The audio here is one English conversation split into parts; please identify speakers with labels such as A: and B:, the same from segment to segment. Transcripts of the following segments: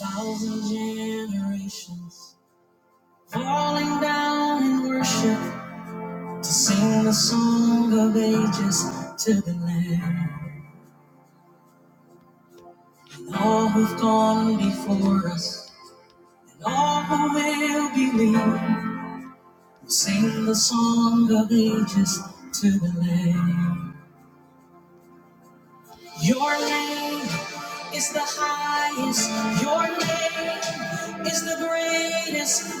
A: Thousand generations falling down in worship to sing the song of ages to the Lamb. And all who've gone before us, and all who will believe, will sing the song of ages to the Lamb. Your name is the highest. Your name is the greatest.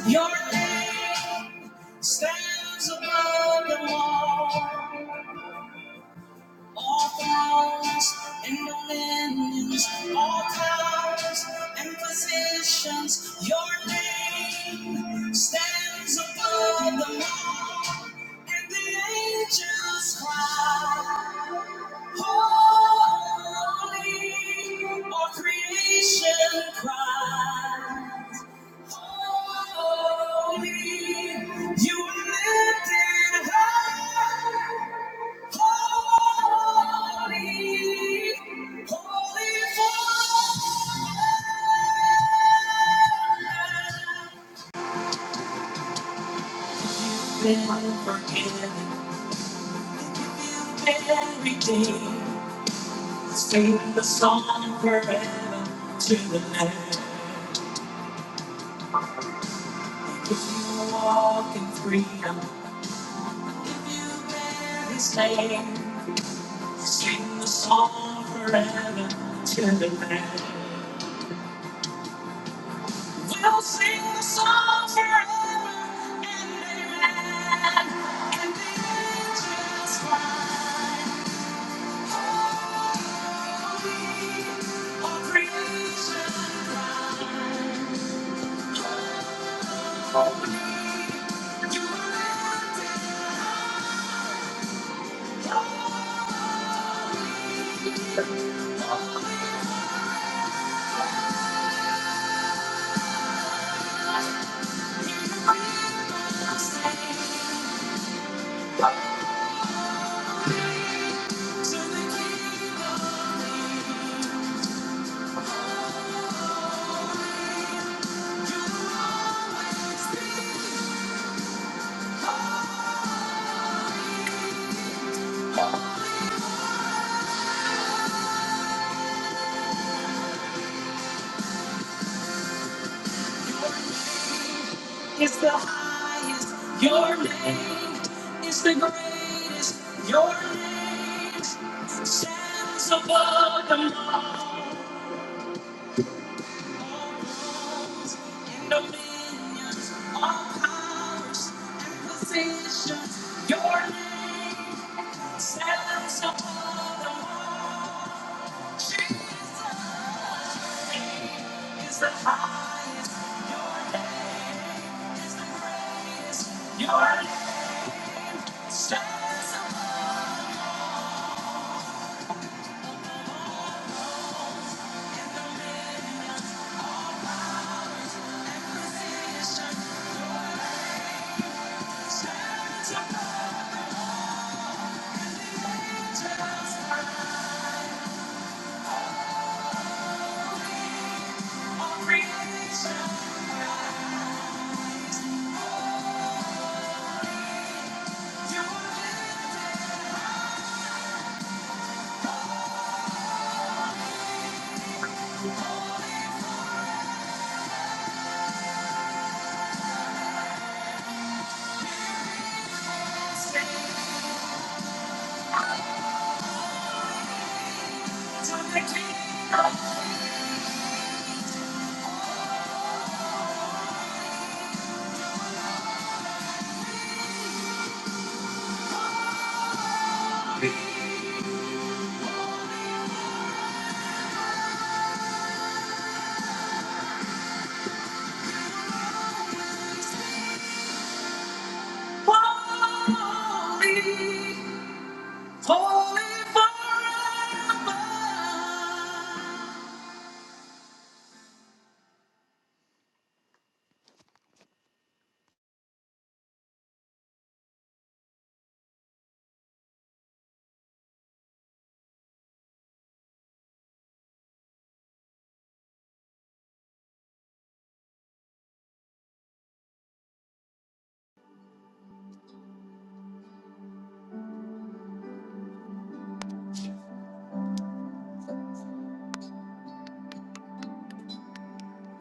A: Your name stands above them all. All thrones and dominions, all powers and positions, your name stands above them all. And the angels cry, Holy, all creation cries, Holy, you are lifted high. Holy, holy, every day, Sing the song forever to the land. If you walk in freedom, his name. Sing the song forever to the land. We'll sing the song forever and amen. And the angels cry, holy, all creation cry, holy, you are lifted high. Hear the people say, holy, to the King of Kings. It's the highest. Your name is the greatest. Your name stands above them all. Thrones and dominions, all powers and positions. Your name stands above them all. You are Thank you. are the stars above and the angels are holy of creation. Rise, holy, you are lifted high, stand to the King. Holy, holy forever.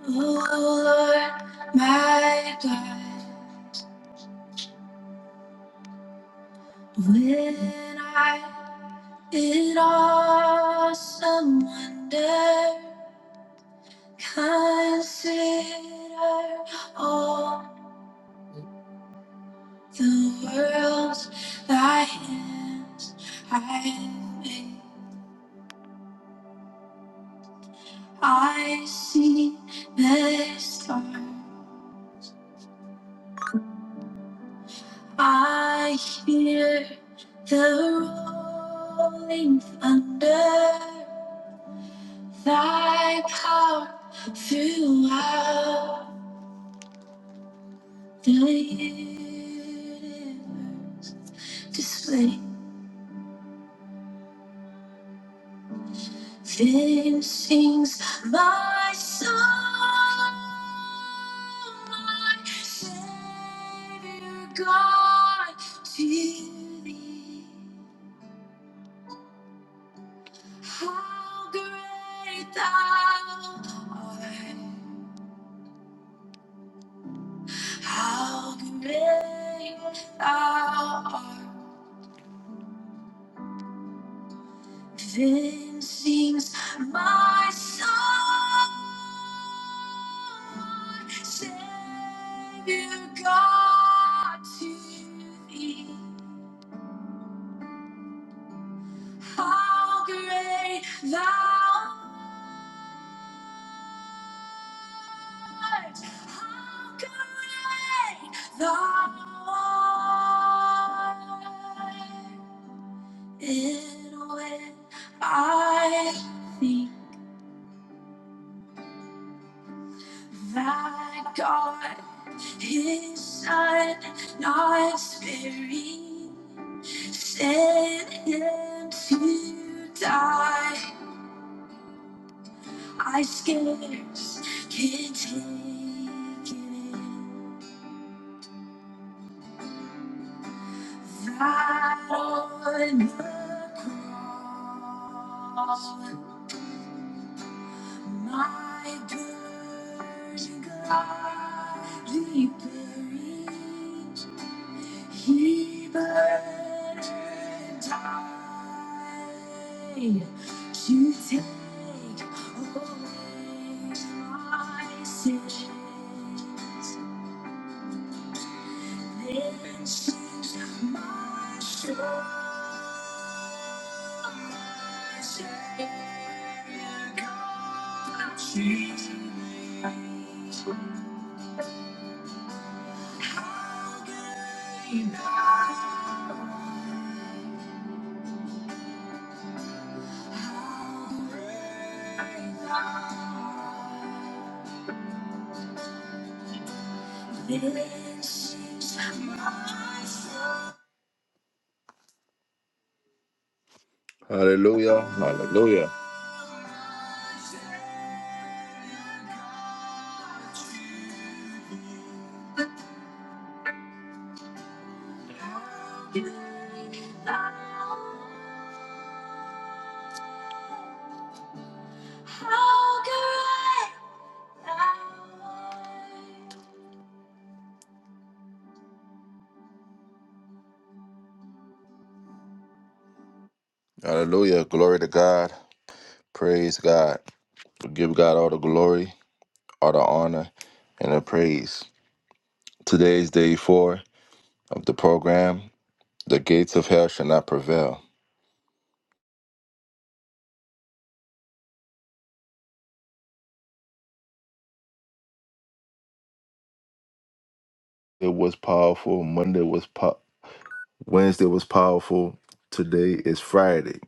A: Oh Lord, my God, when I in awesome wonder consider all the worlds thy hands I have made. I see the storm. I hear the rolling thunder. Thy power throughout the universe display. Then sings my song, my Savior God, to thee. How great thou art. How great thou art. Then sings my soul, my Savior God to thee. How great thou And when I think that God, His Son, not sparing, sent Him to die, I scarce can take it in. Died on the cross, my dirty God, He buried, He burned and died to take away my sins. This is my soul. My Savior God. Hallelujah. Hallelujah. Hallelujah. Glory to God. Praise God. We give God all the glory, all the honor, and the praise. Today is day four of the program. The gates of hell shall not prevail. It was powerful. Monday was powerful. Wednesday was powerful. Today is Friday.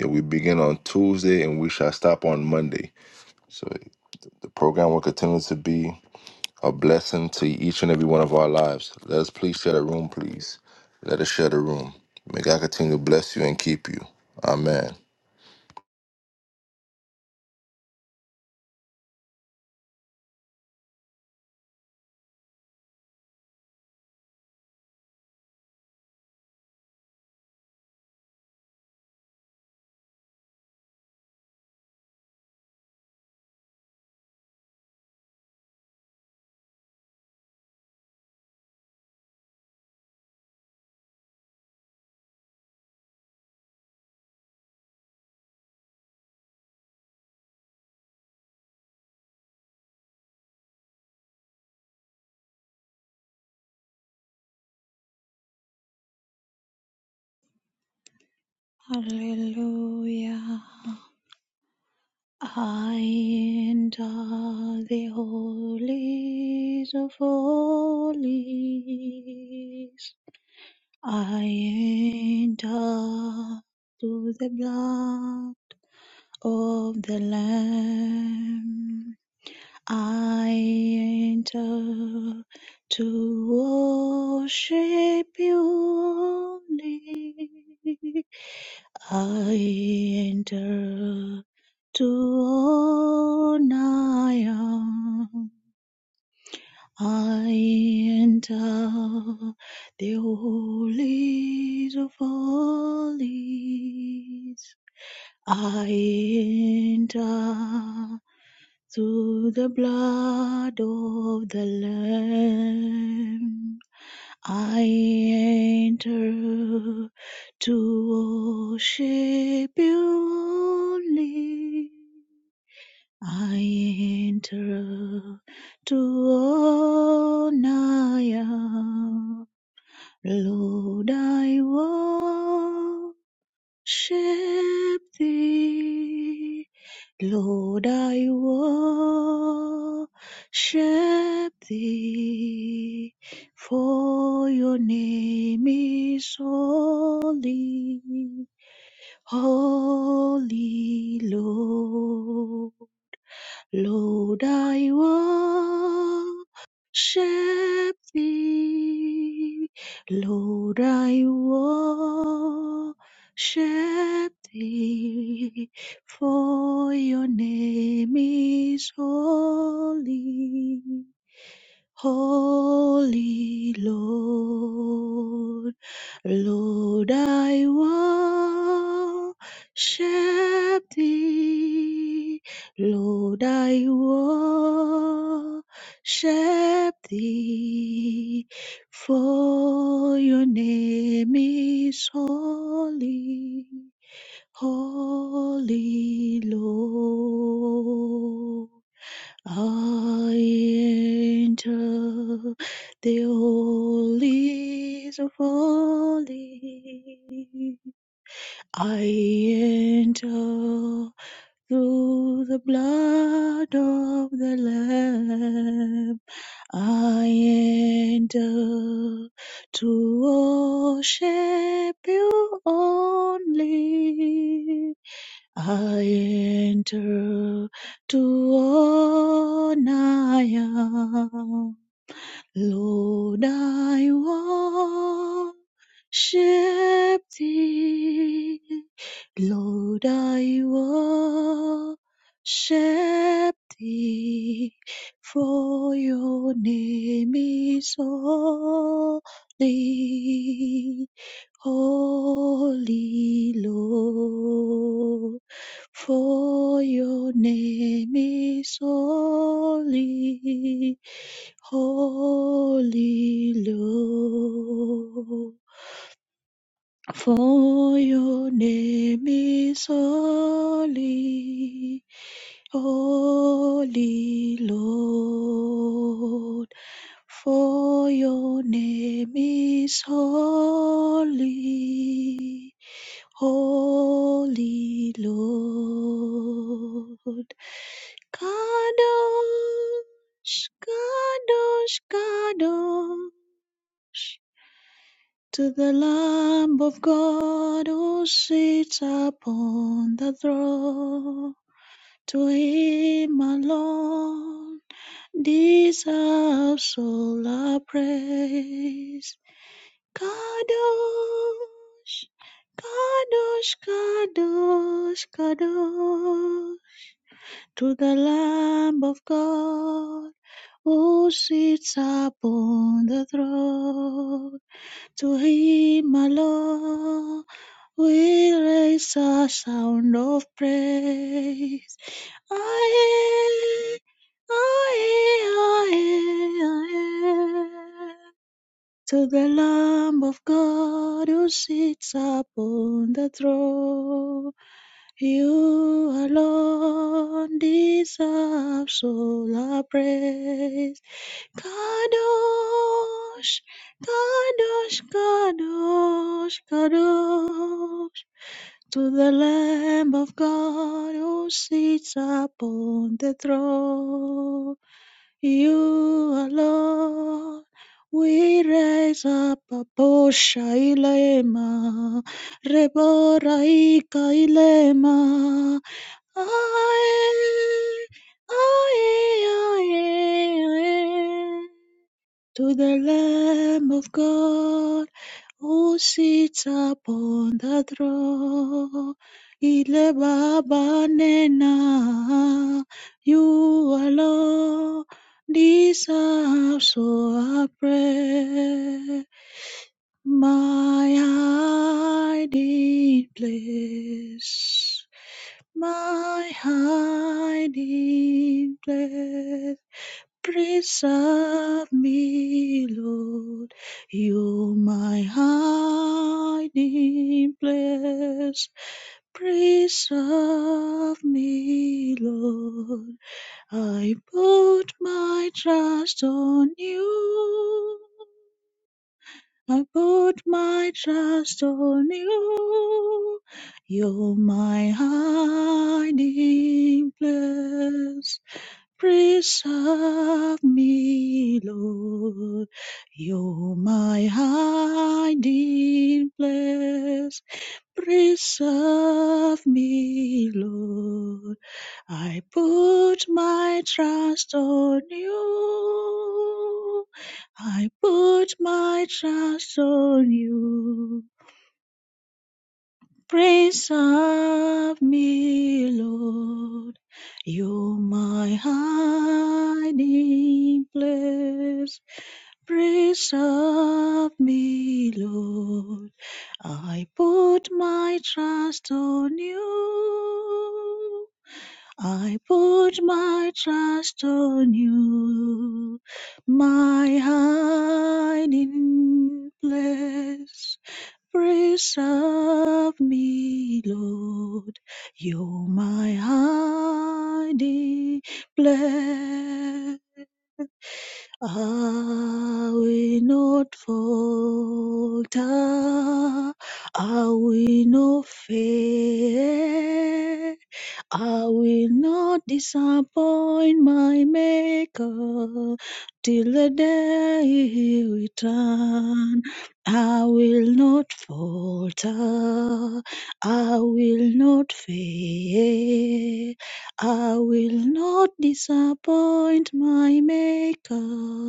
A: And we begin on Tuesday and we shall stop on Monday. So the program will continue to be a blessing to each and every one of our lives. Let us please share the room, please. Let us share the room. May God continue to bless you and keep you. Amen.
B: Hallelujah. I enter the holies of holies. I enter through the blood of the Lamb. I enter to worship you only. I enter to all I am. I enter the holies of holies. I enter through the blood of the Lamb. I enter to worship you only. I enter to honor you. Lord, I worship thee. Lord, I worship thee, for your name is holy, holy, Lord. Lord, I worship thee. Lord, I worship thee. For your name is holy. Holy Lord, Lord, I worship thee. Lord, I worship thee. For your name is holy, holy Lord. I enter the holies of holies. I enter through the blood of the Lamb. I enter to worship you only. I enter to all I am. Lord, I worship thee. Lord, I worship thee. For your name is holy. Holy Lord, for your name is holy, holy Lord, for your name is holy, holy Lord. For your name is holy, Holy Lord. Kadosh, Kadosh, Kadosh. To the Lamb of God who sits upon the throne, to him alone deserves all our praise. Kadosh, Kadosh, Kadosh, Kadosh, to the Lamb of God who sits upon the throne. To him alone we raise a sound of praise. Aye, aye, aye, aye to the Lamb of God who sits upon the throne. You alone deserve all our praise. Kadosh, Kadosh, Kadosh, Kadosh. To the Lamb of God who sits upon the throne. You alone, we raise up a Boshailema, Rebora Ikailema. Aye, aye, aye, aye. To the Lamb of God who sits upon the throne. Ile Baba Nena, you alone deserve so I pray. My hiding place, my hiding place. Preserve me, Lord, you're my hiding place. Preserve me, Lord, I put my trust on you. I put my trust on you. You're my hiding place. Preserve me, Lord. You're my hiding place. Preserve me, Lord. I put my trust on you. I put my trust on you. Prince of me, Lord, you're my hiding place. Prince of me, Lord, I put my trust on you. I put my trust on you, my hiding place. Preserve me, Lord, you're my hiding place. I will not falter, I will not fail. I will not disappoint my maker till the day he return. I will not falter. I will not fail. I will not disappoint my maker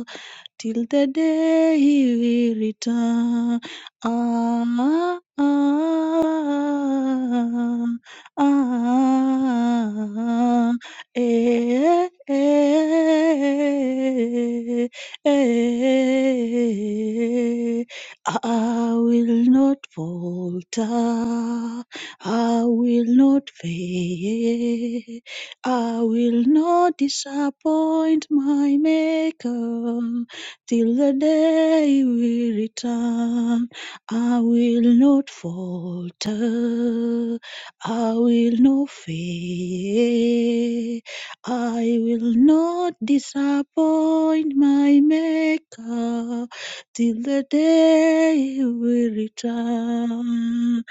B: till the day he will return. Ah, ah, ah, eh, eh, eh. Ah, I will not falter. I will not fail. I will not disappoint my Maker till the day we return. I will not falter. I will not fail. I will not disappoint my Maker till the day we return.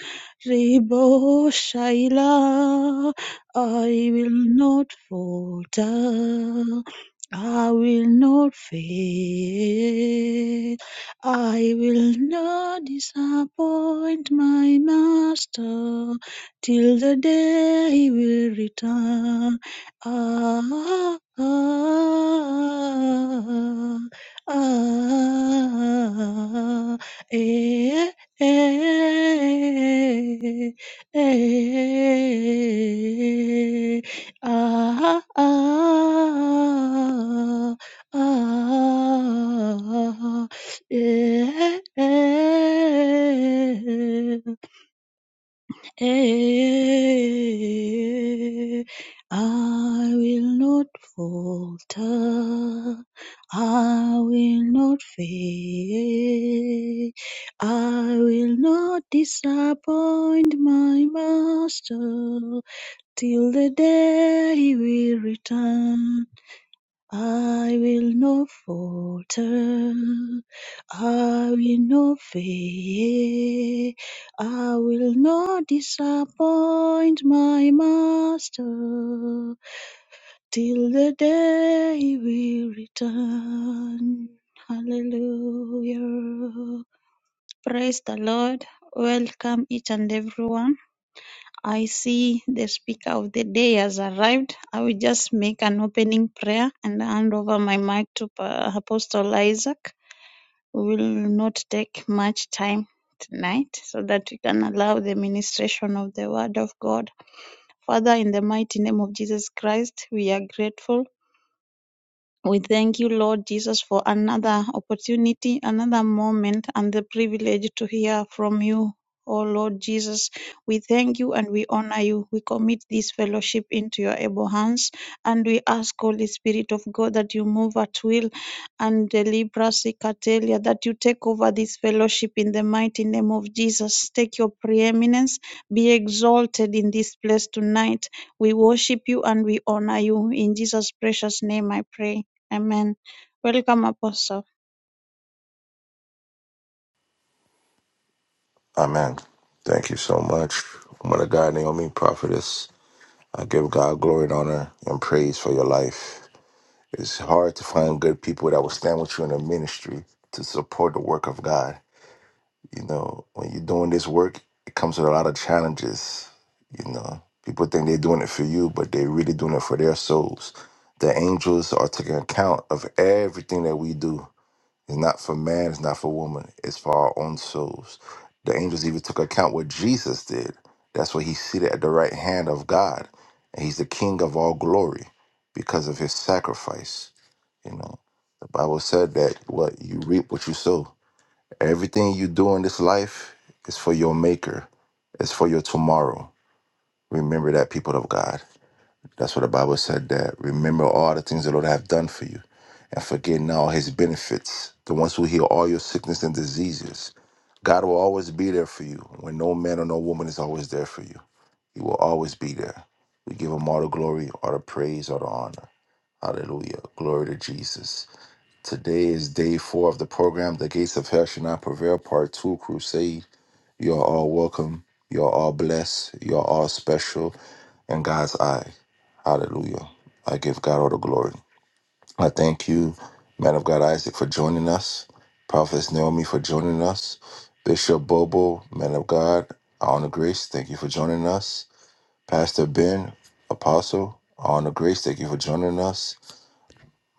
B: Rebo Shaila, I will not falter. I will not fail. I will not disappoint my master till the day he will return. Ah, ah, ah, eh, eh, eh, eh. Ah, ah, ah, eh, eh, eh. I will not falter. I will not fail. I will not disappoint my master. Till the day he will return, I will not falter. I will not fail. I will not disappoint my master till the day he will return. Hallelujah. Praise the Lord. Welcome each and everyone. I see the speaker of the day has arrived. I will just make an opening prayer and hand over my mic to uh, Apostle Isaac. We will not take much time tonight so that we can allow the ministration of the word of God. Father, in the mighty name of Jesus Christ, we are grateful. We thank you, Lord Jesus, for another opportunity, another moment, and the privilege to hear from you. Oh Lord Jesus, we thank you and we honor you. We commit this fellowship into your able hands and we ask, Holy Spirit of God, that you move at will and deliver us, Ikatelia, that you take over this fellowship in the mighty name of Jesus. Take your preeminence, be exalted in this place tonight. We worship you and we honor you. In Jesus' precious name I pray. Amen. Welcome, Apostle.
A: Amen. Thank you so much. Woman of God, Naomi, prophetess, I give God glory and honor and praise for your life. It's hard to find good people that will stand with you in the ministry to support the work of God. You know, when you're doing this work, it comes with a lot of challenges. You know, people think they're doing it for you, but they're really doing it for their souls. The angels are taking account of everything that we do. It's not for man, it's not for woman, it's for our own souls. The angels even took account what Jesus did. That's why he's seated at the right hand of God. And he's the king of all glory because of his sacrifice. You know, the Bible said that what you reap what you sow. Everything you do in this life is for your maker. It's for your tomorrow. Remember that, people of God. That's what the Bible said that remember all the things the Lord have done for you and forget now his benefits, the ones who heal all your sickness and diseases. God will always be there for you when no man or no woman is always there for you. He will always be there. We give him all the glory, all the praise, all the honor. Hallelujah. Glory to Jesus. Today is day four of the program, The Gates of Hell Shall Not Prevail, Part Two Crusade. You're all welcome. You're all blessed. You're all special in God's eye. Hallelujah. I give God all the glory. I thank you, man of God Isaac, for joining us. Prophetess Naomi for joining us. Bishop Bobo, man of God, I honor grace. Thank you for joining us. Pastor Ben, apostle, I honor grace. Thank you for joining us.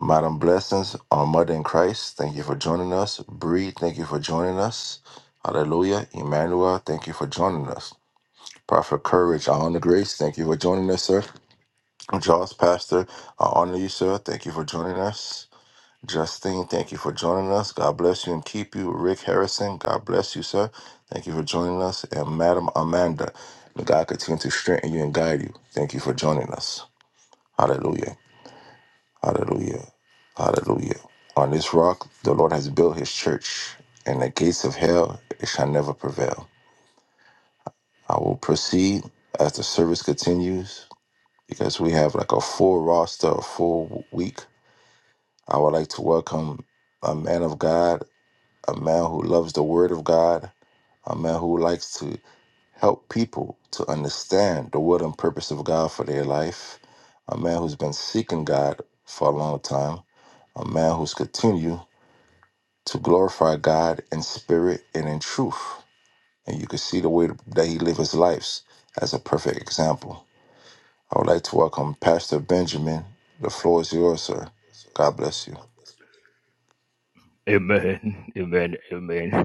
A: Madam Blessings, our mother in Christ, thank you for joining us. Bree, thank you for joining us. Hallelujah. Emmanuel, thank you for joining us. Prophet Courage, I honor Grace. Thank you for joining us, sir. Jaws Pastor, I honor you, sir. Thank you for joining us. Justine, thank you for joining us. God bless you and keep you. Rick Harrison, God bless you, sir. Thank you for joining us. And Madam Amanda, may God continue to strengthen you and guide you. Thank you for joining us. Hallelujah. Hallelujah. Hallelujah. On this rock, the Lord has built his church, and the gates of hell it shall never prevail. I will proceed as the service continues. because we have like a full roster, a full week. I would like to welcome a man of God, a man who loves the Word of God, a man who likes to help people to understand the will and purpose of God for their life, a man who's been seeking God for a long time, a man who's continued to glorify God in spirit and in truth. And you can see the way that he lived his lives as a perfect example. I would like to welcome Pastor Benjamin. The floor is yours, sir. God bless you.
C: Amen. Amen. Amen.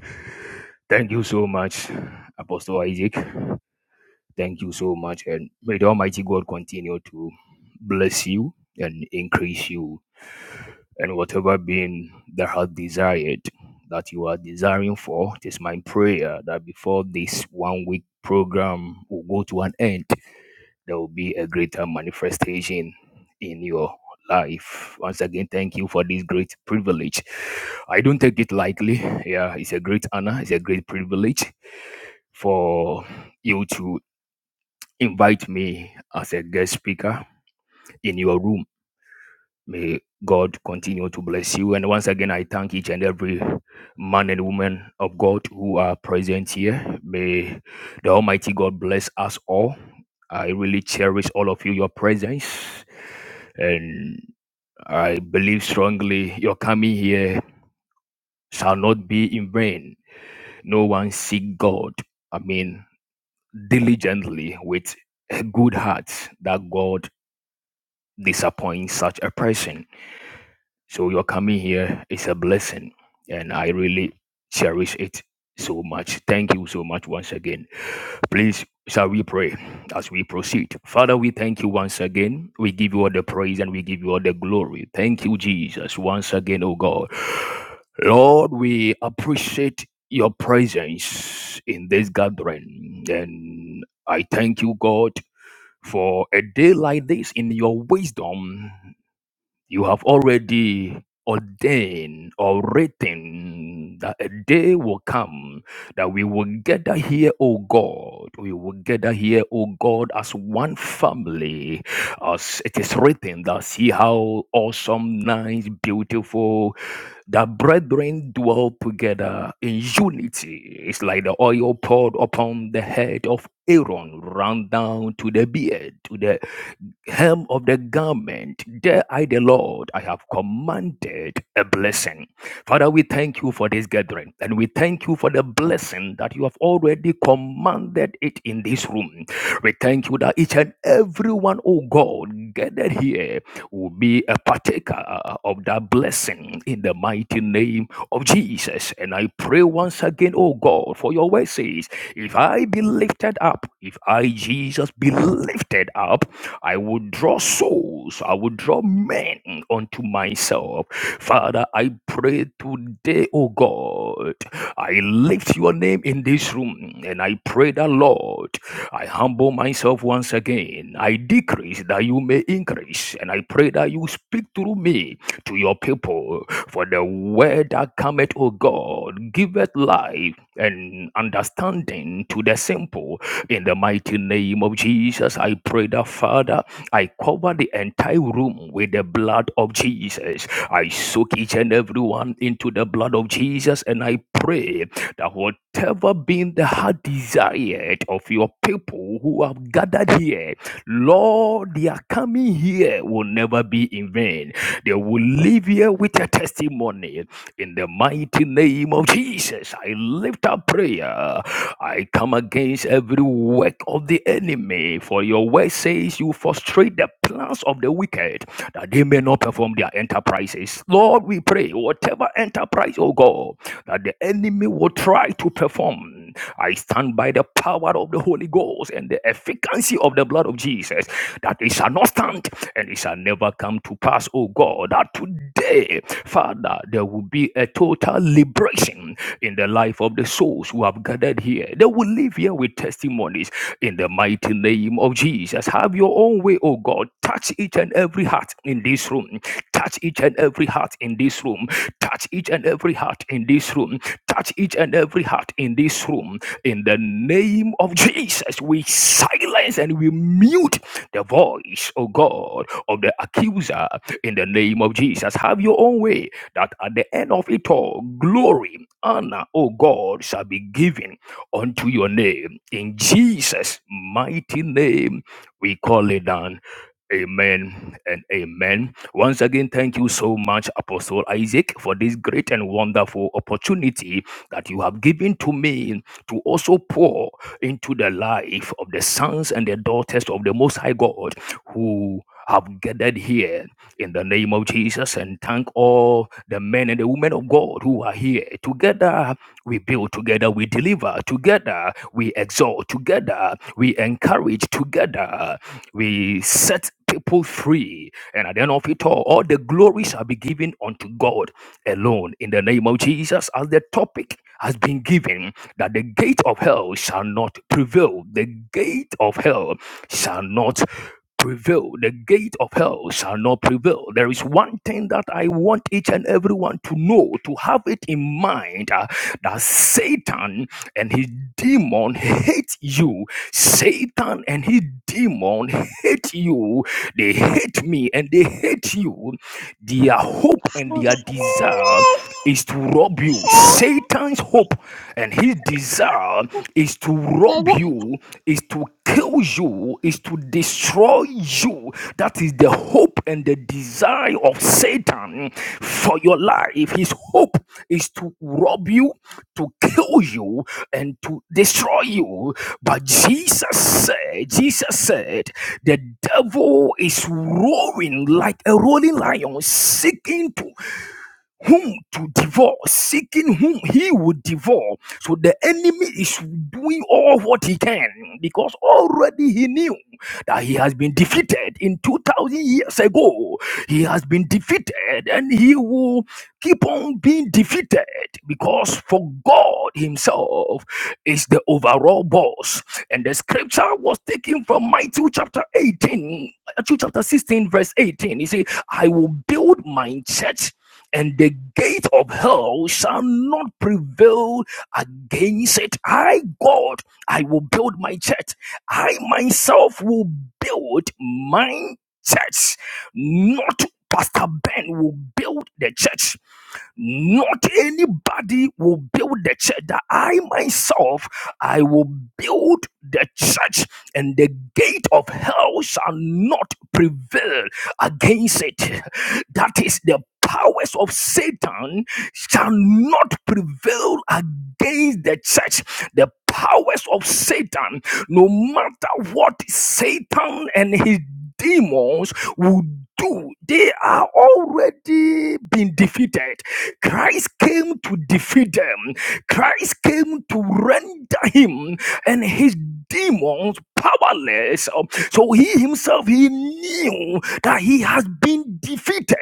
C: Thank you so much, Apostle Isaac. Thank you so much. And may the Almighty God continue to bless you and increase you. And whatever being that has desired that you are desiring for, it is my prayer that before this one week program will go to an end, there will be a greater manifestation in your life. Once again, thank you for this great privilege. I don't take it lightly. Yeah, it's a great honor, it's a great privilege for you to invite me as a guest speaker in your room. May God continue to bless you. And once again, I thank each and every man and woman of God who are present here. May the Almighty God bless us all. I really cherish all of you, your presence. And I believe strongly your coming here shall not be in vain. No one seek God, I mean, diligently with a good heart that God disappoints such a person. So your coming here is a blessing, and I really cherish it so much. Thank you so much once again. Please, shall we pray as we proceed? Father, we thank you once again. We give you all the praise and we give you all the glory. Thank you, Jesus, once again, oh God. Lord, we appreciate your presence in this gathering, and I thank you, God, for a day like this in your wisdom. You have already ordained or written that a day will come that we will gather here, O God. We will gather here, O God, as one family. As it is written, that see how awesome, nice, beautiful, that brethren dwell together in unity. It's like the oil poured upon the head of Aaron, run down to the beard, to the hem of the garment, there I, the Lord, I have commanded a blessing. Father, we thank you for this gathering and we thank you for the blessing that you have already commanded it in this room. We thank you that each and every one, oh God, gathered here will be a partaker of that blessing in the mighty name of Jesus. And I pray once again, oh God, for your word says, if I be lifted up, if I, Jesus, be lifted up, I will draw souls. I will draw men unto myself. Father, I pray today, O God. I lift your name in this room and I pray that, Lord, I humble myself once again. I decrease that you may increase. And I pray that you speak through me to your people. For the word that cometh, O God, giveth life and understanding to the simple. In the mighty name of Jesus, I pray that, Father, I cover the entire room with the blood of Jesus. I soak each and everyone into the blood of Jesus, and I pray that whatever being the heart desired of your people who have gathered here, Lord, their coming here will never be in vain. They will leave here with a testimony in the mighty name of Jesus, I lift up prayer. I come against every work of the enemy. For your word says you frustrate the plans of the wicked that they may not perform their enterprises. Lord, we pray whatever enterprise, oh God, that the enemy will try to perform. I stand by the power of the Holy Ghost and the efficacy of the blood of Jesus that it shall not stand and it shall never come to pass, oh God, that today, Father, there will be a total liberation in the life of the souls who have gathered here. They will live here with testimonies in the mighty mighty name of Jesus. Have your own way, oh God. Touch each and every heart in this room. Touch each and every heart in this room. Touch each and every heart in this room. Touch each and every heart in this room. In the name of Jesus, we silence and we mute the voice, oh God, of the accuser. In the name of Jesus, have your own way that at the end of it all, glory, honor, oh God, shall be given unto your name. In Jesus' mighty name, we call it down. Amen and amen. Once again, thank you so much, Apostle Isaac, for this great and wonderful opportunity that you have given to me to also pour into the life of the sons and the daughters of the Most High God who have gathered here in the name of Jesus and thank all the men and the women of God who are here together we build together, we deliver together, we exalt together, we encourage together, we set people free. And at the end of it all, all the glory shall be given unto God alone. In the name of Jesus, as the topic has been given, that the gate of hell shall not prevail. The gate of hell shall not prevail. The gate of hell shall not prevail. There is one thing that I want each and everyone to know, to have it in mind. uh, that Satan and his demon hate you. Satan and his demon hate you. They hate me and they hate you. Their hope and
D: Those
C: their desire is to rob you. Satan's hope and his desire is to
D: are the
C: rob you, is to kill you, is to destroy you. That is the hope and the desire of Satan. Satan for your life. His hope is to rob you, to kill you, and to destroy you. But Jesus said, Jesus said, the devil is roaring like a rolling lion, seeking to whom to devour, seeking whom he would devour. So the enemy is doing all what he can because already he knew that he has been defeated in 2000 years ago. He has been defeated and he will keep on being defeated because for God himself is the overall boss. And the scripture was taken from Matthew chapter 18, Matthew chapter 16, verse 18. He said, I will build my church and the gate of hell shall not prevail against it. I, God, I will build my church. I myself will build my church. Not Pastor Ben will build the church. Not anybody will build the church. That I myself, I will build the church, and the gate of hell shall not prevail against it. That is the powers of Satan shall not prevail against the church. The powers of Satan, no matter what Satan and his demons will do, they are already been defeated. Christ came to defeat them. Christ came to render him and his demons powerless. Um, So he himself he knew that he has been defeated.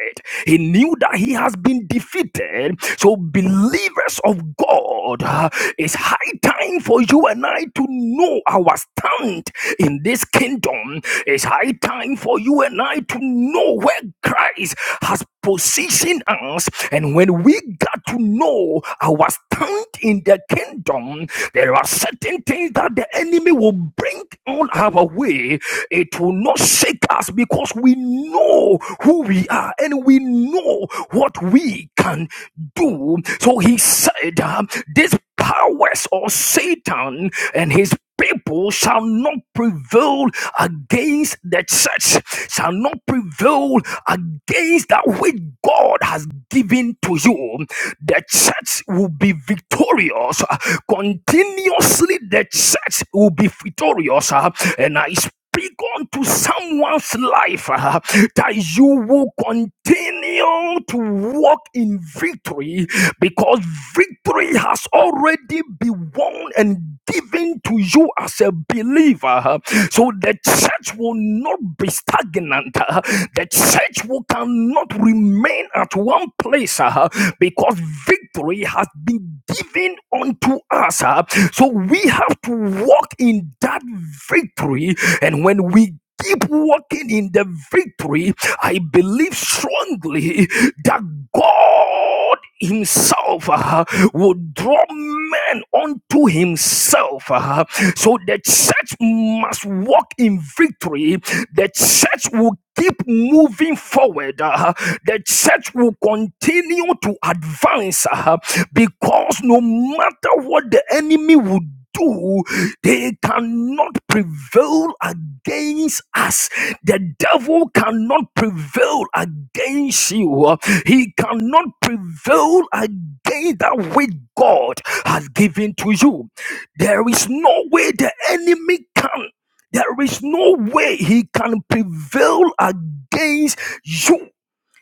C: He knew that he has been defeated. So believers of God, uh, it's high time for you and I to know our stand in this kingdom. It's high time for you and I to know where Christ has position us. And when we got to know our stand in the kingdom, there are certain things that the enemy will bring on our way. It will not shake us because we know who we are and we know what we can do. So he said, uh, This powers or Satan and his people shall not prevail against the church, shall not prevail against that which God has given to you. The church will be victorious. Continuously, the church will be victorious. And I speak unto someone's life uh, that you will continue to walk in victory because victory has already been won and given to you as a believer. So the church will not be stagnant. uh, The church will cannot remain at one place uh, because victory has been given unto us. uh, So we have to walk in that victory. And when we keep walking in the victory, I believe strongly that God Himself uh, will draw men unto Himself. uh, so the church must walk in victory. The church will keep moving forward. uh, the church will continue to advance uh, because no matter what the enemy would do, they cannot prevail against us. The devil cannot prevail against you. He cannot prevail against that which God has given to you. There is no way the enemy can. There is no way he can prevail against you.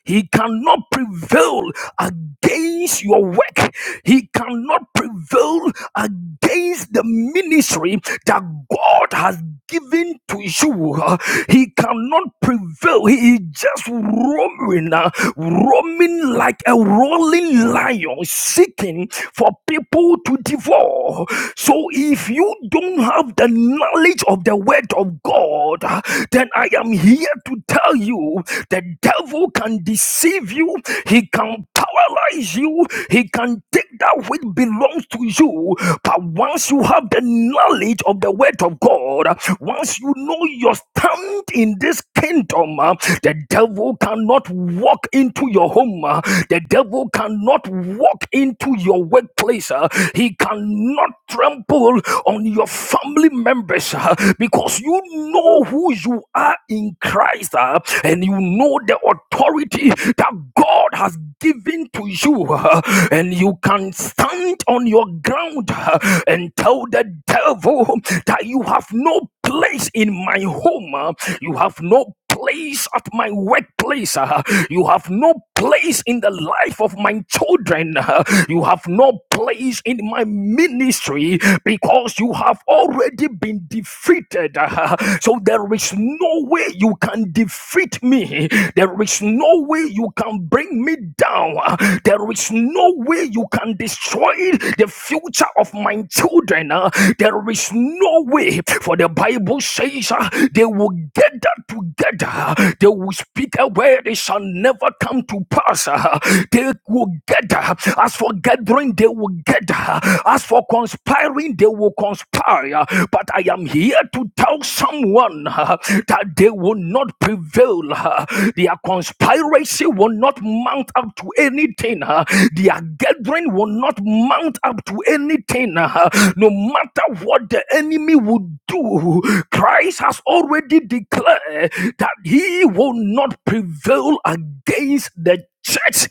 C: He cannot prevail against your work. He cannot prevail against the ministry that God has given to you. Uh, He cannot prevail. He is just roaming. uh, roaming like a rolling lion, seeking for people to devour. So if you don't have the knowledge of the word of God, then I am here to tell you the devil can deceive you, he can paralyze you, he can take that which belongs to you. But once you have the knowledge of the word of God, once you know your stand in this kingdom, uh, the devil cannot walk into your home. uh, The devil cannot walk into your workplace. uh, He cannot trample on your family members uh, because you know who you are in Christ uh, and you know the authority that God has given to you. uh, And you you can stand on your ground uh, and tell the devil that you have no place in my home, uh, you have no place at my workplace, uh, you have no place in the life of my children, uh, you have no place in my ministry because you have already been defeated. uh, so there is no way you can defeat defeat me. There is no way you can bring me down. Uh, There is no way you can destroy the future of my children. Uh, There is no way. For the Bible says uh, they will gather together. They will speak a word, it shall never come to pass. Uh, They will gather. As for gathering, they will gather. As for conspiring, they will conspire, but I am here to tell someone uh, that they will not prevail. uh, Their conspiracy will not mount up to anything. uh, Their gathering will not mount up to anything. uh, No matter what the enemy will do, Christ has already declared that he will not prevail against the church.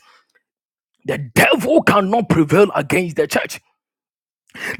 C: The devil cannot prevail against the church.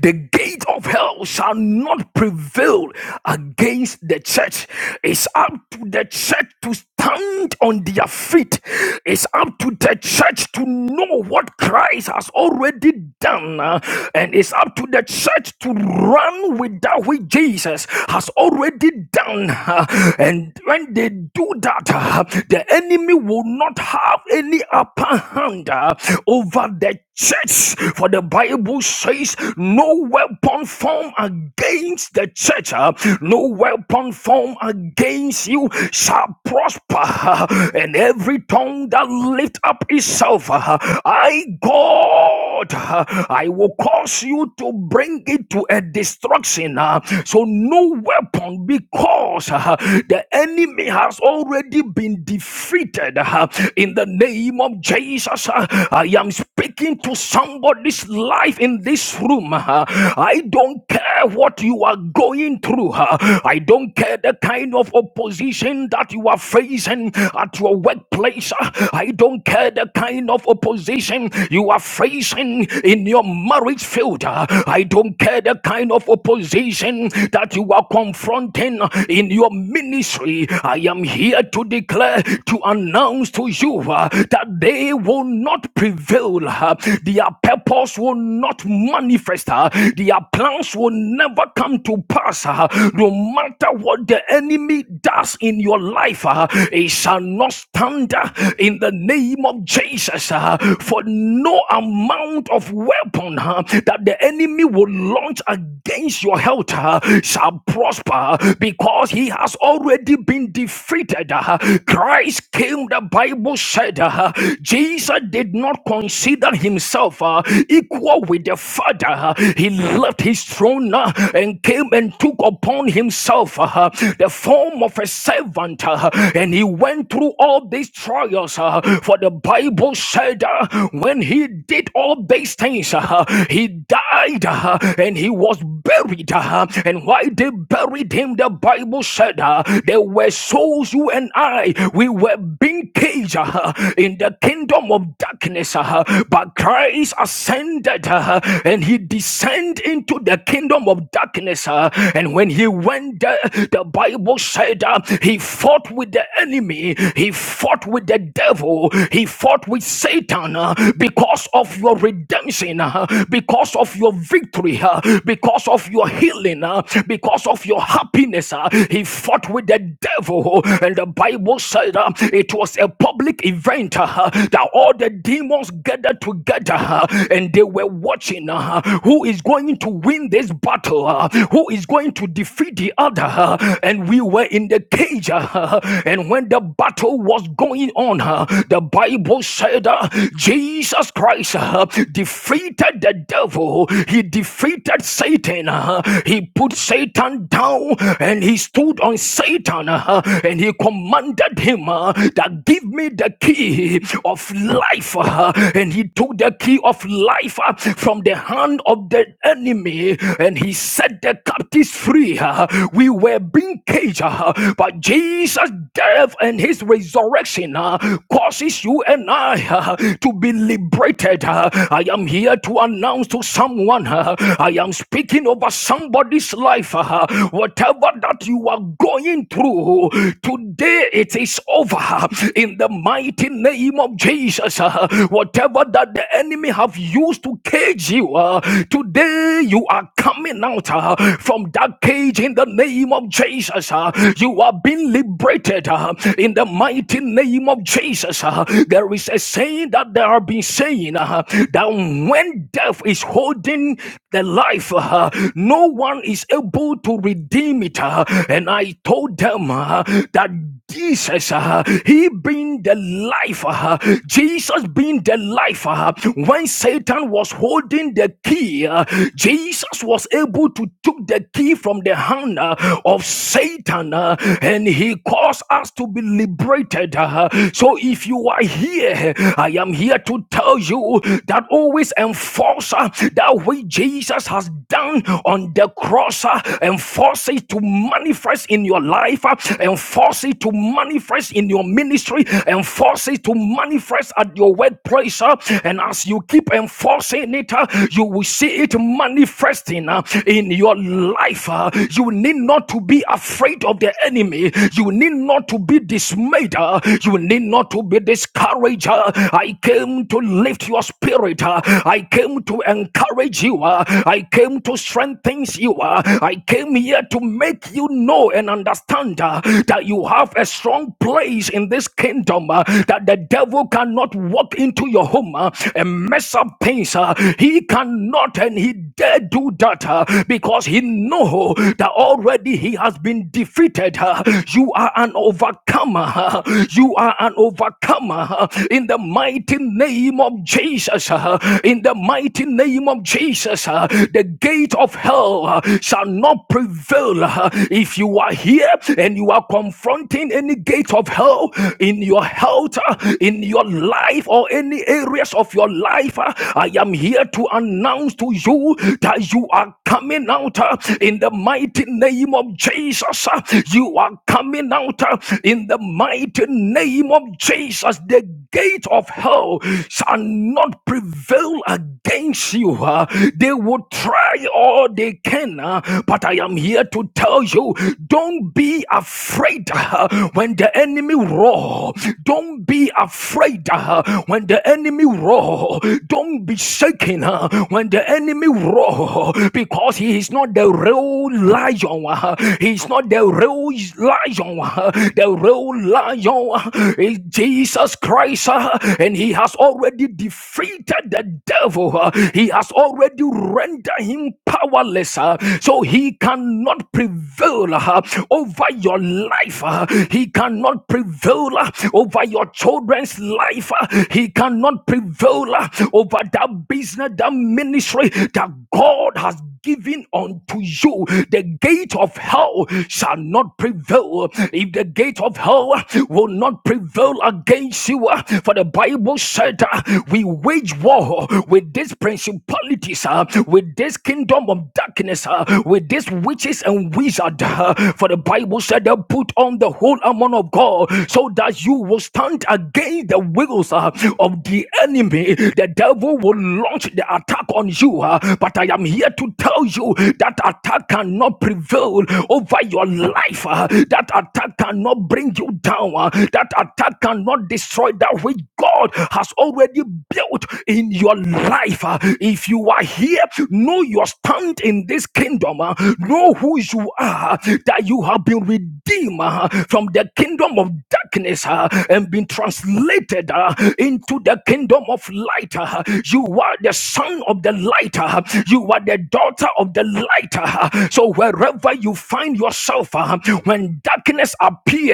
C: The gate of hell shall not prevail against the church. It's up to the church to stand on their feet. It's up to the church to know what Christ has already done. uh, And it's up to the church to run with that which Jesus has already done. uh, And when they do that, uh, the enemy will not have any upper hand uh, over the church. For the Bible says, no weapon formed against the church, uh, no weapon formed against you shall prosper. uh, And every tongue that lift up itself, uh, I, God. God, uh, I will cause you to bring it to a destruction. uh, so no weapon, because uh, the enemy has already been defeated. uh, in the name of Jesus, uh, I am speaking to somebody's life in this room. uh, I don't care what you are going through. uh, I don't care the kind of opposition that you are facing at your workplace. uh, I don't care the kind of opposition you are facing opposition in your marriage field. I don't care the kind of opposition that you are confronting in your ministry. I am here to declare, to announce to you uh, that they will not prevail. uh, Their purpose will not manifest. uh, Their plans will never come to pass. uh, No matter what the enemy does in your life, uh, it shall not stand uh, in the name of Jesus. uh, For no amount amount of weapon huh, that the enemy will launch against your health huh, shall prosper because he has already been defeated. huh. Christ came, the Bible said, huh, Jesus did not consider himself uh, equal with the Father. uh, He left his throne uh, and came and took upon himself uh, the form of a servant, uh, and he went through all these trials. uh, For the Bible said, uh, when he did all all Base things. uh, He died uh, and he was buried. uh, And why they buried him, the Bible said uh, there were souls, you and I, we were being caged uh, in the kingdom of darkness. uh, But Christ ascended uh, and he descended into the kingdom of darkness. uh, And when he went there, the Bible said uh, he fought with the enemy, he fought with the devil, he fought with Satan uh, because of your your redemption, uh, because of your victory, uh, because of your healing, uh, because of your happiness. uh, He fought with the devil, and the Bible said uh, it was a public event uh, that all the demons gathered together uh, and they were watching uh, who is going to win this battle, uh, who is going to defeat the other. uh, And we were in the cage, uh, and when the battle was going on, uh, the Bible said uh, Jesus Christ. uh, uh, defeated the devil. He defeated Satan. uh, He put Satan down and he stood on Satan uh, and he commanded him uh, that give me the key of life. uh, And he took the key of life uh, from the hand of the enemy and he set the captives free. uh, We were being caged, uh, but Jesus' death and his resurrection uh, causes you and I uh, to be liberated. uh, I am here to announce to someone. uh, I am speaking over somebody's life. uh, Whatever that you are going through, today it is over. uh, In the mighty name of Jesus, uh, whatever that the enemy have used to cage you, uh, today you are coming out uh, from that cage in the name of Jesus. uh, You are being liberated uh, in the mighty name of Jesus. uh, There is a saying that they have been saying. uh, that when death is holding the life, uh, no one is able to redeem it. uh, and I told them uh, that Jesus, uh, He being the life, uh, Jesus being the life, uh, when Satan was holding the key, uh, Jesus was able to took the key from the hand uh, of Satan uh, and he caused us to be liberated. uh, so if you are here, I am here to tell you that always enforce uh, that which Jesus has done on the cross, uh, enforce it to manifest in your life, uh, enforce it to manifest in your ministry, enforce it to manifest at your workplace. uh, and as you keep enforcing it, uh, you will see it manifesting uh, in your life. uh. you need not to be afraid of the enemy, you need not to be dismayed, uh, you need not to be discouraged. uh. I came to lift your spirit spirit. uh, I came to encourage you. uh, I came to strengthen you. uh, I came here to make you know and understand uh, that you have a strong place in this kingdom, uh, that the devil cannot walk into your home uh, and mess up things. uh, He cannot and he dare do that uh, because he knows that already he has been defeated. uh, You are an overcomer. uh, You are an overcomer uh, in the mighty name of Jesus. Jesus, uh, in the mighty name of Jesus, uh, the gate of hell uh, shall not prevail. uh, If you are here and you are confronting any gate of hell in your health, uh, in your life, or any areas of your life, uh, I am here to announce to you that you are coming out uh, in the mighty name of Jesus. uh, You are coming out uh, in the mighty name of Jesus. The gate of hell shall not not prevail against you. uh, They would try all they can, uh, but I am here to tell you don't be afraid uh, when the enemy roar. Don't be afraid uh, when the enemy roar. Don't be shaken uh, when the enemy roar because he is not the real lion. uh, He is not the real lion. uh, The real lion is Jesus Christ uh, and he has already defeated defeated the devil. uh, He has already rendered him powerless, uh, so he cannot prevail uh, over your life. uh, He cannot prevail uh, over your children's life. uh, He cannot prevail uh, over that business, that ministry that God has given unto you, the gate of hell shall not prevail. If the gate of hell will not prevail against you, uh, for the Bible said, uh, We wage war with these principalities, uh, with this kingdom of darkness, uh, with these witches and wizards. uh, For the Bible said, They put on the whole armor of God so that you will stand against the wills uh, of the enemy. The devil will launch the attack on you, uh, but I am here here to tell you that attack cannot prevail over your life. uh, That attack cannot bring you down. uh, That attack cannot destroy that which God has already built in your life. uh. If you are here, know your stand in this kingdom. uh, Know who you are, that you have been redeemed uh, from the kingdom of darkness uh, and been translated uh, into the kingdom of light. uh. You are the son of the light. uh. you you are the daughter of the light. ah. So wherever you find yourself, ah, when darkness appear,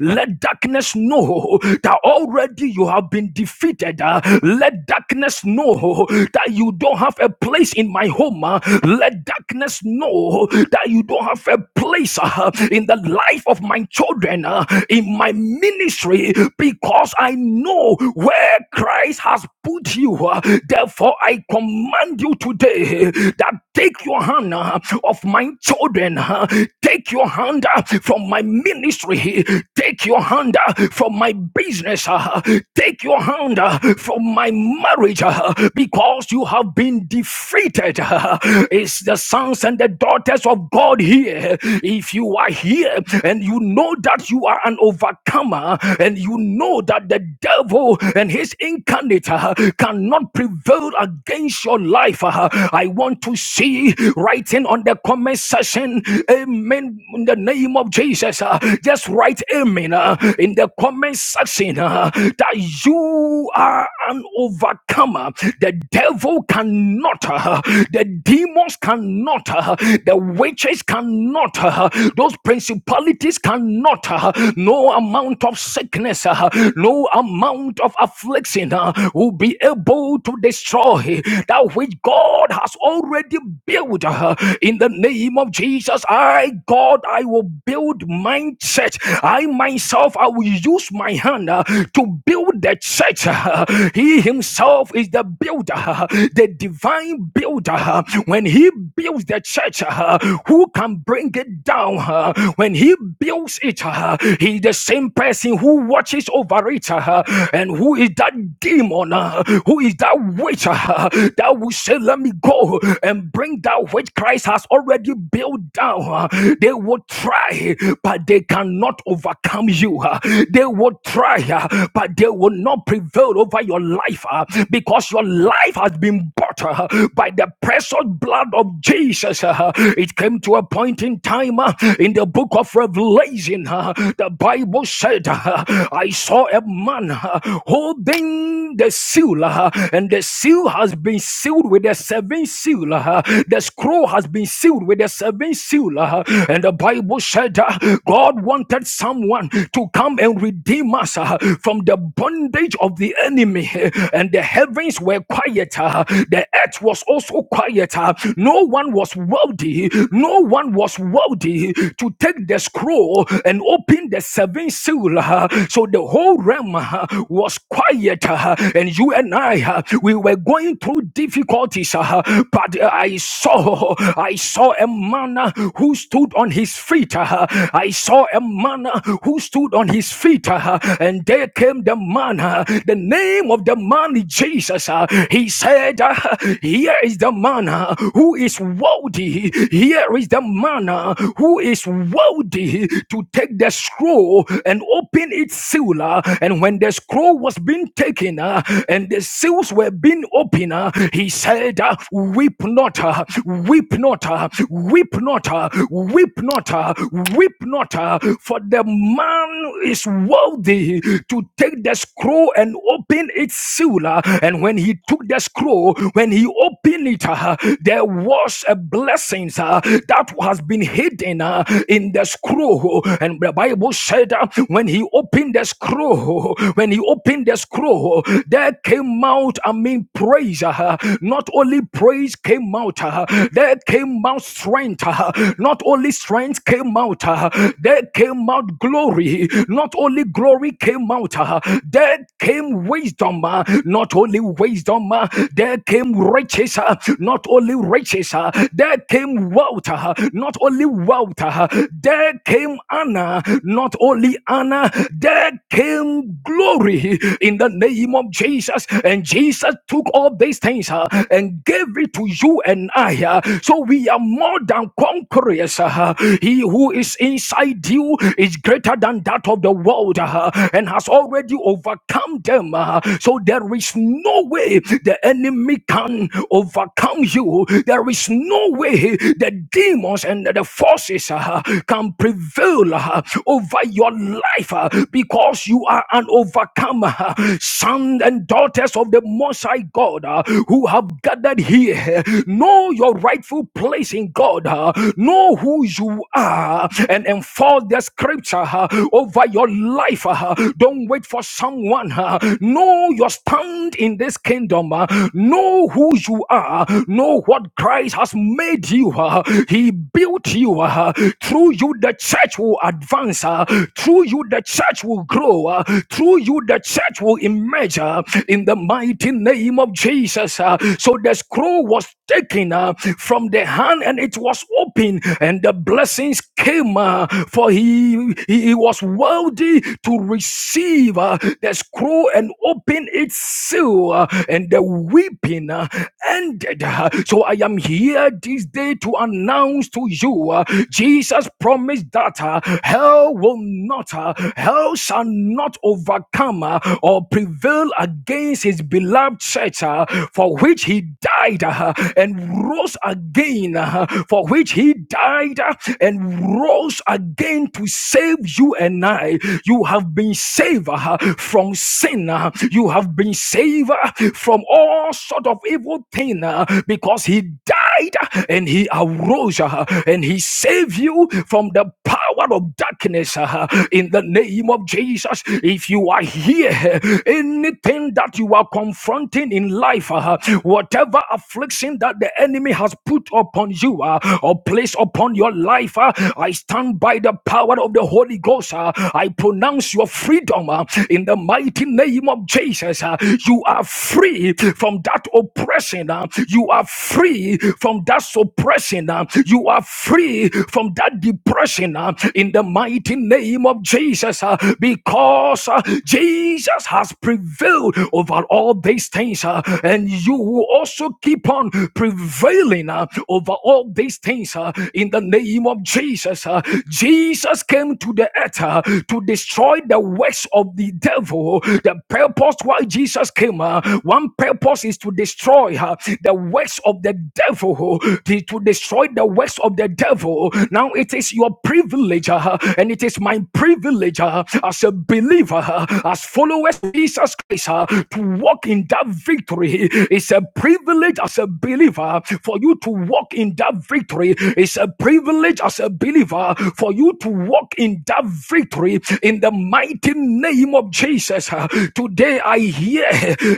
C: let darkness know that already you have been defeated. ah. Let darkness know that you don't have a place in my home. ah. Let darkness know that you don't have a place ah, in the life of my children, ah, in my ministry, because I know where Christ has put you. ah. Therefore, I command you to today that take your hand uh, of my children, uh, take your hand uh, from my ministry, take your hand uh, from my business, uh, take your hand uh, from my marriage, uh, because you have been defeated. uh. It's the sons and the daughters of God here. If you are here and you know that you are an overcomer, and you know that the devil and his incarnate uh, cannot prevail against your life life. uh, I want to see writing on the comment section, amen, in the name of Jesus. uh, Just write amen uh, in the comment section uh, that you are an overcomer. The devil cannot, uh, the demons cannot, uh, the witches cannot, uh, those principalities cannot, uh, no amount of sickness, uh, no amount of affliction uh, will be able to destroy that which God has already built uh, in the name of Jesus. I, God, I will build mindset. I myself, I will use my hand uh, to build the church. uh, He himself is the builder, uh, the divine builder. uh, When he builds the church, uh, who can bring it down? uh, When he builds it, uh, he is the same person who watches over it uh, and who is that demon uh, who is that witch uh, that will say, Let me go and bring that which Christ has already built down. uh, They will try, but they cannot overcome you. uh, They will try, uh, but they will not prevail over your life uh, because your life has been spot uh, by the precious blood of Jesus. uh, It came to a point in time uh, in the book of Revelation. uh, The Bible said, uh, I saw a man uh, holding the seal, uh, and the seal has been sealed with a seven seal. uh, The scroll has been sealed with a seven seal. uh, And the Bible said, uh, God wanted someone to come and redeem us uh, from the bondage of the enemy, and the heavens were quieter. The earth was also quiet. uh, No one was worthy. No one was worthy to take the scroll and open the seven seal. uh, So the whole realm uh, was quiet. uh, And you and I, uh, we were going through difficulties. uh, But uh, I saw, I saw a man uh, who stood on his feet. uh, I saw a man uh, who stood on his feet. uh, And there came the man. uh, The name of the man is Jesus. uh, He said, uh, here is the man uh, who is worthy. Here is the man uh, who is worthy to take the scroll and open its seal. uh, And when the scroll was being taken uh, and the seals were being opened, uh, he said, uh, Weep not, uh, weep not, uh, weep not, uh, weep not, uh, weep not, uh, for the man is worthy to take the scroll and open its seal. uh, And when he took the scroll, so when he opened it, uh, there was a blessing uh, that has been hidden uh, in the scroll. And the Bible said uh, when he opened the scroll, when he opened the scroll, there came out, I mean, praise. uh, Not only praise came out, uh, there came out strength. uh, Not only strength came out, uh, there came out glory. Not only glory came out, uh, there came wisdom. uh, Not only wisdom, uh, there came riches, uh, not only riches, uh, there came wealth, uh, not only wealth, uh, there came honor, not only honor, there came glory in the name of Jesus. And Jesus took all these things uh, and gave it to you and I. uh, so we are more than conquerors. uh, he who is inside you is greater than that of the world uh, and has already overcome them. uh, so there is no way the enemy enemy can overcome you. There is no way the demons and the forces uh, can prevail uh, over your life uh, because you are an overcomer. sons and daughters of the Most High God uh, who have gathered here, know your rightful place in God, uh, know who you are, and enforce the scripture uh, over your life. uh, Don't wait for someone. uh, Know your stand in this kingdom. uh, Know who you are. Know what Christ has made you. uh, He built you. uh, Through you, the church will advance. uh, Through you, the church will grow. uh, Through you, the church will emerge uh, in the mighty name of Jesus. uh. So the scroll was taken uh, from the hand and it was open and the blessings came uh, for he, he he was worthy to receive uh, the scroll and open its seal uh, and the weeping uh, ended uh. so i am here this day to announce to you uh, jesus promised that uh, hell will not uh, hell shall not overcome uh, or prevail against his beloved church uh, for which he died died uh, and rose again, uh, for which he died uh, and rose again to save you and I. You have been saved uh, from sin. uh, You have been saved uh, from all sort of evil thing uh, because he died uh, and he arose uh, and he saved you from the power power of darkness uh, in the name of Jesus. If you are here, uh, anything that you are confronting in life, uh, whatever affliction that the enemy has put upon you uh, or placed upon your life, uh, I stand by the power of the Holy Ghost. uh, I pronounce your freedom uh, in the mighty name of Jesus. uh, you are free from that oppression. uh, you are free from that suppression. uh, you are free from that depression blessing uh, in the mighty name of Jesus uh, because uh, Jesus has prevailed over all these things uh, and you will also keep on prevailing uh, over all these things uh, in the name of Jesus. uh. Jesus came to the earth uh, to destroy the works of the devil. The purpose why Jesus came, uh, one purpose is to destroy uh, the works of the devil, to to destroy the works of the devil. Now it is your is your privilege, uh, and it is my privilege uh, as a believer, uh, as followers of Jesus Christ, uh, to walk in that victory. It's a privilege as a believer for you to walk in that victory. It's a privilege as a believer for you to walk in that victory in the mighty name of Jesus. uh. Today I hear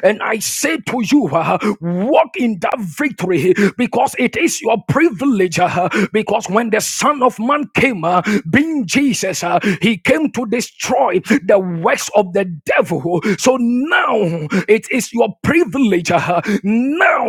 C: and I say to you, uh, walk in that victory because it is your privilege. uh, Because when the Son of of Man came, uh, being Jesus, uh, he came to destroy the works of the devil. So now it is your privilege. uh, now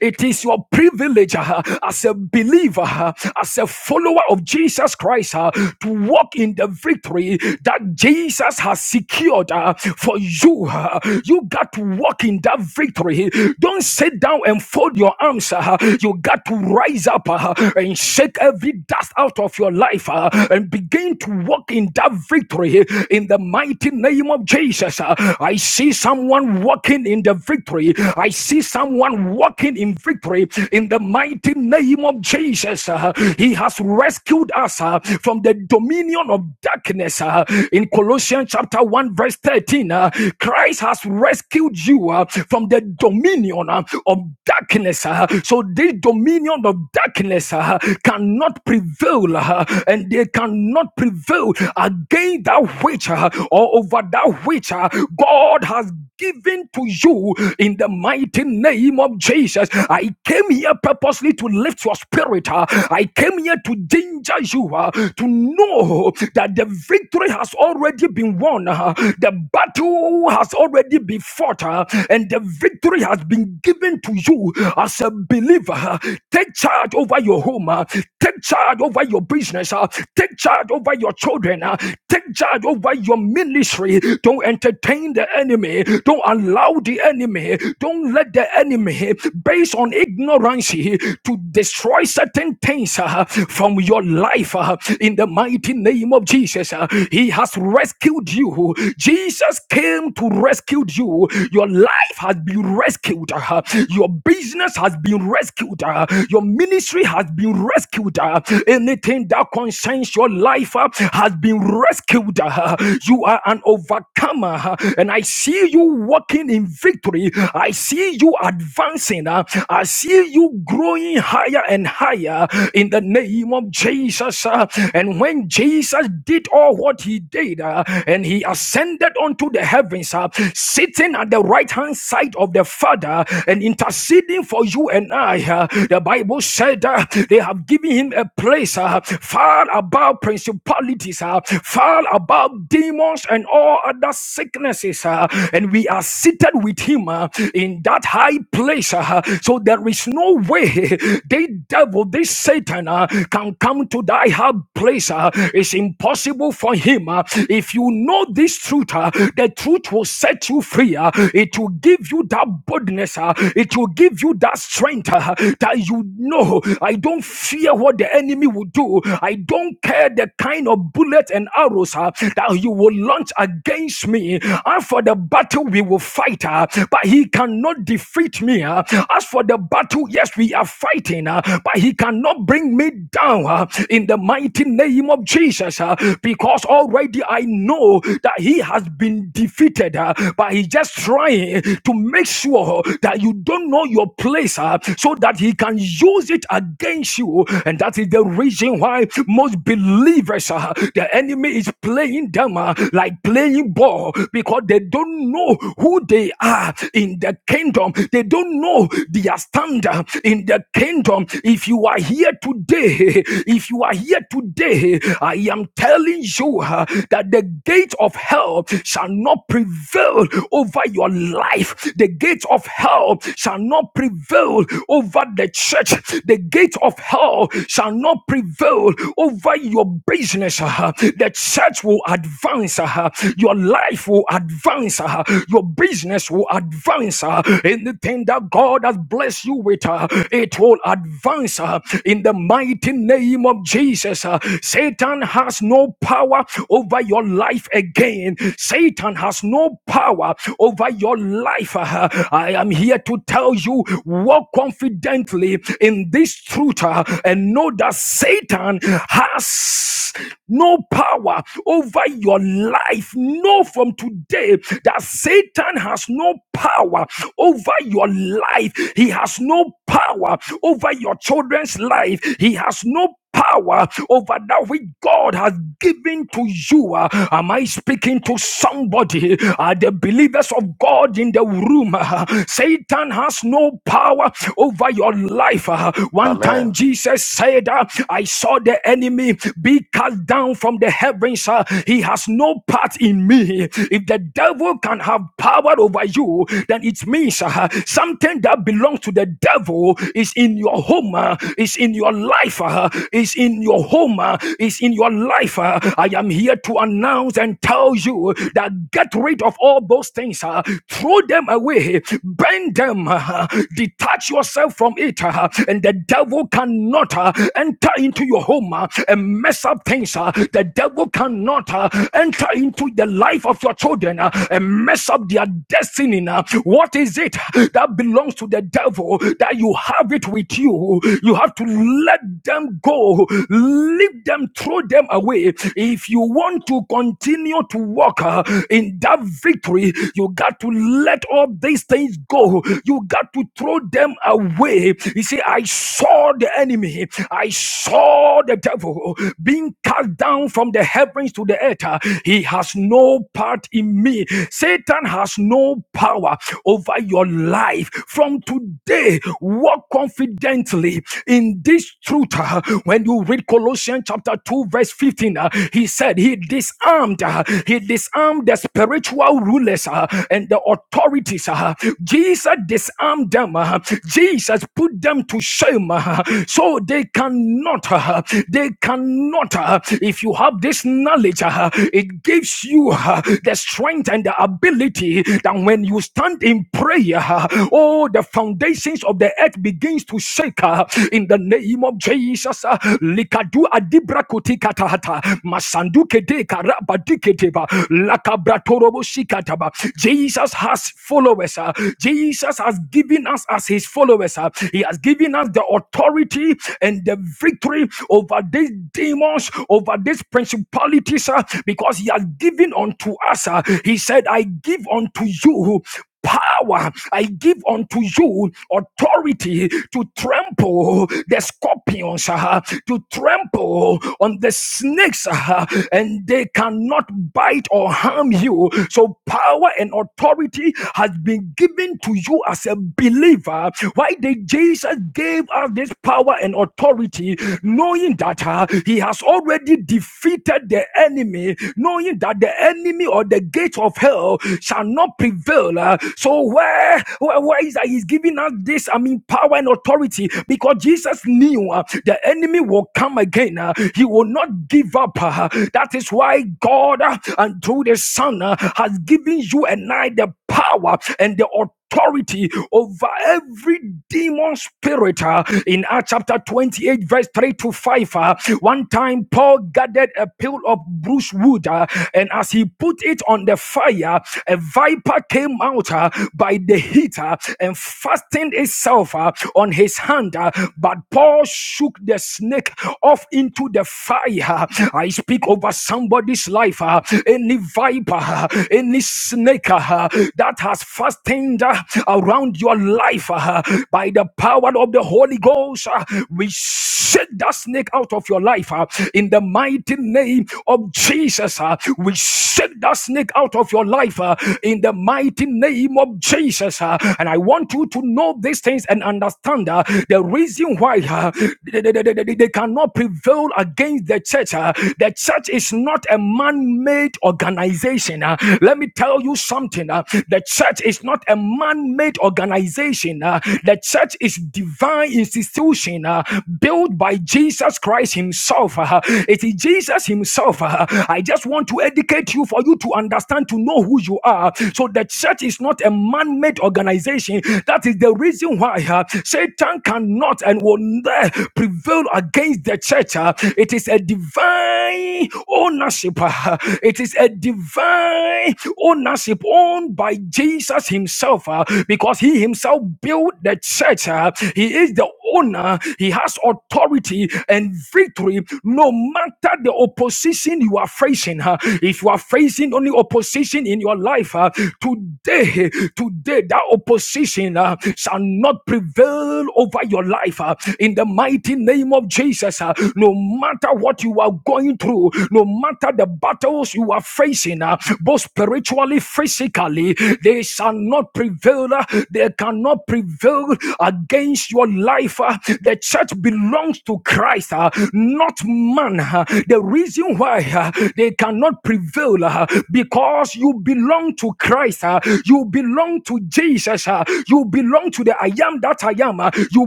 C: it is your privilege uh, as a believer, uh, as a follower of Jesus Christ, uh, to walk in the victory that Jesus has secured uh, for you. uh. you got to walk in that victory. Don't sit down and fold your arms. uh, you got to rise up uh, and shake every dust out of your life uh, and begin to walk in that victory in the mighty name of Jesus. uh. I see someone walking in the victory. I see someone walking in victory in the mighty name of Jesus. uh. He has rescued us uh, from the dominion of darkness. uh. In Colossians chapter 1, verse 13, uh, Christ has rescued you uh, from the dominion uh, of darkness. uh. So this dominion of darkness uh, cannot prevail prevail uh, and they cannot prevail against that which uh, or over that which uh, God has given to you in the mighty name of Jesus. I came here purposely to lift your spirit. uh, I came here to danger you uh, to know that the victory has already been won. uh, the battle has already been fought uh, and the victory has been given to you as a believer. uh, Take charge over your home. uh, Take Take charge over your business. uh, Take charge over your children. uh, Take charge over your ministry. Don't entertain the enemy. Don't allow the enemy. Don't let the enemy, based on ignorance, to destroy certain things uh, from your life. uh, In the mighty name of Jesus, uh, He has rescued you. Jesus came to rescue you. Your life has been rescued. uh, Your business has been rescued. uh, Your ministry has been rescued rescued. uh, Anything that concerns your life uh, has been rescued. uh, You are an overcomer, uh, and I see you walking in victory. I see you advancing. uh, I see you growing higher and higher in the name of Jesus. uh, And when Jesus did all what he did, uh, and he ascended unto the heavens, uh, sitting at the right hand side of the Father and interceding for you and I, uh, the Bible said uh, they have I'm giving him a place uh, far above principalities, uh, far above demons and all other sicknesses. uh, and we are seated with him uh, in that high place. uh, so there is no way they devil, this Satan uh, can come to thy high place. uh, it's impossible for him. uh, if you know this truth, uh, the truth will set you free. uh, it will give you that boldness. uh, it will give you that strength uh, that you know. I don't don't fear what the enemy will do. I don't care the kind of bullets and arrows uh, that you will launch against me. As for the battle, we will fight, uh, but he cannot defeat me. uh. As for the battle, yes, we are fighting, uh, but he cannot bring me down uh, in the mighty name of Jesus uh, because already I know that he has been defeated, uh, but he's just trying to make sure that you don't know your place uh, so that he can use it again against you. And that is the reason why most believers, uh, the enemy is playing them uh, like playing ball because they don't know who they are in the kingdom. They don't know their standard in the kingdom. If you are here today, if you are here today, I am telling you uh, that the gate of hell shall not prevail over your life. The gate of hell shall not prevail over the church. The the gate of hell shall not prevail over your business. uh, The church will advance. uh, Your life will advance. uh, Your business will advance. uh, Anything that God has blessed you with, uh, it will advance uh, in the mighty name of Jesus. uh, Satan has no power over your life again. Satan has no power over your life. uh, I am here to tell you walk confidently in in this truth uh, and know that Satan has no power over your life. Know from today that Satan has no power over your life. He has no power over your children's life. He has no power over that which God has given to you. Uh, Am I speaking to somebody? Are the believers of God in the room? Uh, Satan has no power over your life. Uh, One
A: Amen.
C: time Jesus said, uh, I saw the enemy be cast down from the heavens. Uh, He has no part in me. If the devil can have power over you, then it means uh, something that belongs to the devil is in your home, uh, is in your your life, uh, is in your home, uh, is in your life. uh. I am here to announce and tell you that get rid of all those things, uh, throw them away, bend them, uh, detach yourself from it, uh, and the devil cannot uh, enter into your home uh, and mess up things. uh. The devil cannot uh, enter into the life of your children uh, and mess up their destiny. uh. What is it that belongs to the devil that you have it with you? go. You have to let them go. Leave them, throw them away. If you want to continue to walk uh, in that victory, you got to let all these things go. You got to throw them away. You see, I saw the enemy. I saw the devil being cast down from the heavens to the earth. Uh, He has no part in me. Satan has no power over your life. From today, what walk confidently in this truth. uh, When you read Colossians chapter 2, verse 15, uh, he said he disarmed, uh, he disarmed the spiritual rulers uh, and the authorities. uh, Jesus disarmed them. uh, Jesus put them to shame uh, so they cannot, uh, they cannot. uh, If you have this knowledge, uh, it gives you uh, the strength and the ability that when you stand in prayer, uh, oh, the foundation foundations of the earth begins to shake uh, in the name of Jesus. uh, Likadu adibra kutikata hata, masandu kede karaba diketeba, lakabratorobo shikataba. Jesus has followers. uh, Jesus has given us as his followers. uh, He has given us the authority and the victory over these demons, over these principalities, uh, because he has given unto us. uh, He said, I give unto you power. I give unto you authority to trample the scorpions, uh, to trample on the snakes, uh, and they cannot bite or harm you. So, power and authority has been given to you as a believer. Why did Jesus give us this power and authority, knowing that uh, he has already defeated the enemy, knowing that the enemy or the gates of hell shall not not prevail. uh, so where, where, where is that? He's giving us this, I mean, power and authority because Jesus knew uh, the enemy will come again. uh, he will not give up. uh, that is why God uh, and through the Son uh, has given you and I the power and the authority authority over every demon spirit uh, in Acts chapter 28, verse 3 to 5. uh, one time, Paul gathered a pile of brush wood, uh, and as he put it on the fire, a viper came out uh, by the heat uh, and fastened itself uh, on his hand. uh, but Paul shook the snake off into the fire. I speak over somebody's life. uh, any viper, uh, any snake uh, that has fastened wind uh, around your life uh, by the power of the Holy Ghost. uh, we shake that snake out of your life uh, in the mighty name of Jesus. uh, we shake that snake out of your life uh, in the mighty name of Jesus. uh, and I want you to know these things and understand uh, the reason why uh, they, they- they- they- they cannot prevail against the church. uh, the church is not a man made organization. uh, let me tell you something. uh, the church is not not a man-made organization. uh, the church is divine institution uh, built by Jesus Christ Himself. uh, it is Jesus Himself. uh, I just want to educate you for you to understand to know who you are. So the church is not a man-made organization. That is the reason why uh, Satan cannot and will not prevail against the church. uh, it is a divine ownership. uh, it is a divine ownership owned by Jesus. Jesus himself, uh, because he himself built the church. uh, he is the owner. He has authority and victory no matter the opposition you are facing. huh? If you are facing only opposition in your life, huh, today, today, that opposition uh, shall not prevail over your life. huh? In the mighty name of Jesus, huh, no matter what you are going through, no matter the battles you are facing, uh, both spiritually, physically, they they shall not prevail. uh, They cannot prevail against your life. uh. The church belongs to Christ, uh, not man. uh. The reason why uh, they cannot prevail uh, because you belong to Christ. uh. You belong to Jesus. uh. You belong to the I am that I am. uh. You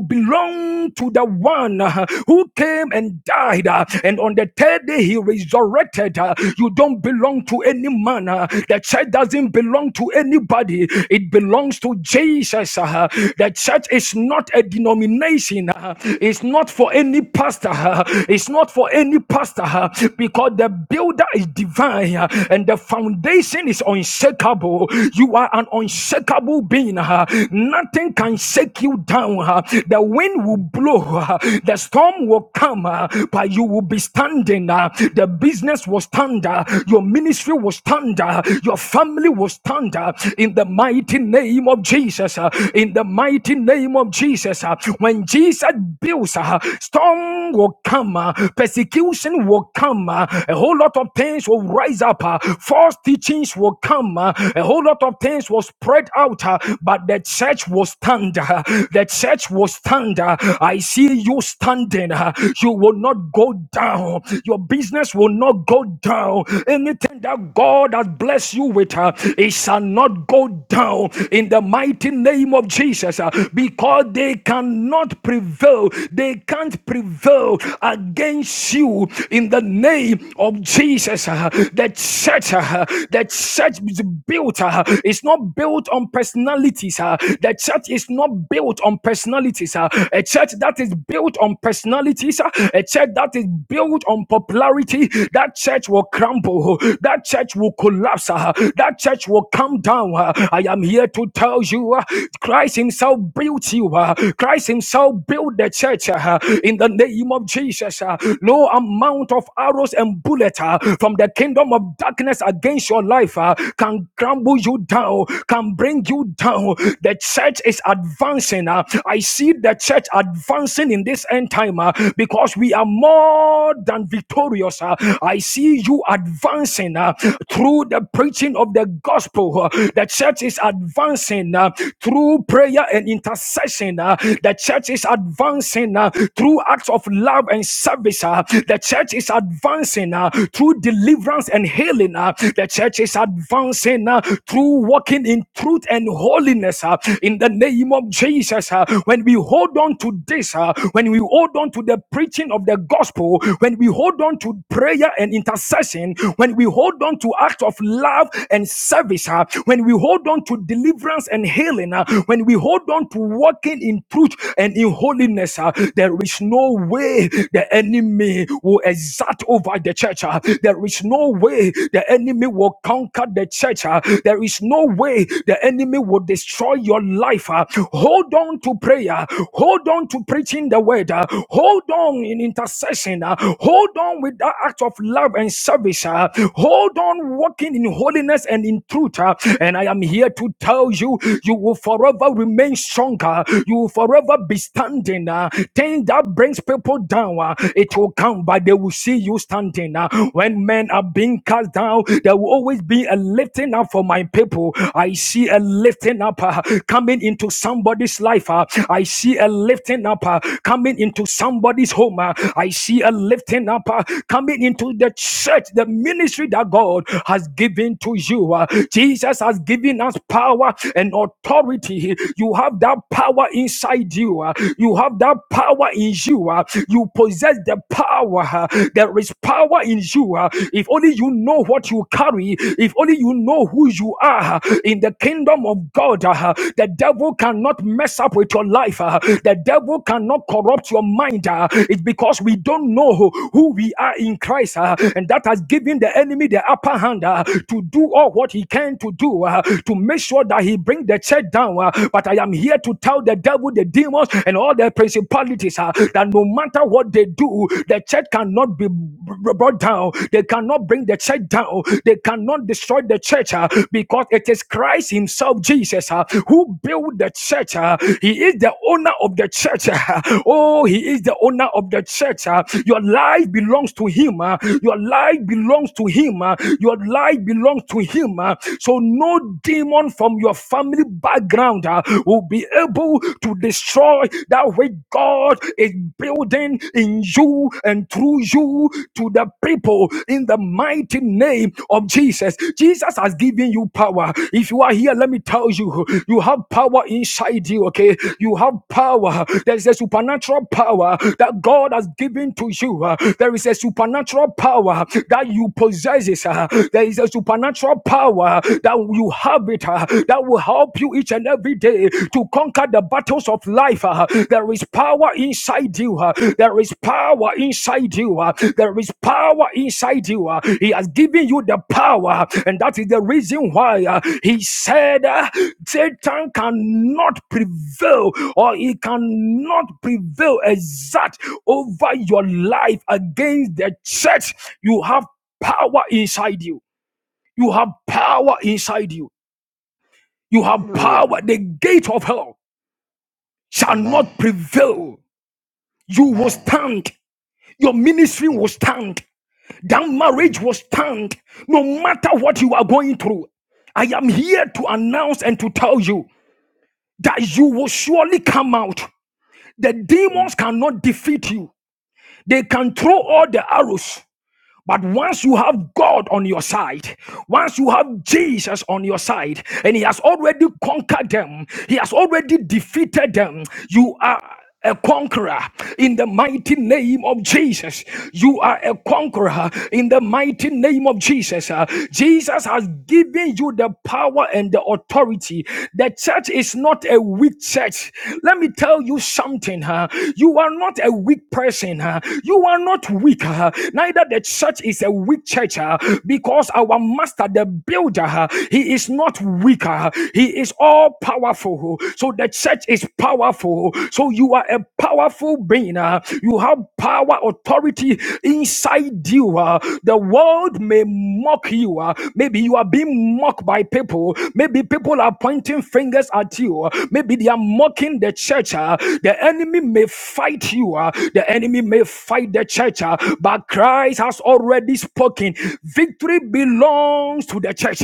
C: belong to the one uh, who came and died. uh, And on the third day, he resurrected. uh. You don't belong to any man. uh. The church doesn't belong to anybody body. It belongs to Jesus. uh, The church is not a denomination. uh, It's not for any pastor. uh, It's not for any pastor uh, because the builder is divine uh, and the foundation is unshakable. You are an unshakable being. uh, Nothing can shake you down. uh, The wind will blow. uh, The storm will come, uh, but you will be standing. uh, The business will stand. uh, Your ministry will stand. uh, Your family will stand. Uh, in the mighty name of Jesus. uh, In the mighty name of Jesus. uh, When Jesus builds, uh, storm will come, uh, persecution will come, uh, a whole lot of things will rise up, uh, false teachings will come, uh, a whole lot of things will spread out, uh, but the church will stand. uh, The church will stand. uh, I see you standing. uh, You will not go down. Your business will not go down. Anything that God has blessed you with, uh, it shall shall not go down in the mighty name of Jesus uh, because they cannot prevail. They can't prevail against you in the name of Jesus. uh, The church, uh, the church is built, uh, it's not built on personalities. uh, The church is not built on personalities. uh, A church that is built on personalities, uh, a church that is built on popularity, that church will crumble, that church will collapse, uh, that church will come down. uh, I am here to tell you uh, Christ Himself built you. uh, Christ Himself built the church uh, in the name of Jesus. uh, No amount of arrows and bullets from the kingdom of darkness against your life uh, can crumble you down, can bring you down. The church is advancing. uh, I see the church advancing in this end time uh, because we are more than victorious. uh, I see you advancing uh, through the preaching of the gospel gospel. uh, The church is advancing uh, through prayer and intercession. uh, The church is advancing uh, through acts of love and service. uh, The church is advancing uh, through deliverance and healing. uh, The church is advancing uh, through walking in truth and holiness. uh, In the name of Jesus, uh, when we hold on to this, uh, when we hold on to the preaching of the gospel, when we hold on to prayer and intercession, when we hold on to acts of love and service, service, uh, when we hold on to deliverance and healing, uh, when we hold on to walking in truth and in holiness, uh, there is no way the enemy will exert over the church. uh. there is no way the enemy will conquer the church. uh. there is no way the enemy will destroy your life. uh. hold on to prayer. Hold on to preaching the word. uh. hold on in intercession. uh. hold on with that act of love and service. uh. hold on walking in holiness holiness and in truth. uh, And I am here to tell you, you will forever remain stronger. You will forever be standing. uh, Thing that brings people down, uh, it will come, but they will see you standing. uh, When men are being cast down, there will always be a lifting up for my people. I see a lifting up uh, coming into somebody's life. uh, I see a lifting up uh, coming into somebody's home. uh, I see a lifting up uh, coming into the church, the ministry that God has given to to you. Uh, Jesus has given us power and authority. You have that power inside you. Uh, You have that power in you. Uh, You possess the power. Uh, There is power in you. Uh, If only you know what you carry, if only you know who you are uh, in the kingdom of God, uh, the devil cannot mess up with your life. uh, The devil cannot corrupt your mind. uh, It's because we don't know who who we are in Christ, uh, and that has given the enemy the upper hand. uh, to to do all what he can to do uh, to make sure that he bring the church down. uh, but I am here to tell the devil, the demons, and all the principalities uh, that no matter what they do, the church cannot be brought down. They cannot bring the church down. They cannot destroy the church uh, because it is Christ Himself, Jesus, uh, who built the church. uh, he is the owner of the church. uh, oh, He is the owner of the church. uh, your life belongs to Him. uh, your life belongs to Him. uh, your life belongs to him. uh, so no demon from your family background uh, will be able to destroy that which God is building in you and through you to the people in the mighty name of Jesus. Jesus has given you power. If you are here, let me tell you, you have power inside you, okay? You have power. There is a supernatural power that God has given to you. uh, There is a supernatural power that you possess. uh, There is is a supernatural power that you have it uh, that will help you each and every day to conquer the battles of life. uh. There is power inside you. uh. There is power inside you. uh. There is power inside you. uh. He has given you the power, uh, and that is the reason why uh, he said uh, Satan cannot prevail or he cannot prevail exact over your life against the church. You have power inside you. You have power inside you. You have
E: Hallelujah.
C: power. The gate of hell shall
E: Amen.
C: not prevail. You will
E: Amen.
C: stand. Your ministry will stand. That marriage
E: Amen.
C: will stand. No matter what you are going through, I am here to announce and to tell you that you will surely come out. The
E: Amen.
C: demons cannot defeat you. They can throw all the arrows. But once you have God on your side, once you have Jesus on your side, and He has already conquered them, He has already defeated them, you are a conqueror in the mighty name of Jesus. You are a conqueror in the mighty name of Jesus. Uh, Jesus has given you the power and the authority. The church is not a weak church. Let me tell you something. huh? You are not a weak person. huh? You are not weak. huh? Neither the said the church is a weak church uh, because our master, the builder, uh, he is not weaker. Uh, he is all powerful. So the church is powerful. So you are a powerful being. uh, you have power, authority inside you. uh. the world may mock you. uh. maybe you are being mocked by people. Maybe people are pointing fingers at you. uh. Maybe they are mocking the church. uh. the enemy may fight you. uh. the enemy may fight the church. uh, but Christ Christ has already spoken. Victory belongs to the church.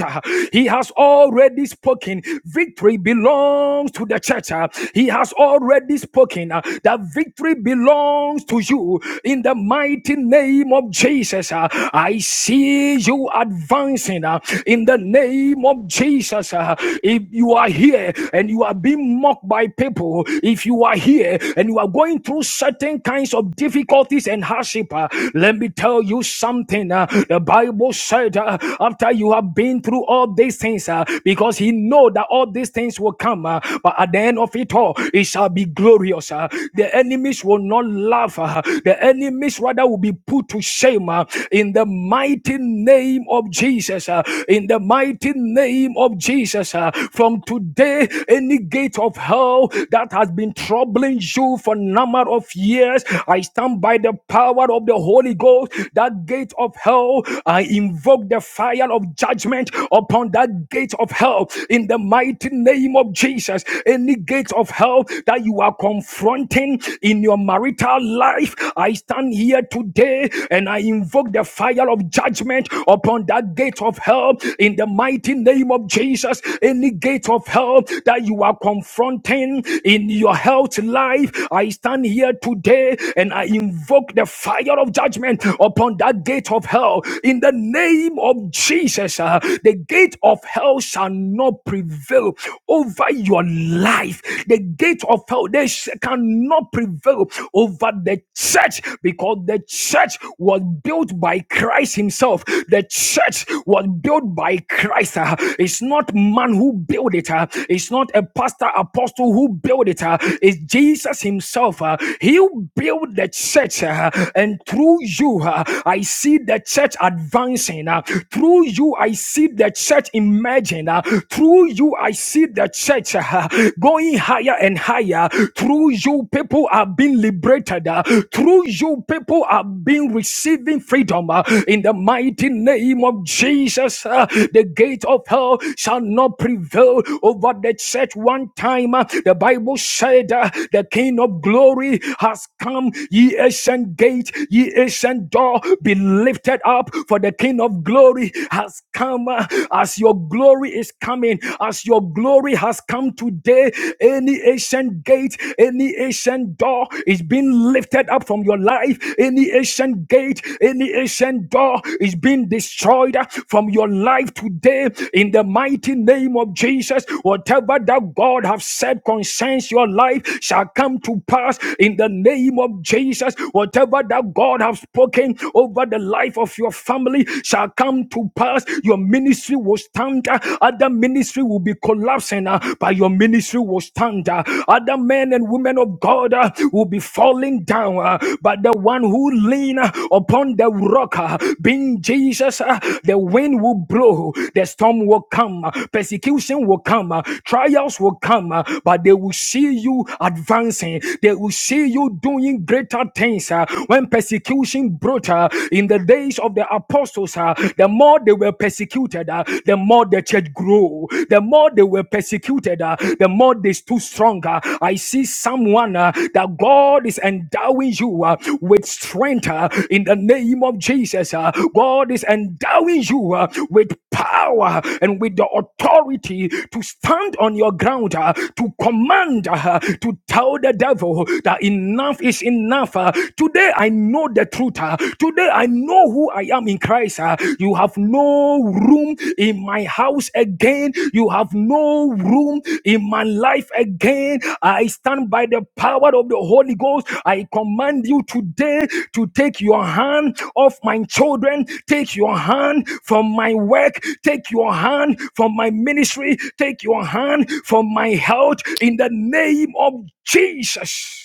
C: He has already spoken. Victory belongs to the church. He has already spoken. That victory belongs to you in the mighty name of Jesus. uh, I see you advancing uh, in the name of Jesus. uh, If you are here and you are being mocked by people, if you are here and you are going through certain kinds of difficulties and hardship, let me tell you something. uh, the Bible said uh, after you have been through all these things, uh, because he know that all these things will come, uh, but at the end of it all, it shall be glorious. uh, the enemies will not laugh. uh, the enemies rather will be put to shame uh, in the mighty name of Jesus. uh, in the mighty name of Jesus. uh, from today, any gate of hell that has been troubling you for a number of years, I stand by the power of of the Holy Ghost, that gate of hell, I invoke the fire of judgment upon that gate of hell in the mighty name of Jesus. Any gate of hell that you are confronting in your marital life, I stand here today and I invoke the fire of judgment upon that gate of hell in the mighty name of Jesus. Any gate of hell that you are confronting in your health life, I stand here today and I invoke the fire of judgment upon that gate of hell in the name of Jesus. uh, the gate of hell shall not prevail over your life. The gate of hell they cannot prevail over the church because the church was built by Christ Himself. The church was built by Christ. uh, it's not man who built it. uh, it's not a pastor apostle who built it. uh, it's Jesus Himself. uh, he built the church grace uh, and through you uh, I see the church advancing uh, through you I see the church emerging uh, through you I see the church uh, going higher and higher through you people are being liberated uh, through you people are being receiving freedom uh, in the mighty name of Jesus uh, the gate of hell shall not prevail over the church one time uh, the Bible said uh, the King of glory has come. Ye ye ancient gate, ye ancient door, be lifted up, for the King of glory has come. As your glory is coming, as your glory has come today, any ancient gate, any ancient door is being lifted up from your life, any ancient gate, any ancient door is being destroyed from your life today in the mighty name of Jesus. Whatever that God has said concerns your life shall come to pass in the name of of Jesus, whatever that God have spoken over the life of your family shall come to pass. Your ministry will stand. uh, Other ministry will be collapsing, uh, but your ministry will stand. uh. Other men and women of God uh, will be falling down, uh, but the one who lean uh, upon the rock, uh, being Jesus, uh, the wind will blow, the storm will come, uh, persecution will come, uh, trials will come, uh, but they will see you advancing. They will see you doing doing greater things. uh, when persecution brought uh, in the days of the apostles, uh, the more they were persecuted, uh, the more the church grew. The more they were persecuted, uh, the more they stood stronger. I see someone uh, that God is endowing you uh, with strength uh, in the name of Jesus. uh, God is endowing you uh, with power and with the authority to stand on your ground, uh, to command, uh, to tell the devil that enough enough is enough. Uh, Today I know the truth. Uh, Today I know who I am in Christ. Uh, You have no room in my house again. You have no room in my life again. I stand by the power of the Holy Ghost. I command you today to take your hand off my children. Take your hand from my work. Take your hand from my ministry. Take your hand from my health in the name of Jesus.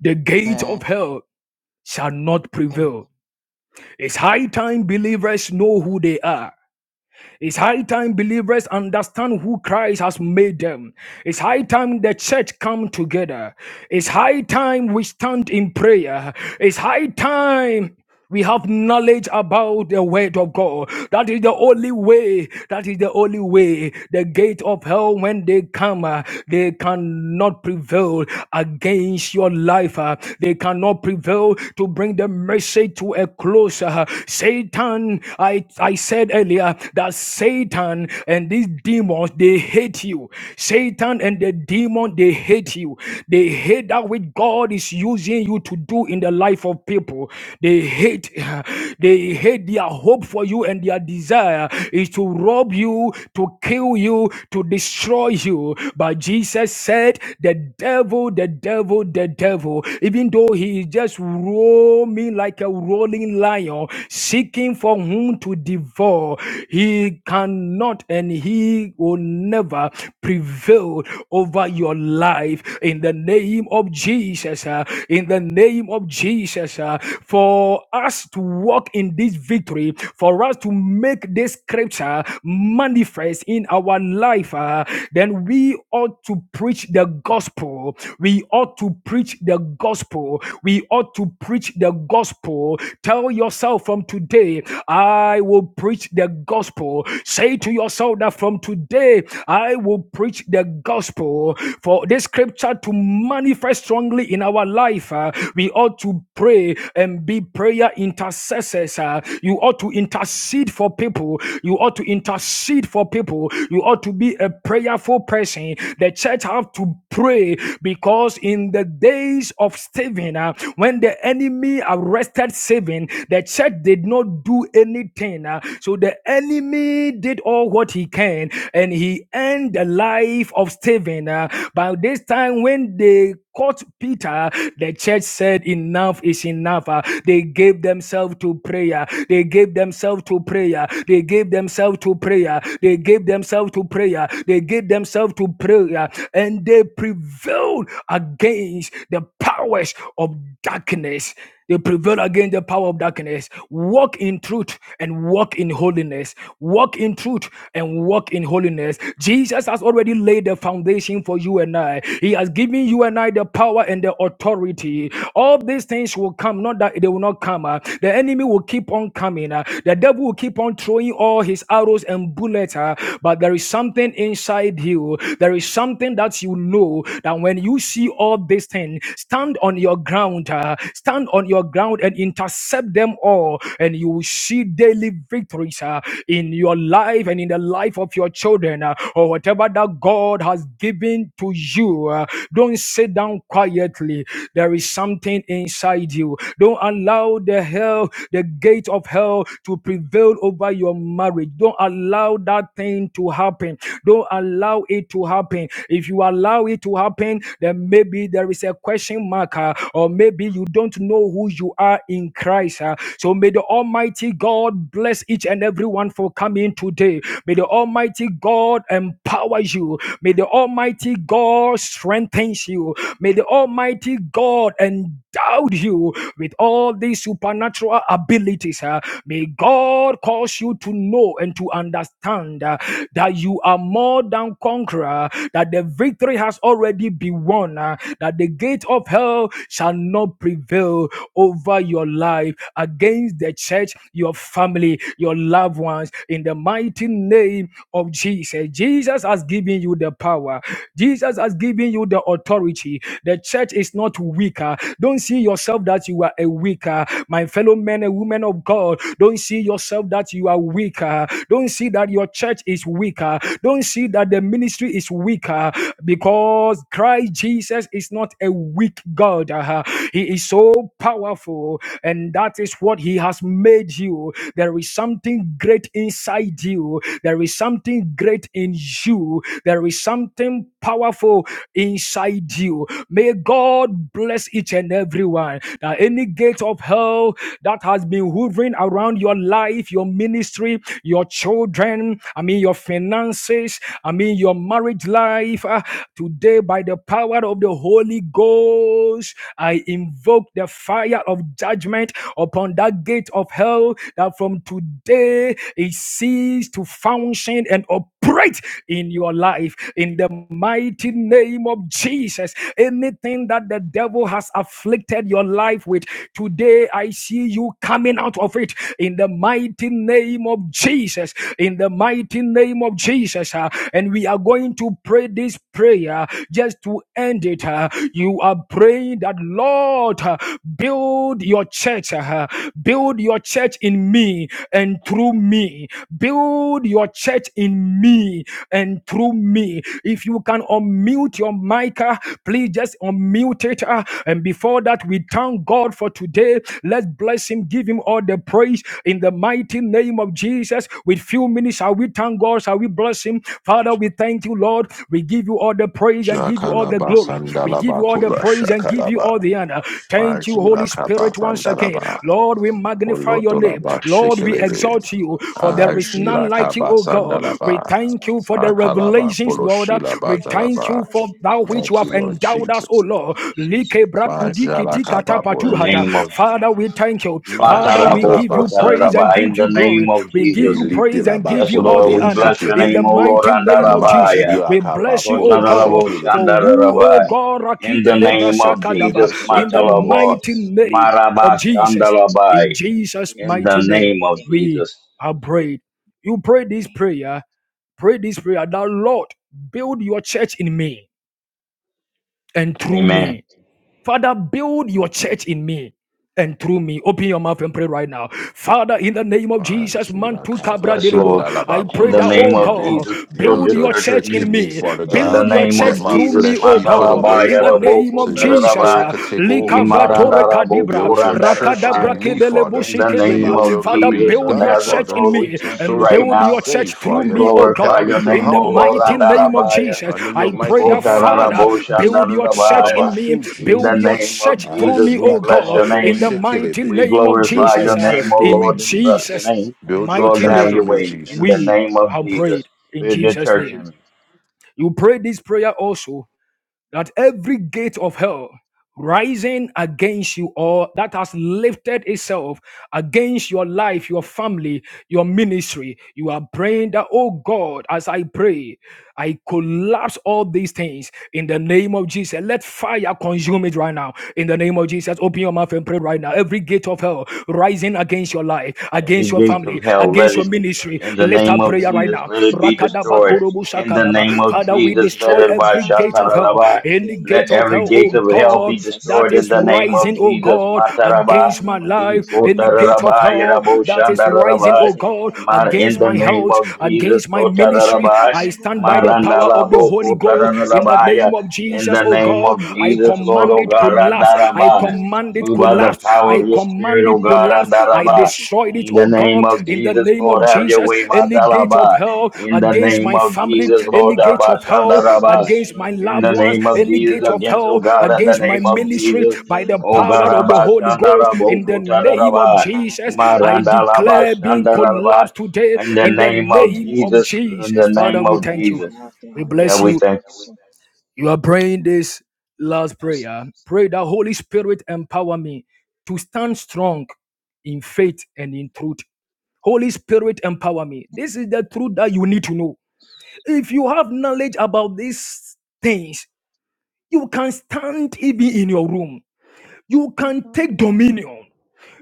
C: The gate of hell shall not
E: Amen.
C: prevail. It's high time believers know who they are it's high time believers understand who Christ has made them. It's high time the church come together. It's high time we stand in prayer. It's high time we have knowledge about the word of God. That is the only way. That is the only way. The gate of hell, when they come, uh, they cannot prevail against your life. uh, They cannot prevail to bring the message to a close. uh. Satan, I I, I said earlier that Satan and these demons, they hate you. Satan and the demon, they hate you. They hate that which God is using you to do in the life of people. They hate, they hate their hope for you and their desire is to rob you, to kill you, to destroy you. But Jesus said, the devil, the devil, the devil, even though he is just roaming like a rolling lion lion seeking for whom to devour. He cannot and he will never prevail over your life in the name of Jesus. uh, in the name of Jesus, uh, for us to walk in this victory, for us to make this scripture manifest in our life, uh, then we ought to preach the gospel. We ought to preach the gospel. We ought to preach preach the gospel. Tell yourself from today, I will preach the gospel. Say to yourself that from today, I will preach the gospel. For this scripture to manifest strongly in our life, uh, we ought to pray and be prayer intercessors. uh. you ought to intercede for people. You ought to intercede for people. You ought to be a prayerful person. The church have to pray because in the days of Stephen, uh, when the enemy arrested Stephen, the church did not do anything. uh, so the enemy did all what he can and he ended the life of Stephen. uh, by this time, when they caught Peter, the church said, Enough is enough. Uh, They gave themselves to prayer. They gave themselves to prayer. They gave themselves to prayer. They gave themselves to prayer. They gave themselves to prayer. And they prevailed against the powers of darkness. They prevail against the power of darkness. Walk in truth and walk in holiness. Walk in truth and walk in holiness. Jesus has already laid the foundation for you and I. He has given you and I the power and the authority. All these things will come, not that they will not come. uh, The enemy will keep on coming. uh, The devil will keep on throwing all his arrows and bullets. uh, But there is something inside you. There is something something that you know that when you see all these things, stand on your ground, uh, stand on your ground and intercept them all, and you will see daily victories uh, in your life and in the life of your children uh, or whatever that God has given to you. uh, don't sit down quietly. There is something inside you. Don't allow the hell, the gate of hell, to prevail over your marriage. Don't allow that thing to happen. Don't don't allow it to happen, if you allow it to happen, then maybe there is a question mark, uh, or maybe you don't know who you are in Christ. uh. So may the Almighty God bless each and everyone for coming today. May the Almighty God empower you. May the Almighty God strengthen you. May the Almighty God endow you with all these supernatural abilities. uh. May God cause you to know and to understand stand, uh, that you are more than conqueror, that the victory has already been won, uh, that the gate of hell shall not prevail over your life, against the church, your family, your loved ones, in the mighty name of Jesus. Jesus has given you the power, Jesus has given you the authority. The church is not weaker. Don't see yourself that you are a weaker. My fellow men and women of God, don't see yourself that you are you are weaker. Don't see that your church is weaker. Don't see that the ministry is weaker because Christ Jesus is not a weak God. uh He is so powerful, and that is what He has made you. There is something great inside you, there is something great in you, there is something powerful inside you. May God bless each and everyone that any gate of hell that has been hovering maneuvering around your life, your ministry, your children, I mean, your finances, I mean, your marriage life. Ah, today, by the power of the Holy Ghost, I invoke the fire of judgment upon that gate of hell that from today it ceases to function and operate in your life. In the mighty name of Jesus, anything that the devil has afflicted your life with today today I see you coming out of it in the mighty name of Jesus. In the mighty name of Jesus. uh, and we are going to pray this prayer just to end it. uh, you are praying that, Lord, uh, build your church. uh, build your church in me and through me. Build your church in me and through me. If you can unmute your mic, uh, please just unmute it. uh, and before all that, we thank God for today. Let's bless Him, give Him all the praise in the mighty name of Jesus. With few minutes, shall we thank God? Shall we bless Him? Father, we thank you, Lord. We give you all the praise and give you all the
A: Jakalaba
C: glory. We give
A: sandalaba
C: you all the
A: kola
C: praise and give you
A: shakalaba.
C: all the honor. Thank you, Holy
A: Majila kaba
C: Spirit, once again.
A: sandalaba.
C: Lord, we magnify your name.
A: Molotolaba
C: Lord, we
A: shikelebe.
C: exalt you, for there is
B: thank the
C: none
A: Ajila
B: Lord
C: like you,
A: kaba
C: O
B: Jesus
C: God. We
A: sandalaba.
C: thank you for the
A: Akalaba
C: revelations, Lord.
A: koloshila
C: We
B: We are
C: thank
A: batalaba.
C: you
B: grateful,
C: for
B: Lord
C: thou which you
A: Thank
C: have
A: you,
B: Jesus,
A: Lord
C: endowed us, O Oh
A: Jesus.
C: Lord, Like
B: mercies and
C: Brakudi
A: Majala
C: Kiti
A: kaba
F: in the
B: Thank
C: Katapatuhata.
A: polobo.
B: you
F: name of
B: for
F: Jesus.
B: that
C: Father, we
B: food
C: thank you. Father, we
F: Matarabo
A: Majibla
C: give you
A: basa
C: praise and
F: kotararaba, In
A: kaba.
C: give you
F: the name
C: glory.
F: of
C: We
B: and
C: give
A: We
C: you
F: Jesus.
B: the
A: lift the
C: praise and
A: laba
C: give
F: Yes,
C: you
A: kolo
C: all
F: Lord,
C: the
F: we
C: honor
F: bless your
C: in the
F: name, O Lord,
C: mighty name of Jesus.
F: andarabaya.
A: Mazila
C: We bless you, oh
A: kapapolo
C: God,
F: Kotararabo
A: shekelebe.
C: for who, oh
F: shandararabaya.
C: God,
F: In
C: Rakide
F: the
C: Lebra
F: name of
A: Mashekelebe
C: Sakadaba,
F: Jesus,
C: in the
A: sotolobo.
F: matalabo,
C: mighty
B: Jesus. Thank
C: name of
F: maraba
C: Jesus. In
F: shandalabai.
C: Jesus'
B: you,
F: In the
C: mighty
B: Lord.
C: name,
F: name of
B: Thank
C: we
F: Jesus.
C: are prayed. You pray this
B: you,
C: prayer, pray this prayer that Lord, build your church in me and through
F: Amen.
C: me. Father, build your church in me and through me. Open your mouth and pray right now. Father, in the name of Jesus,
A: Banshila
C: Mantu
A: Kaba
C: Kabra
F: Yes,
C: Delibo,
B: Father,
F: Lord.
A: Sandala
C: I
F: In
C: pray
A: Bakolo
F: the
C: that,
F: name
C: oh
F: of
B: for
A: Shikibi.
C: God,
F: Jesus,
B: telling
F: build
B: me
A: Build
C: build
F: your
A: your
C: your
B: and
F: church in
C: church
A: church
B: telling
C: in
F: me.
A: in me,
C: me.
B: me
A: Father
F: In the
A: God.
C: Build your
F: name of
A: Let
C: church
A: my
C: through
F: Jesus,
C: me,
A: flesh
C: oh
A: be put
C: God.
A: away,
C: In
F: Matalabaya
C: the
B: in
A: Father,
C: name
B: the
A: so
F: Raboko
C: of
A: your
B: name of
C: Jesus.
A: spirit
C: ah.
F: Tarabai,
A: could
B: Jesus.
A: take
C: Lika
A: over, Father
C: Batore
A: God.
F: Imarandaraboko
C: Kadibra,
B: Thank
A: Build your
B: you, your
A: church
C: Rakadabra
A: in
F: Randarabaya.
A: me,
B: church,
C: Kedelebo
B: in
A: Father,
F: In the
B: me
A: so
B: and
F: name
C: kedeba.
A: your
B: tell
F: of
A: will
B: me.
A: could
C: Father,
A: be
F: Jesus of
C: build
A: done,
C: your
F: Nazareth,
C: church
A: Father,
C: in
F: Lord, we
C: me
A: so
F: thank you
C: and
A: souls
F: right
A: could
C: build
A: be
F: now.
C: your church
A: saved,
C: through
F: We
A: Father.
C: me, oh
F: glorify
A: Help
C: God,
A: me
F: your
A: to
C: in
F: name,
C: the
F: O
A: humble
B: Thank
F: Lord,
B: you,
C: mighty
A: myself,
C: name of
A: Father,
B: church, all
F: Randarabaya.
C: Jesus.
A: under your
C: I
B: around
C: pray
A: mighty
C: that,
B: me.
A: hand, Lord
C: Father,
B: Thank
A: Jesus.
C: build your
B: you,
A: It's all
C: church
B: church,
C: in
A: about
F: Ikotararaboshandarabaya.
B: Lord,
C: me,
A: you,
F: In the
C: build your
A: Jesus.
F: name of
C: church
A: Ah,
C: through
F: Jesus,
C: me,
F: we
A: Jila
C: oh
B: my
F: bless
C: God,
A: Kaba
F: your
A: Toro
C: in the
B: time
F: name.
C: mighty
A: Shikilibi.
F: We
C: name of
F: glorify
A: Build
C: Jesus.
A: your
F: your
C: Uh,
F: name,
A: church
F: O
A: through me,
C: in
F: Lord, we bless
B: And
F: your
C: Jesus'
A: Jesus.
F: name.
A: Build your
F: Lord,
C: mighty
A: church
F: have
A: through
F: your
C: name,
A: me,
F: way. In the
A: Jesus.
C: we
F: name of
C: have
F: Jesus,
C: prayed in
F: build your
C: Jesus'
F: church
C: name.
F: in me.
C: You pray this prayer also that every gate of hell rising against you or that has lifted itself against your life, your family, your ministry, you are praying that, oh God, as I pray, I collapse all these things in the name of Jesus. Let fire consume it right now. In the name of Jesus, open your mouth and pray right now. Every gate of hell rising against your life,
F: And
C: against
F: the
C: your
F: gates
C: family,
F: of hell, let
C: against
F: it,
C: your
F: in
C: ministry.
F: the
C: Lift
F: name
C: up
F: of
B: the
C: prayer right
F: Jesus,
B: Holy
C: now.
F: let
B: Ghost
F: it be
B: against
C: Rakadaba
F: destroyed.
B: every
C: kurubu
F: In
B: gate
F: the
B: of
C: shakadaba.
F: name
B: hell
F: of
C: Father, we
F: Jesus,
B: rising
F: let
C: destroy
F: it
B: against
F: by
C: every
B: my
C: gate of
B: life.
C: hell,
F: Shatarabah.
C: any
B: In the
F: Let
C: gate of
F: every
C: hell,
B: mighty
F: gate
C: oh
B: name
F: of
B: of
F: hell
C: God,
F: be
B: Jesus,
C: that
F: destroyed
B: I
F: in
C: is
F: the
B: set
F: name of
C: rising,
B: fire.
C: oh
F: Jesus.
C: God,
F: Matarabah.
C: against
B: I
C: my life, any gate of
F: Ikotarabah.
B: Rakoshataya
C: hell
F: Yerabo
C: that
B: upon
C: is
B: every
C: rising,
F: Shandarabah.
B: gate
C: oh
B: of
C: God,
B: hell
F: Ma-
B: that
F: In
C: against
F: the
C: my
B: hereby.
F: name
C: health,
F: of Jesus.
C: against my ministry.
F: Kotarabah.
C: I
B: In the
C: stand by the
B: name of
C: power of the
F: Marandalabo
B: Jesus
C: Holy Ghost
B: Christ,
C: in the
F: Kotarabah. Yeah.
C: name of
F: In
B: let
C: Jesus,
B: the
F: the
C: oh
F: name
B: fire
C: God.
B: of
F: of
C: I
B: God's
F: Jesus, Lord,
B: judgment
C: command
F: O
C: it
B: fall
F: God,
B: upon
C: collapse. I
B: every
C: command
F: Randarabah.
B: gate of
C: command it
B: hell
F: Move by the
B: that
C: collapse. I
F: power of your
B: tries to
F: spirit,
C: command
F: O
C: it
B: prevail
F: God,
C: collapse.
B: against the
C: I
F: Randarabah.
B: church.
C: destroyed it,
F: In the
C: oh God,
F: name of
C: in
B: In
C: the
B: the
F: Jesus,
C: name of
B: name
F: Lord,
B: of
F: have your
C: Jesus.
F: way,
B: Jesus.
C: Any gate of
F: Matalaba.
B: of
C: hell
B: the
F: In the
B: Holy
C: against
B: Ghost.
F: name
C: my
F: of
C: family,
B: In
F: Jesus,
B: the name
C: any
F: Lord,
B: of
C: gate
F: Abba,
C: of
F: Shanda,
C: hell
B: Jesus,
F: Rabba.
C: against
B: destroy
C: my
F: In
C: loved
B: every
F: the
C: ones,
F: name
B: gates
F: of
C: any
F: Jesus,
C: gate of
B: of
F: against, oh
C: hell
F: God,
B: hell
F: in the
C: against
B: that
C: my
F: name of
B: tries to
C: ministry,
F: Jesus,
C: by the
B: prevail
F: oh God,
B: against
C: power of
B: your
C: the
F: Abba,
B: church.
C: Holy
B: In
F: Shanda,
C: Ghost,
B: the
F: Rabbo,
C: in
B: name of
C: the
F: Kota,
C: name of
F: Rabba.
C: Jesus,
B: Barakate,
C: I
F: Maranda, Rabba,
C: declare being
F: Shanda, Rabba.
C: collapsed today,
F: In the
C: in the
B: name
F: name
B: of
F: of
C: name of
B: Jesus,
F: Jesus, in
C: Jesus.
F: the
C: Father,
F: name
C: we
F: of
B: let
C: thank
B: the
C: you.
F: Jesus.
B: fire of the
C: We
B: Holy
F: Yeah,
C: bless
F: we
C: you
B: Ghost
F: thank you.
B: consume
C: you are praying this last
B: us.
C: prayer. Pray that Holy Spirit empower me to stand strong in faith and in truth. Holy Spirit empower me. This is the truth that you need to know. If you have knowledge about these things, you can stand even in your room. You can take
B: Hallelujah.
C: dominion.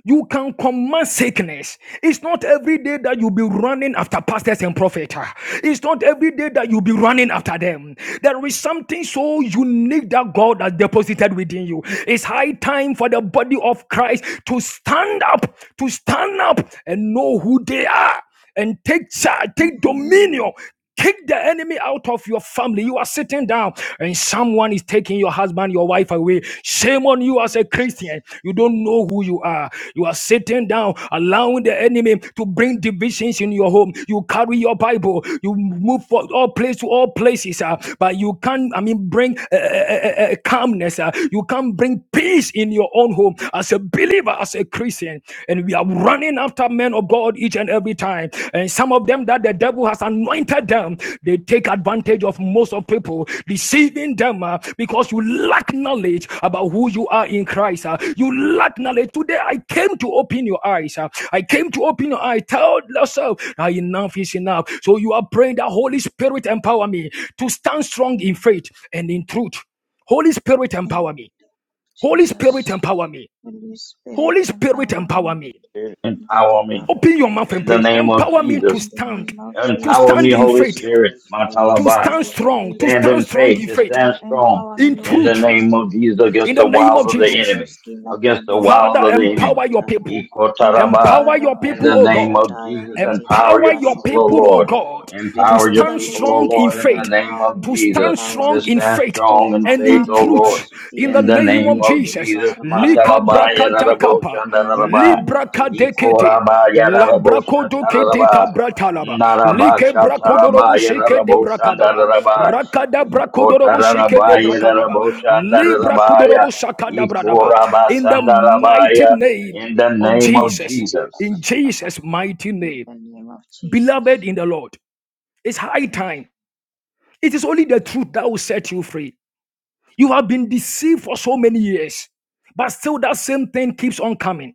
C: You can command sickness. It's not every day that you'll be running after pastors and prophets. It's not every day that you'll be running after them. There is something so unique that God has deposited within you. It's high time for the body of Christ to stand up, to stand up and know who they are and take charge, take
B: Amen.
C: dominion. Kick the enemy out of your family. You are sitting down and someone is taking your husband, your wife away. Shame on you as a
B: Jesus.
C: Christian. You don't know who you are. You are sitting down, allowing the enemy to bring divisions in your home. You carry your Bible. You move from all place to all places, uh, but you can't, I mean, bring uh, uh, uh, uh, calmness. uh, you can't bring peace in your own home as a believer, as a Christian sin and we are running after men of God each and every time. And some of them that the devil has anointed them, they take advantage of most of people, deceiving them uh, because you lack knowledge about who you are in Christ. uh. you lack knowledge. Today I came to open your eyes. uh. I came to open your eyes. Tell yourself "Ah, enough is enough. So you are praying that Holy Spirit empower me to stand strong in faith and in truth. Holy Spirit
B: In
C: empower
B: the
C: me. Holy Spirit
B: Jesus,
C: empower me.
B: Holy
C: Holy
B: Spirit,
C: Spirit
B: empower
C: empower
B: me.
C: me.
F: Spirit,
B: In the
F: empower
B: name of
F: me.
C: Open your mouth and
F: In the
C: pray.
B: Barakate.
F: name of
C: Empower me to
F: Jesus,
B: In the
C: stand,
B: name of
C: to
F: empower
B: Jesus
F: me,
C: stand in
F: Holy
C: faith,
B: Christ,
F: Spirit,
B: Holy
C: to
F: Matalaba.
C: stand
B: Spirit,
C: strong,
B: lead
C: to
F: Stand
C: stand
F: in
B: us
C: strong
F: faith
C: in
F: and
C: faith,
B: totally
F: stand strong
B: empower
C: in
B: me,
F: in
B: Holy
F: the
C: truth,
B: Ghost.
F: name of Jesus
B: Let
C: in
F: against
C: the
F: the
C: name
F: wiles
C: of
B: Evras
F: of the
C: Jesus.
F: enemy,
B: complex kila
F: against the
B: pradua
F: wiles
C: Father,
B: ma
F: of the
C: empower
F: enemy.
C: your
B: pushataya.
C: people.
B: In the
F: Ikotaraba.
C: Empower
B: rebara
C: your
F: In
B: bara
C: people,
F: the
C: oh
F: name
C: God.
F: of
B: pushataya,
F: Jesus,
B: in the
F: empower
C: Empower
F: your
B: libra
C: your
F: people, O
C: people, oh
F: Lord.
C: God, to
B: Spirit
F: Empower
B: of
F: your
B: the
C: stand
F: people, O
B: living
C: strong in
F: Lord,
B: God,
F: in the
C: faith,
F: name
B: empower
F: of
C: to
B: me,
F: Jesus,
C: stand
B: empower
C: strong
F: to
B: me
C: in
F: stand
C: faith
B: to
F: strong in
C: and
F: faith,
C: in
B: overcome
F: O
B: the
F: Lord.
C: truth
B: wiles of the
C: in the
F: In the
B: enemy. In
C: name of
B: the
F: name
B: de-
F: of
B: de- de-
C: Jesus.
F: Jesus,
C: Lika
F: Matalaba,
C: brakata
F: Yadarabo,
C: kapa,
B: In the
F: Chandaraba,
B: name of
C: libra,
B: Jesus Christ,
C: Dekete,
B: let
F: Ikoraba,
B: us
F: Yadarabo,
B: totally.
C: Labrakodo kete
F: Shataraba,
C: kabratalaba,
B: In
C: Like
F: Naraba, Shataraba,
C: brakodorobo sheke de
F: Yadarabo,
C: brakadaba,
F: Shandaraba,
C: Rakada brakodorobo sheke de
F: Ikotarabaya
B: the
C: brakadaba,
B: name of
C: Libra
B: Jesus,
F: Raboshandarabaya
C: kudorobo shakada bradaba.
B: empower me,
C: In the
B: In
C: mighty
F: Ikorabasandarabaya
B: the
C: name
F: in the
C: of
F: name of
C: Jesus, in
F: Jesus.
C: Jesus' mighty name,
B: name of
C: beloved
B: Jesus,
C: in the Lord, it's high
B: thank you.
C: time. It is only the truth that will set you free. You have been deceived for so many years, but still that same thing keeps on coming.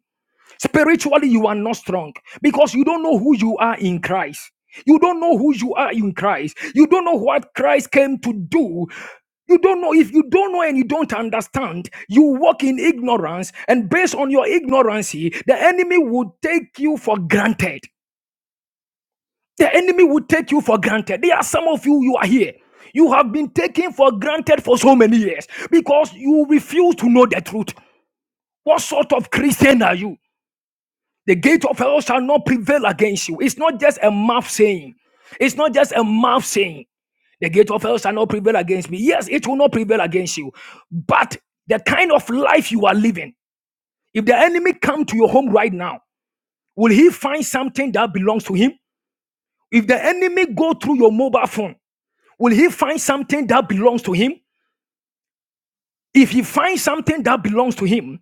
C: Spiritually, you are not strong because you don't know who you are in Christ. You don't know who you are in Christ. You don't know what Christ came to do. You don't know. If you don't know and you don't understand, you walk in ignorance. And based on your ignorance, the enemy will take you for granted. The enemy will take you for granted. There are some of you, you are here. You have been taken for granted for so many years because you refuse to know the truth. What sort of Christian are you? The gate of hell shall not prevail against you. It's not just a mouth saying. It's not just a mouth saying. The gate of hell shall not prevail against me. Yes, it will not prevail against you. But the kind of life you are living, if the enemy come to your home right now, will he find something that belongs to him? If the enemy go through your mobile phone, will he find something that belongs to him? If he finds something that belongs to him,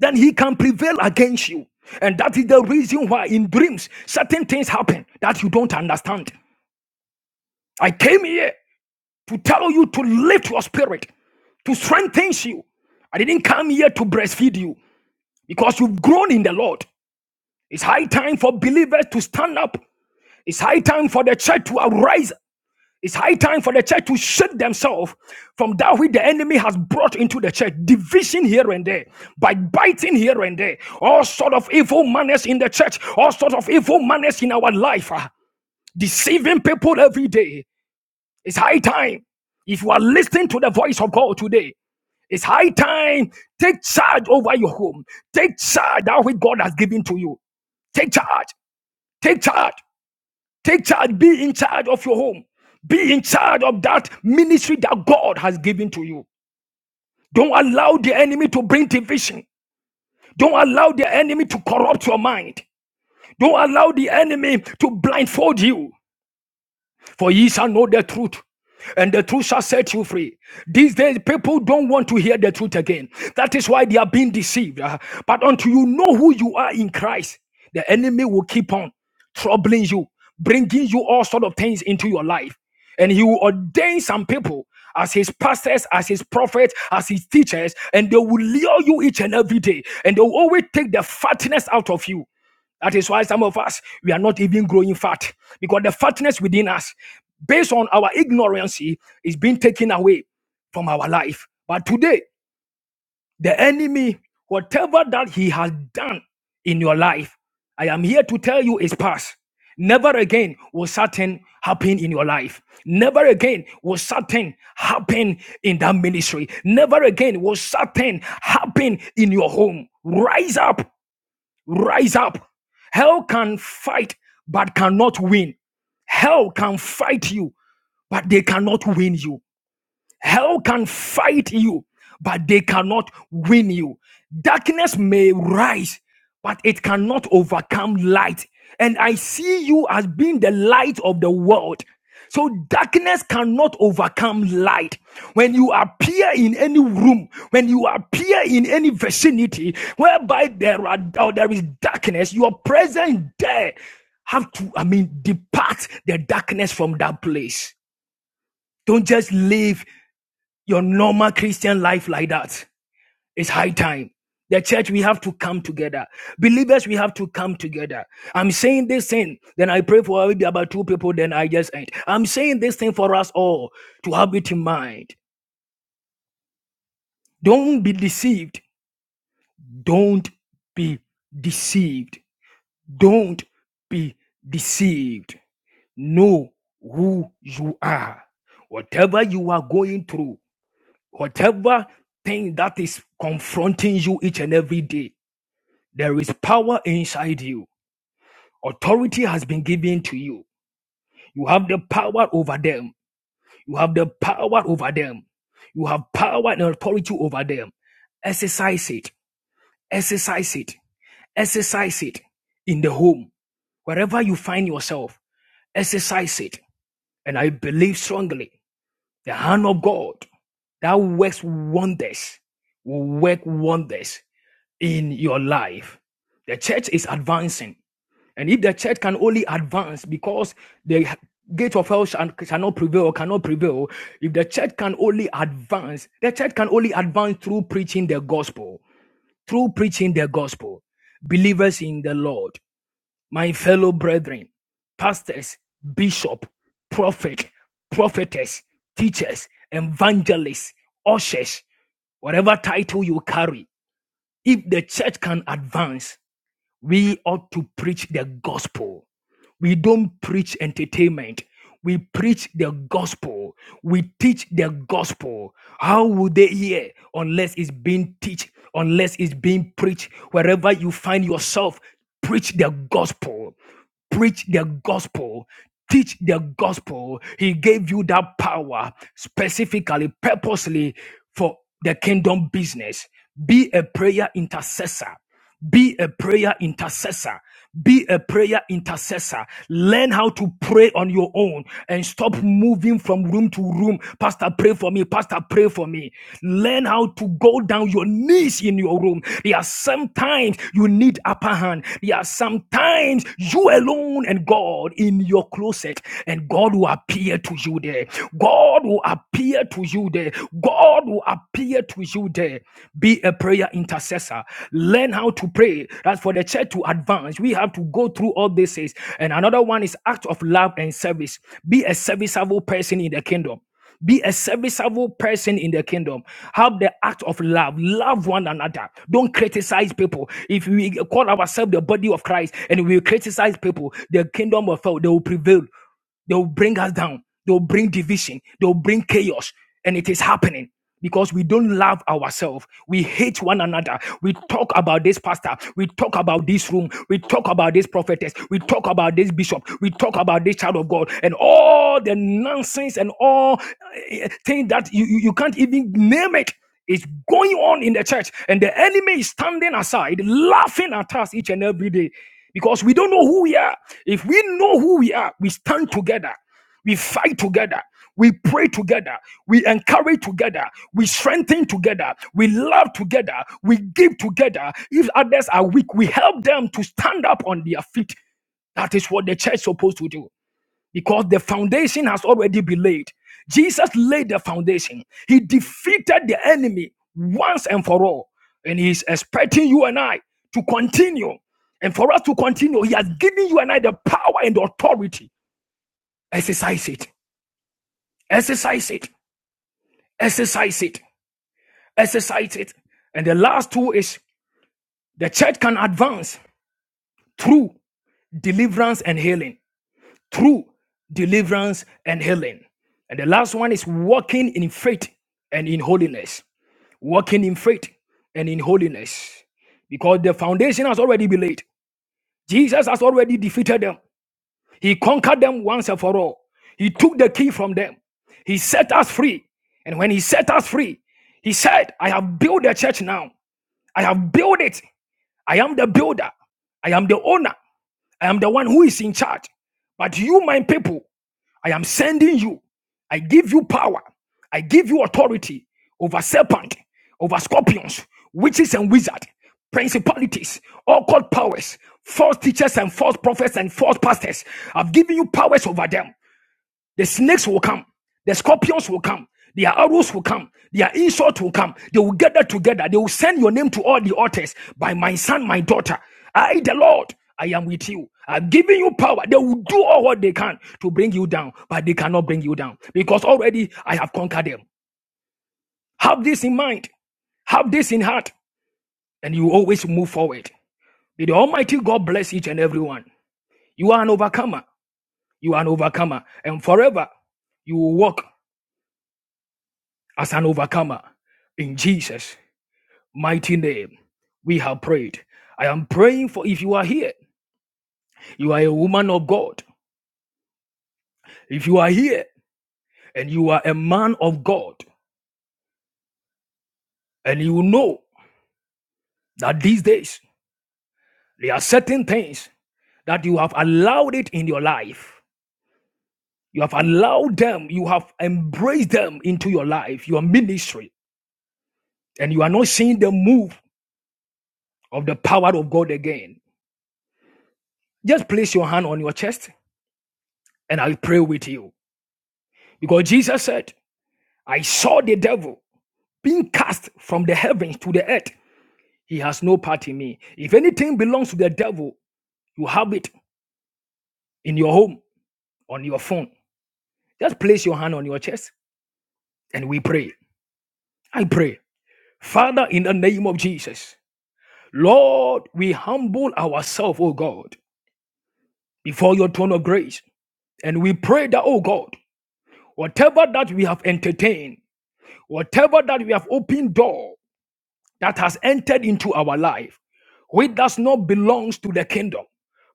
C: then he can prevail against you. And that is the reason why in dreams certain things happen that you don't understand. I came here to tell you to lift your spirit, to strengthen you. I didn't come here to breastfeed you because you've grown in the Lord. It's high time for believers to stand up. It's high time for the church to arise It's high time for the church to shake themselves from that which the enemy has brought into the church. Division here and there, by biting here and there, all sort of evil manners in the church, all sort of evil manners in our life, ah, deceiving people every day. It's high time. If you are listening to the voice of God today, it's high time. Take charge over your home. Take charge that which God has given to you. Take charge. Take charge. Take charge, be in charge of your home, be in charge of that ministry that God has given to you. Don't allow the enemy to bring division, don't allow the enemy to corrupt your mind, don't allow the enemy to blindfold you for ye shall know the truth and the truth shall set you free. These days, people don't want to hear the truth again. That is why they are being deceived. Uh, But until you know who you are in Christ, the enemy will keep on troubling you, bringing you all sort of things into your life. And he will ordain some people as his pastors, as his prophets, as his teachers, and they will lure you each and every day. And they will always take the fatness out of you. That is why some of us we are not even growing fat because the fatness within us, based on our ignorance, is being taken away from our life. But today, the enemy, whatever that he has done in your life, I am here to tell you is past. Never again will certain happen in your life. Never again will certain happen in that ministry. Never again will certain happen in your home. Rise up Rise up. Hell can fight, but cannot win. Hell can fight you, but they cannot win you. Hell can fight you, but they cannot win you. Darkness may rise, but it cannot overcome light. And I see you as being the light of the world. So darkness cannot overcome light. When you appear in any room, when you appear in any vicinity whereby there are or there is darkness, your presence there have to, I mean, depart the darkness from that place. Don't just live your normal Christian life like that. It's high time. The church, we have to come together. Believers, we have to come together. I'm saying this thing, then I pray for maybe about two people, then I just end. I'm saying this thing for us all to have it in mind. Don't be deceived. Don't be deceived. Don't be deceived. Know who you are. Whatever you are going through, Whatever thing that is confronting you each and every day, there is power inside you. Authority has been given to you. You have the power over them. You have the power over them. You have power and authority over them. Exercise it. Exercise it. Exercise it in the home, wherever you find yourself, exercise it. And I believe strongly the hand of God that works wonders will work wonders in your life. The church is advancing. And if the church can only advance because the gate of hell shall, shall not prevail, cannot prevail, if the church can only advance, the church can only advance through preaching the gospel, through preaching the gospel. Believers in the Lord, my fellow brethren, pastors, bishop, prophet, prophetess, teachers, evangelists, ushers, whatever title you carry, if the church can advance, we ought to preach the gospel. We don't preach entertainment. We preach the gospel. We teach the gospel. How would they hear unless it's being teach, unless it's being preached? Wherever you find yourself, preach the gospel. Preach the gospel. Teach the gospel. He gave you that power specifically, purposely for the kingdom business. Be a prayer intercessor. Be a prayer intercessor. Be a prayer intercessor. Learn how to pray on your own and stop moving from room to room. Pastor, pray for me. Pastor, pray for me. Learn how to go down your knees in your room. There are sometimes you need upper hand. There are sometimes you alone and God in your closet, and God will appear to you there. God God will appear to you there. God will appear to you there. Be a prayer intercessor. Learn how to pray. That's for the church to advance. We have to go through all these things. And another one is act of love and service. Be a serviceable person in the kingdom. Be a serviceable person in the kingdom. Have the act of love. Love one another. Don't criticize people. If we call ourselves the body of Christ and we criticize people, the kingdom of hell, they will prevail. They'll bring us down. They'll bring division. They'll bring chaos. And it is happening because we don't love ourselves. We hate one another. We talk about this pastor. We talk about this room. We talk about this prophetess. We talk about this bishop. We talk about this child of God and all the nonsense and all eh, things that you, you, you can't even name It's going on in the church, and the enemy is standing aside, laughing at us each and every day because we don't know who we are. If we know who we are, we stand together, we fight together, we pray together, we encourage together, we strengthen together, we love together, we give together. If others are weak, we help them to stand up on their feet. That is what the church is supposed to do because the foundation has already been laid. Jesus laid the foundation, He defeated the enemy once and for all. And He's expecting you and I to continue. And for us to continue, He has given you and I the power and the authority. Exercise it, exercise it, exercise it, exercise it. And the last two is the church can advance through deliverance and healing through deliverance and healing. And the last one is walking in faith and in holiness. Walking in faith and in holiness. Because the foundation has already been laid. Jesus has already defeated them. He conquered them once and for all. He took the key from them. He set us free. And when he set us free, he said, I have built the church now. I have built it. I am the builder. I am the owner. I am the one who is in charge. But you, my people, I am sending you. I give you power. I give you authority over serpent, over scorpions, witches and wizards, principalities, occult powers, false teachers and false prophets and false pastors. I've given you powers over them. The snakes will come. The scorpions will come. Their arrows will come. Their insults will come. They will gather together. They will send your name to all the altars by my son, my daughter. I, the Lord, I am with you. I'm giving you power. They will do all what they can to bring you down, but they cannot bring you down because already I have conquered them. Have this in mind. Have this in heart, and you always move forward. May the Almighty God bless each and every one. You are an overcomer. You are an overcomer. And forever, you will walk. as an overcomer. In Jesus' mighty name, we have prayed. I am praying for if you are here, you are a woman of God. If you are here and you are a man of God, and you know that these days there are certain things that you have allowed it in your life. You have allowed them, you have embraced them into your life, your ministry, and you are not seeing the move of the power of God again. Just place your hand on your chest and I'll pray with you. Because Jesus said, I saw the devil being cast from the heavens to the earth. He has no part in me. If anything belongs to the devil, you have it in your home, on your phone. Just place your hand on your chest and we pray. I pray. Father, in the name of Jesus, Lord, we humble ourselves, O God, before your throne of grace. And we pray that, O God, whatever that we have entertained, whatever that we have opened door that has entered into our life, which does not belong to the kingdom,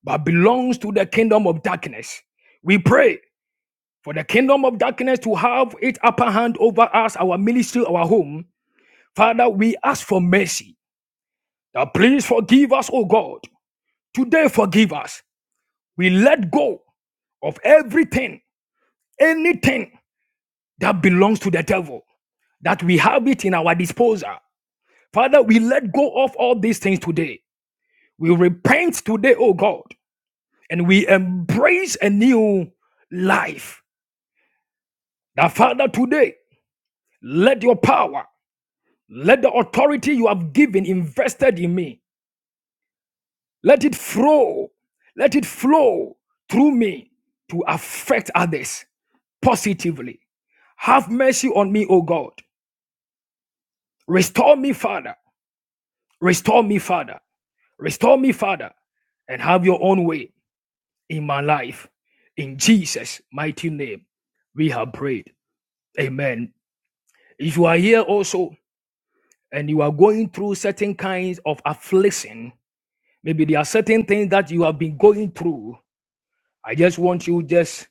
C: but belongs to the kingdom of darkness. We pray for the kingdom of darkness to have its upper hand over us, our ministry, our home. Father, we ask for mercy. Now please forgive us, O God. Today, forgive us. We let go of everything, anything that belongs to the devil, that we have it in our disposal. Father, we let go of all these things today. We repent today, O God. and we embrace a new life. Now, Father, today, let your power, let the authority you have given invested in me, let it flow, let it flow through me to affect others positively. Have mercy on me, O God. Restore me, Father. Restore me, Father. Restore me, Father. And have your own way in my life. In Jesus' mighty name, we have prayed. Amen If you are here also and you are going through certain kinds of affliction, maybe there are certain things that you have been going through. I just want you just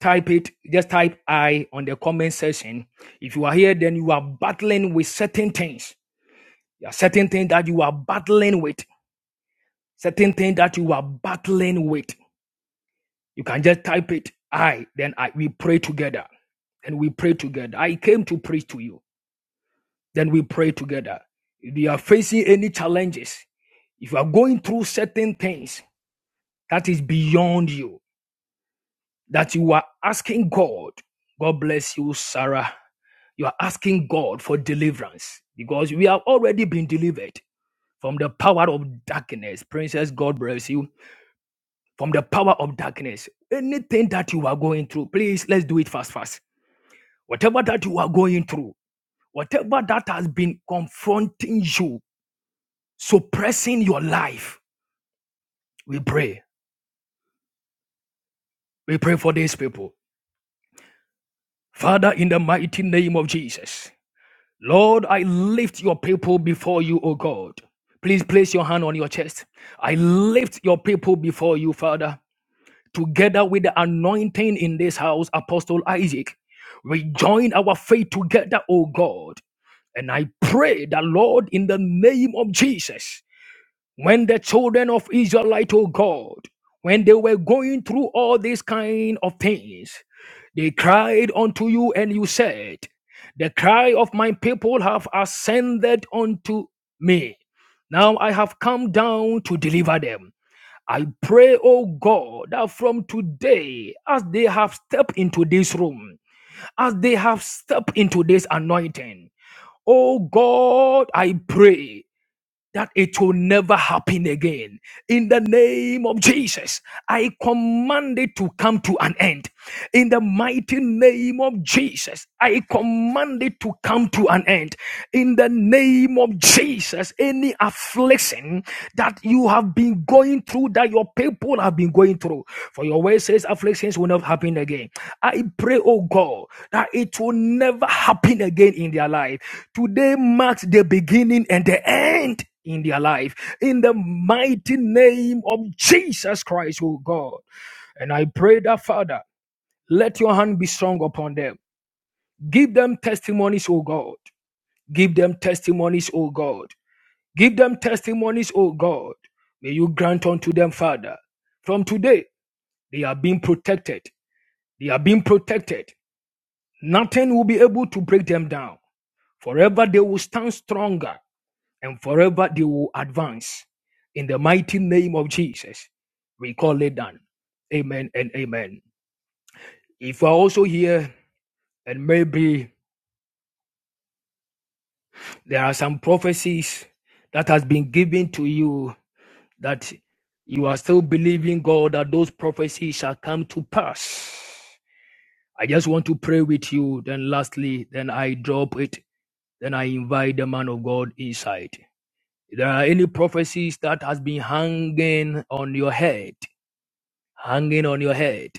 C: type it, just type I on the comment section. If you are here, then you are battling with certain things. There are certain things that you are battling with, certain things that you are battling with. You can just type it I, then I we pray together. And we pray together. I came to preach to you. Then we pray together. If you are facing any challenges, if you are going through certain things that is beyond you, that you are asking God, God bless you, Sarah. You are asking God for deliverance because we have already been delivered from the power of darkness. Princess, God bless you. From the power of darkness, anything that you are going through, please let's do it fast, fast. Whatever that you are going through, whatever that has been confronting you, suppressing your life. We pray. We pray for these people. Father, in the mighty name of Jesus, Lord, I lift your people before you, O God. Please place your hand on your chest. I lift your people before you, Father, together with the anointing in this house, Apostle Isaac. We join our faith together, O God. And I pray that, Lord, in the name of Jesus, when the children of Israelite, oh God, when they were going through all these kind of things, they cried unto you, and you said, The cry of my people have ascended unto me. Now I have come down to deliver them. I pray, oh God, that from today, as they have stepped into this room, as they have stepped into this anointing, oh God, I pray that it will never happen again. In the name of Jesus, I command it to come to an end. In the mighty name of Jesus, I command it to come to an end. In the name of Jesus, any affliction that you have been going through that your people have been going through. For your word says afflictions will not happen again. I pray, oh God, that it will never happen again in their life. Today marks the beginning and the end in their life. In the mighty name of Jesus Christ, oh God. And I pray that, Father, let your hand be strong upon them. Give them testimonies, oh God. Give them testimonies, oh God. Give them testimonies, O God. May you grant unto them, Father. From today, they are being protected. They are being protected. Nothing will be able to break them down. Forever they will stand stronger and forever they will advance. In the mighty name of Jesus, we call it done. Amen and amen. If you are also here and maybe there are some prophecies that has been given to you that you are still believing God that those prophecies shall come to pass. I just want to pray with you. Then, lastly, then I drop it. Then I invite the man of God inside. If there are any prophecies that has been hanging on your head, hanging on your head.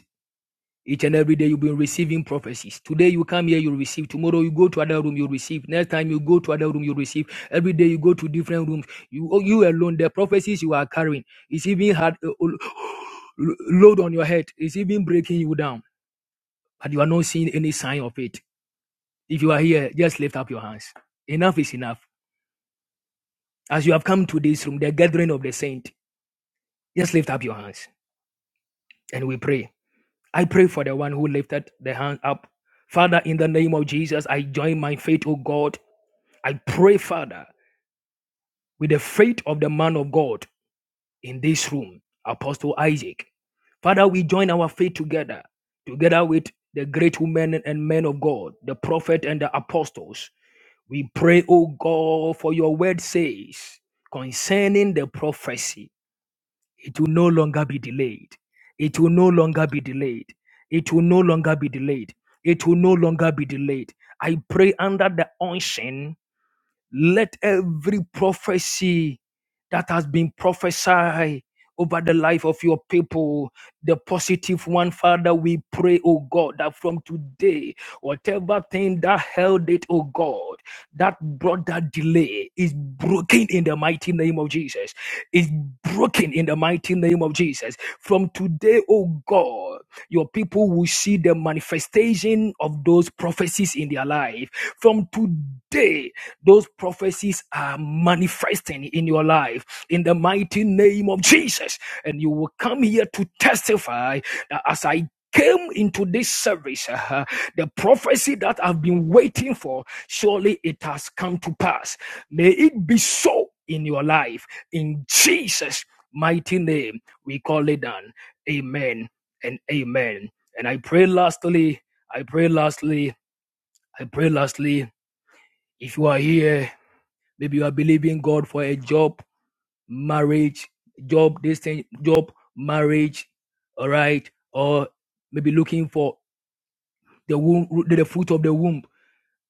C: Each and every day you've been receiving prophecies. Today you come here, you receive. Tomorrow you go to other room, you receive. Next time you go to other room, you receive. Every day you go to different rooms. You oh, you alone, the prophecies you are carrying is even hard uh, load on your head. It's even breaking you down, but you are not seeing any sign of it. If you are here, just lift up your hands. Enough is enough. As you have come to this room, the gathering of the saint, just lift up your hands and we pray. I pray for the one who lifted the hand up. Father, in the name of Jesus, I join my faith, O God. I pray, Father, with the faith of the man of God in this room, Apostle Isaac. Father, we join our faith together, together with the great women and men of God, the prophet and the apostles. We pray, O God, for your word says concerning the prophecy. It will no longer be delayed. It will no longer be delayed. It will no longer be delayed. It will no longer be delayed. I pray under the unction, let every prophecy that has been prophesied over the life of your people, the positive one, Father, we pray, oh God, that from today, whatever thing that held it, oh God, that brought that delay is broken in the mighty name of Jesus is broken in the mighty name of Jesus. From today, oh God, your people will see the manifestation of those prophecies in their life. From today, those prophecies are manifesting in your life in the mighty name of Jesus. And you will come here to testify that as I came into this service, uh, the prophecy that I've been waiting for, surely it has come to pass. May it be so in your life in Jesus' mighty name, we call it done. Amen and amen. And I pray lastly, I pray lastly, I pray lastly, if you are here, maybe you are believing God for a job, marriage, job, this thing, job, marriage, all right, or maybe looking for the womb, the fruit of the womb.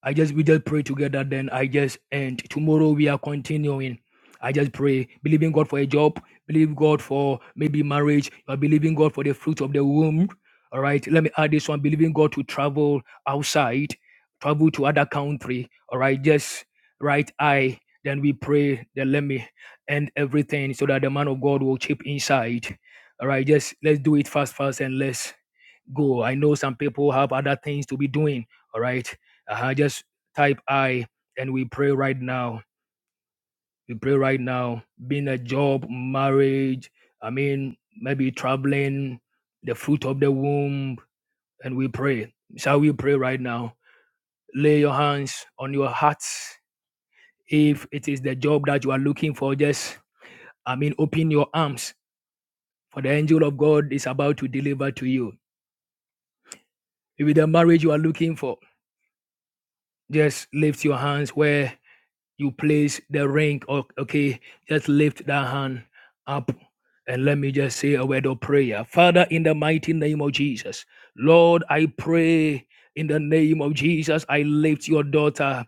C: I just we just pray together. Then I just and tomorrow we are continuing. I just pray, believing God for a job, believe God for maybe marriage, or believing God for the fruit of the womb. All right, let me add this one: believing God to travel outside, travel to other country. All right, just right eye. Then we pray that let me end everything so that the man of God will chip inside. All right, just let's do it fast, fast, and less go. I know some people have other things to be doing. All right. Uh-huh. Just type I and we pray right now. We pray right now. Being a job, marriage, I mean, maybe traveling, the fruit of the womb, and we pray. Shall we pray right now? Lay your hands on your hearts. If it is the job that you are looking for, just, I mean, open your arms, for the angel of God is about to deliver to you. If it's the marriage you are looking for, just lift your hands where you place the ring. o- Okay, just lift that hand up and let me just say a word of prayer. Father, in the mighty name of Jesus, Lord, I pray in the name of Jesus, I lift your daughter.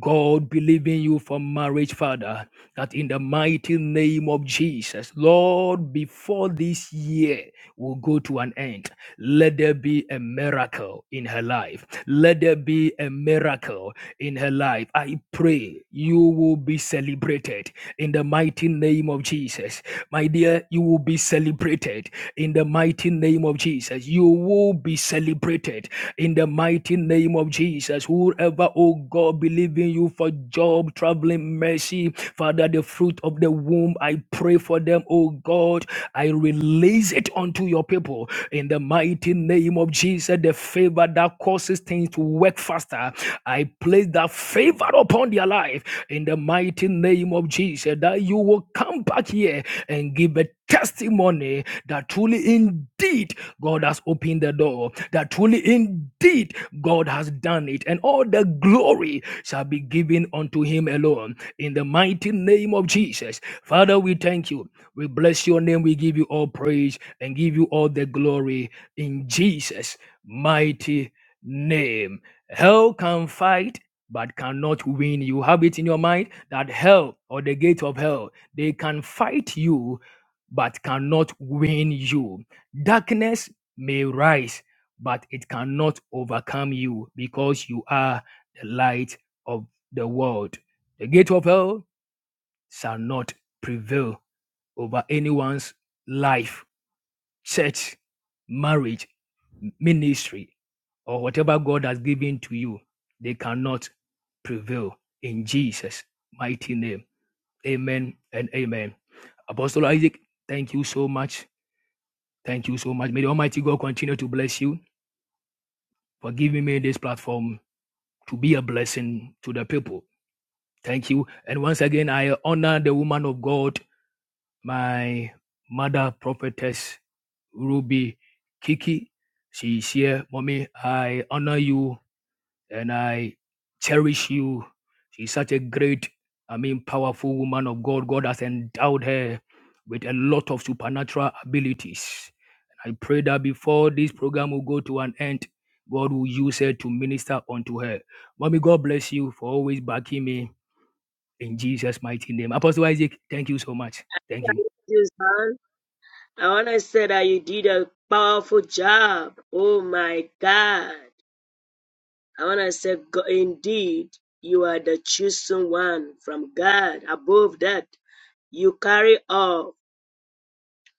C: God, believe in you for marriage, Father, that in the mighty name of Jesus, Lord, before this year will go to an end, let there be a miracle in her life. Let there be a miracle in her life. I pray you will be celebrated in the mighty name of Jesus. My dear, you will be celebrated in the mighty name of Jesus. You will be celebrated in the mighty name of Jesus. Whoever, oh God, believe in you for job, traveling, mercy, Father, the fruit of the womb, I pray for them, oh God. I release it unto your people in the mighty name of Jesus. The favor that causes things to work faster I place that favor upon their life in the mighty name of Jesus that you will come back here and give a testimony that truly indeed God has opened the door, that truly indeed God has done it, and all the glory shall be given unto him alone in the mighty name of Jesus. Father, we thank you. We bless your name. We give you all praise and give you all the glory in Jesus' mighty name. Hell can fight but cannot win. You have it in your mind that hell or the gate of hell, they can fight you but cannot win you. Darkness may rise, but it cannot overcome you because you are the light of the world. The gate of hell shall not prevail over anyone's life, church, marriage, ministry or whatever God has given to you, they cannot prevail in Jesus' mighty name. Amen and amen. Apostle Isaac, thank you so much. Thank you so much. May the Almighty God continue to bless you for giving me this platform to be a blessing to the people. Thank you. And once again, I honor the woman of God, my mother, prophetess Ruby Kiki. She's here. Mommy, I honor you and I cherish you. She's such a great, I mean, powerful woman of God. God has endowed her with a lot of supernatural abilities. And I pray that before this program will go to an end, God will use her to minister unto her. Mommy, God bless you for always backing me in Jesus' mighty name. Apostle Isaac, thank you so much. Thank you.
G: you, son. I want to say that you did a powerful job. Oh my God. I want to say, go- indeed, you are the chosen one from God. Above that, you carry all,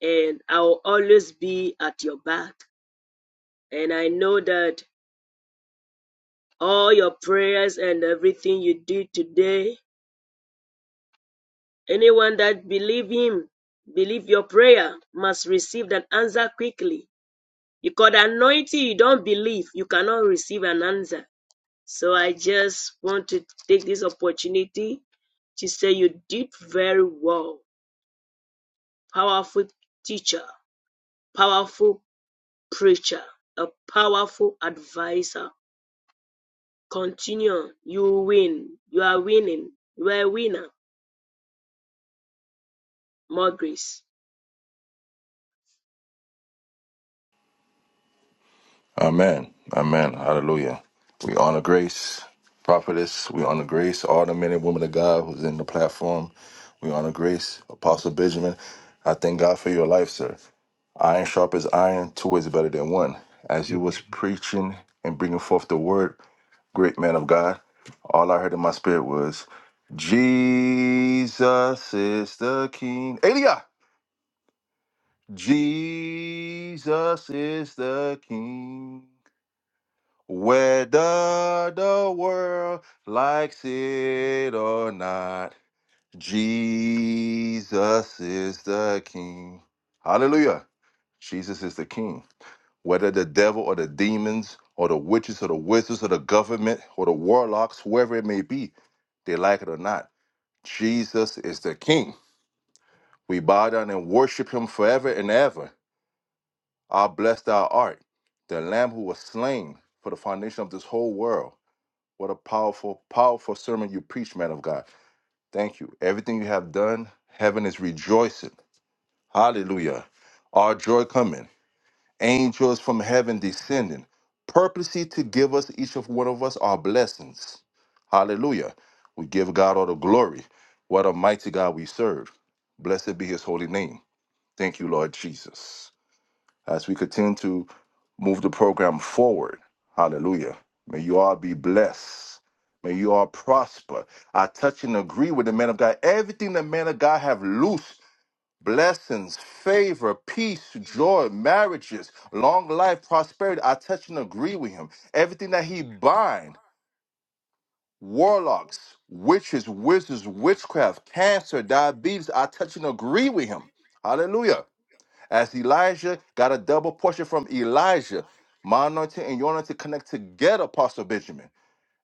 G: and I will always be at your back. And I know that all your prayers and everything you did today, anyone that believe him, believe your prayer, must receive that answer quickly You could anointing. you don't believe, you cannot receive an answer. So I just want to take this opportunity to say you did very well. Powerful teacher, powerful preacher, a powerful advisor. Continue. You win. You are winning. You are a winner. More grace.
A: Amen. Amen. Hallelujah. We honor grace, prophetess. We honor grace, all the men and women of God who's in the platform. We honor grace, Apostle Benjamin. I thank God for your life, sir. Iron sharp as iron, two is better than one. As you was preaching and bringing forth the word, great man of God, all I heard in my spirit was, Jesus is the King. Elia! Jesus is the King. Whether the world likes it or not, Jesus is the King. Hallelujah. Jesus is the King. Whether the devil or the demons or the witches or the wizards or the government or the warlocks, whoever it may be, they like it or not, Jesus is the King. We bow down and worship him forever and ever. Ah, blessed thou art, the Lamb who was slain for the foundation of this whole world. What a powerful, powerful sermon you preach, man of God. Thank you. Everything you have done, heaven is rejoicing. Hallelujah. Our joy coming, angels from heaven descending, purposely to give us, each of one of us, our blessings. Hallelujah. We give God all the glory. What a mighty God we serve. Blessed be his holy name. Thank you, Lord Jesus as we continue to move the program forward. Hallelujah. May you all be blessed. May you all prosper. I touch and agree with the man of God. Everything the man of God have loose blessings, favor, peace, joy, marriages, long life, prosperity. I touch and agree with him. Everything that he bind, warlocks, witches, wizards, witchcraft, cancer, diabetes, I touch and agree with him. Hallelujah. As Elijah got a double portion from Elijah, my anointing and your anointing connect together, Apostle Benjamin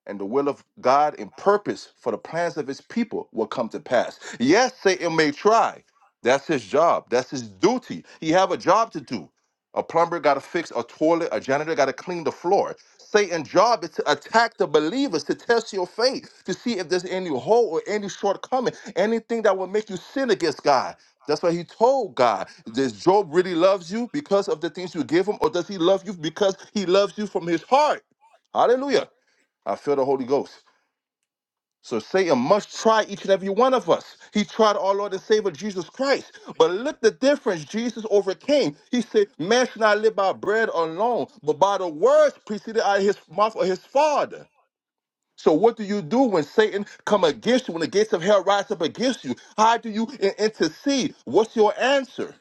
A: and the will of God and purpose for the plans of his people will come to pass. Yes, Satan may try. That's his job. That's his duty. He have a job to do. A plumber got to fix a toilet, a janitor got to clean the floor. Satan's job is to attack the believers, to test your faith, to see if there's any hole or any shortcoming, anything that will make you sin against God. That's why he told God, does Job really loves you because of the things you give him, or does he love you because he loves you from his heart? Hallelujah. I feel the Holy Ghost. So Satan must try each and every one of us. He tried our Lord and Savior Jesus Christ. But look the difference Jesus overcame. He said, Man should not live by bread alone, but by the words preceded out of his mouth of his father. So what do you do when Satan come against you, when the gates of hell rise up against you? How do you in- intercede? What's your answer?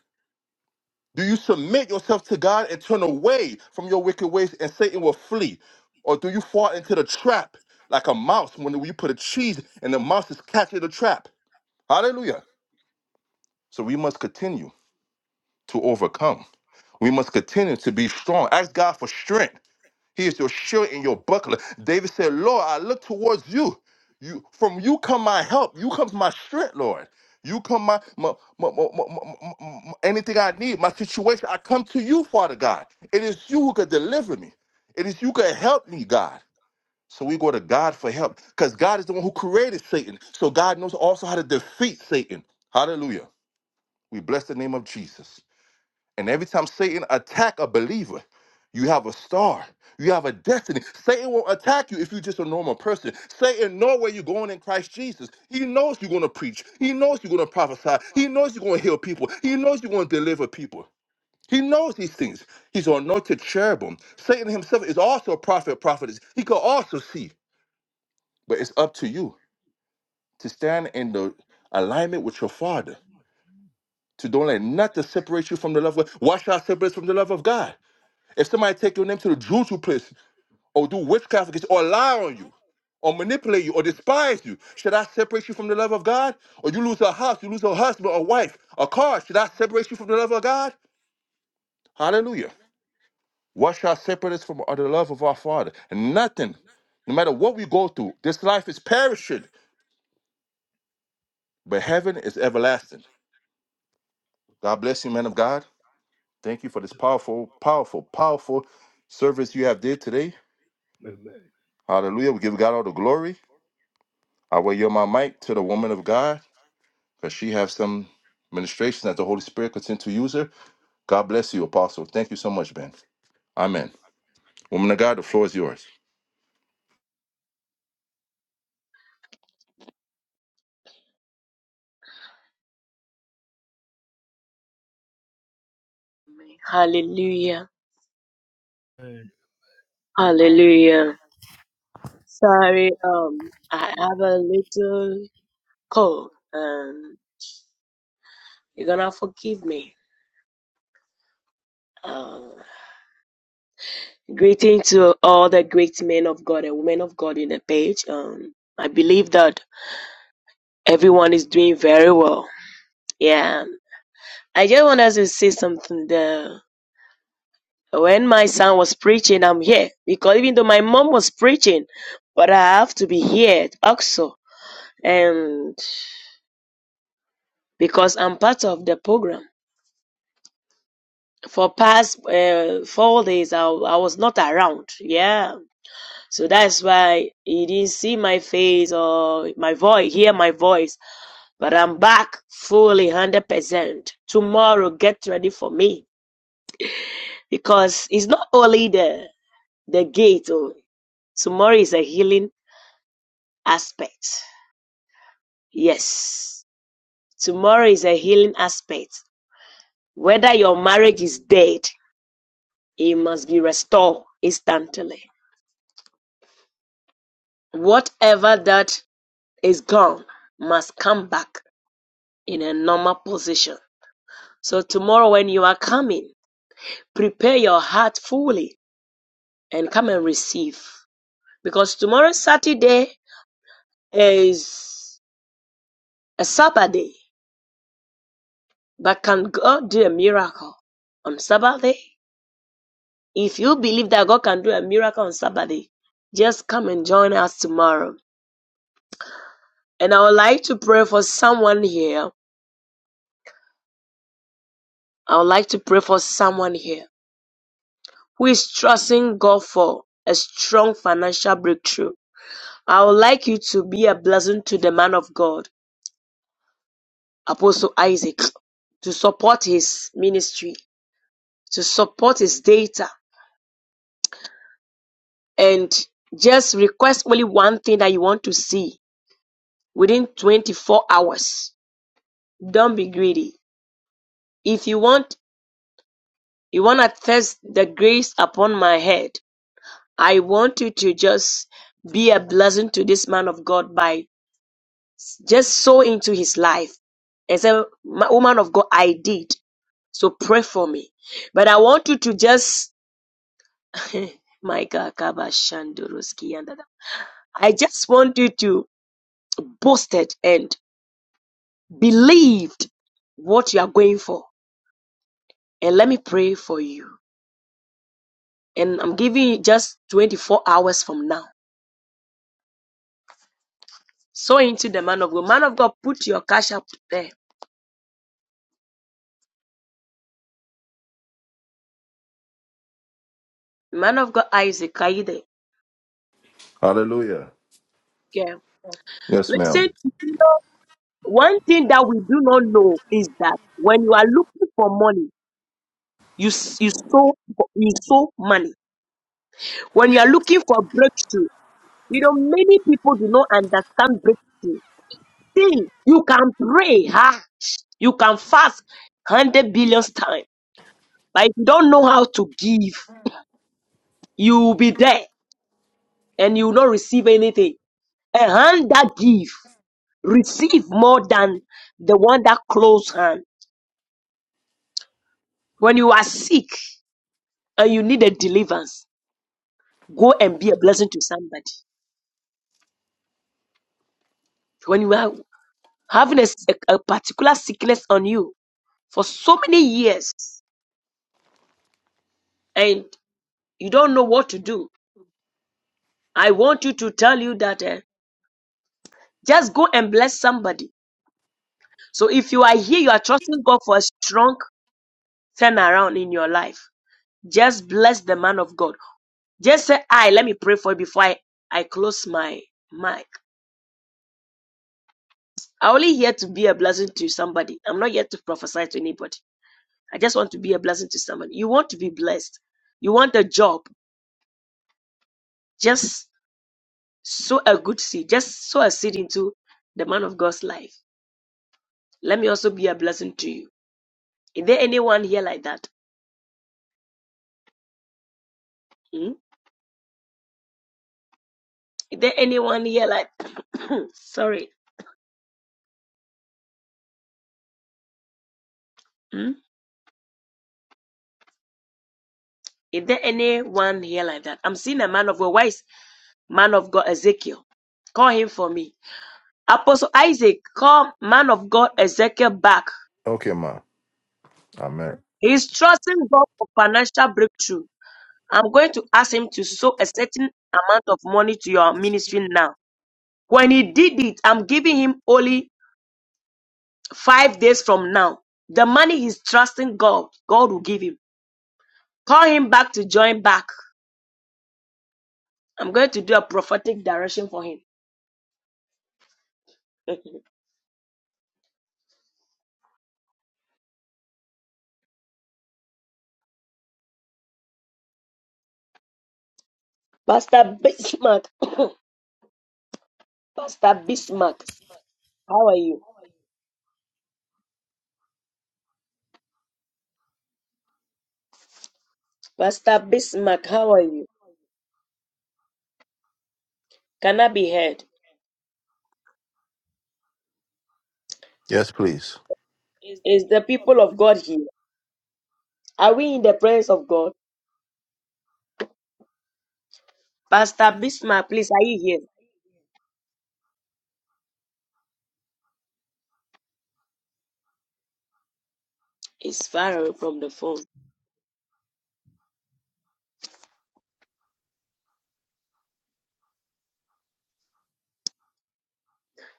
A: Do you submit yourself to God and turn away from your wicked ways and Satan will flee? Or do you fall into the trap like a mouse when you put a cheese and the mouse is catching the trap? Hallelujah. So we must continue to overcome. We must continue to be strong. Ask God for strength he is your shield and your buckler. David said, Lord, I look towards you. You from you come my help. You come my strength, Lord. You come my, my, my, my, my, my- my- my- anything I need, my situation. I come to you, Father God. It is you who can deliver me. It is you who can help me, God. So we go to God for help because God is the one who created Satan. So God knows also how to defeat Satan. Hallelujah. We bless the name of Jesus. And every time Satan attack a believer, you have a star. You have a destiny. Satan won't attack you if you're just a normal person. Satan know where you're going in Christ Jesus. He knows you're going to preach. He knows you're going to prophesy. He knows you're going to heal people. He knows you're going to deliver people. He knows these things. He's an anointed cherubim. Satan himself is also a prophet, prophetess. He could also see. But it's up to you to stand in the alignment with your father. To don't let nothing separate you from the love of God. Why should I separate us from the love of God? If somebody take your name to the juju place or do witchcraft against you or lie on you or manipulate you or despise you, should I separate you from the love of God? Or you lose a house, you lose a husband, a wife, a car, should I separate you from the love of God? Hallelujah. What shall separate us from the love of our Father? Nothing. No matter what we go through, this life is perishing, but heaven is everlasting. God bless you, man of God. Thank you for this powerful, powerful, powerful service you have did today. Hallelujah. We give God all the glory. I will yield my mic to the woman of God because she has some ministration that the Holy Spirit could send to use her. God bless you, Apostle. Thank you so much, Ben. Amen. Woman of God, the floor is yours.
G: Hallelujah.
C: Amen.
G: Hallelujah. Sorry, um, I have a little cold. Um, you're gonna forgive me. Um, greeting to all the great men of God and women of God in the page. Um, I believe that everyone is doing very well. Yeah. I just wanted to say something there. When my son was preaching, I'm here because even though my mom was preaching, but I have to be here also, and because I'm part of the program. For past uh, four days, I, I was not around. Yeah, So that's why he didn't see my face or my voice, hear my voice. But I'm back fully 100%. Tomorrow, get ready for me because it's not only the, the gate, oh, tomorrow is a healing aspect. Yes, tomorrow is a healing aspect. Whether your marriage is dead, it must be restored instantly. Whatever that is gone must come back in a normal position. So tomorrow when you are coming, prepare your heart fully and come and receive. Because tomorrow Saturday is a Sabbath day. But can God do a miracle on Sabbath day? If you believe that God can do a miracle on Sabbath day, just come and join us tomorrow. And I would like to pray for someone here. I would like to pray for someone here who is trusting God for a strong financial breakthrough I would like you to be a blessing to the man of God, Apostle Isaac, to support his ministry, to support his data, and just request only one thing that you want to see within 24 hours. Don't be greedy. If you want, you want to test the grace upon my head. I want you to just be a blessing to this man of God by just sow into his life and say, "Ma- Woman of God, I did. So pray for me. But I want you to just, my God, Kabashandoroski and that- I just want you to boast it and believed what you are going for. And let me pray for you. And I'm giving you just 24 hours from now. So into the man of God. Man of God, put your cash up there. Man of God, Isaac, are you there?
A: Hallelujah.
G: Yeah.
A: Yes,
G: Listen
A: ma'am.
G: to One thing that we do not know is that when you are looking for money, you s- you sow you sow money. When you are looking for breakthrough, you know many people do not understand breakthrough. See, you can pray hard, you can fast hundred billions times, but if you don't know how to give, you will be there and you will not receive anything. A hand that give receive more than the one that close hand. When you are sick and you need a deliverance, Go and be a blessing to somebody. When you are having a, s- a- a particular sickness on you for so many years and you don't know what to do, I want you to tell you that eh, just go and bless somebody. So if you are here, you are trusting God for a strong turnaround in your life. Just bless the man of God. Just say, I let me pray for you before I, I close my mic. I only here to be a blessing to somebody. I'm not here to prophesy to anybody. I just want to be a blessing to someone. You want to be blessed. You want a job. Just sow a good seed. Just sow a seed into the man of God's life. Let me also be a blessing to you. Is there anyone here like that? Hmm? Is there anyone here like sorry? Hmm? Is there anyone here like that? I'm seeing a man of God. Why is man of God Ezekiel? Call him for me. Apostle Isaac, call man of God Ezekiel back.
A: Okay, ma'am. Amen.
G: He's trusting God for financial breakthrough. I'm going to ask him to sow a certain amount of money to your ministry now. When he did it, I'm giving him only five days from now. The money he's trusting God, God will give him. Call him back to join back. I'm going to do a prophetic direction for him. Pastor Bismarck, Pastor Bismarck, how are you? Pastor Bismarck, how are you? Can I be heard?
A: Yes, please.
G: Is the people of God here? Are we in the presence of God? Pastor Bismarck, please, are you here? It's far away from the phone.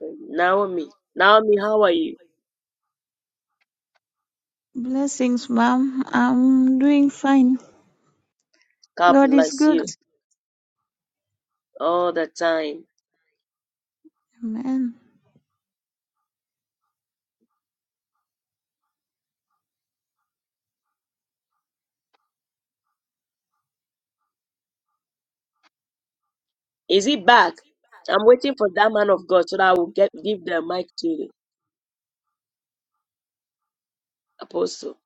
G: Naomi, Naomi, how are you?
B: Blessings, Mom. I'm doing fine.
G: God
B: God is
G: bless
B: good.
G: you all the time.
B: Amen.
G: Is he back? I'm waiting for that man of God so that I will get give the mic to the apostle.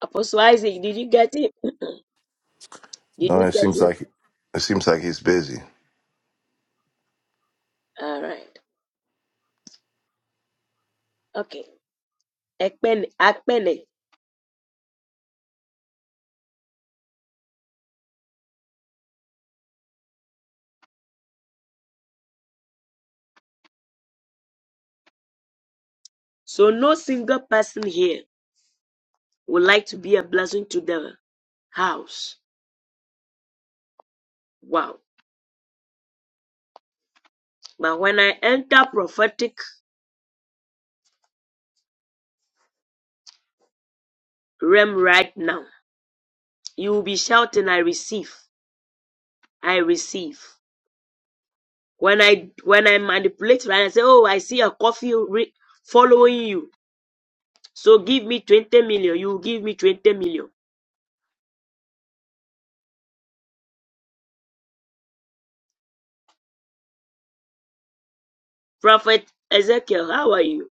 G: Apostle Isaac, did you get it? Did
A: No,
G: you
A: it
G: get
A: seems
G: it?
A: like it seems like he's busy.
G: All right. Okay. Ekpene, Akpene. So no single person here would like to be a blessing to the house. Wow. But when I enter prophetic realm right now, you will be shouting, I receive. I receive. When I when I manipulate right, I say, oh, I see a coffee re- following you. So give me 20 million. You give me 20 million. Prophet Ezekiel, how are you?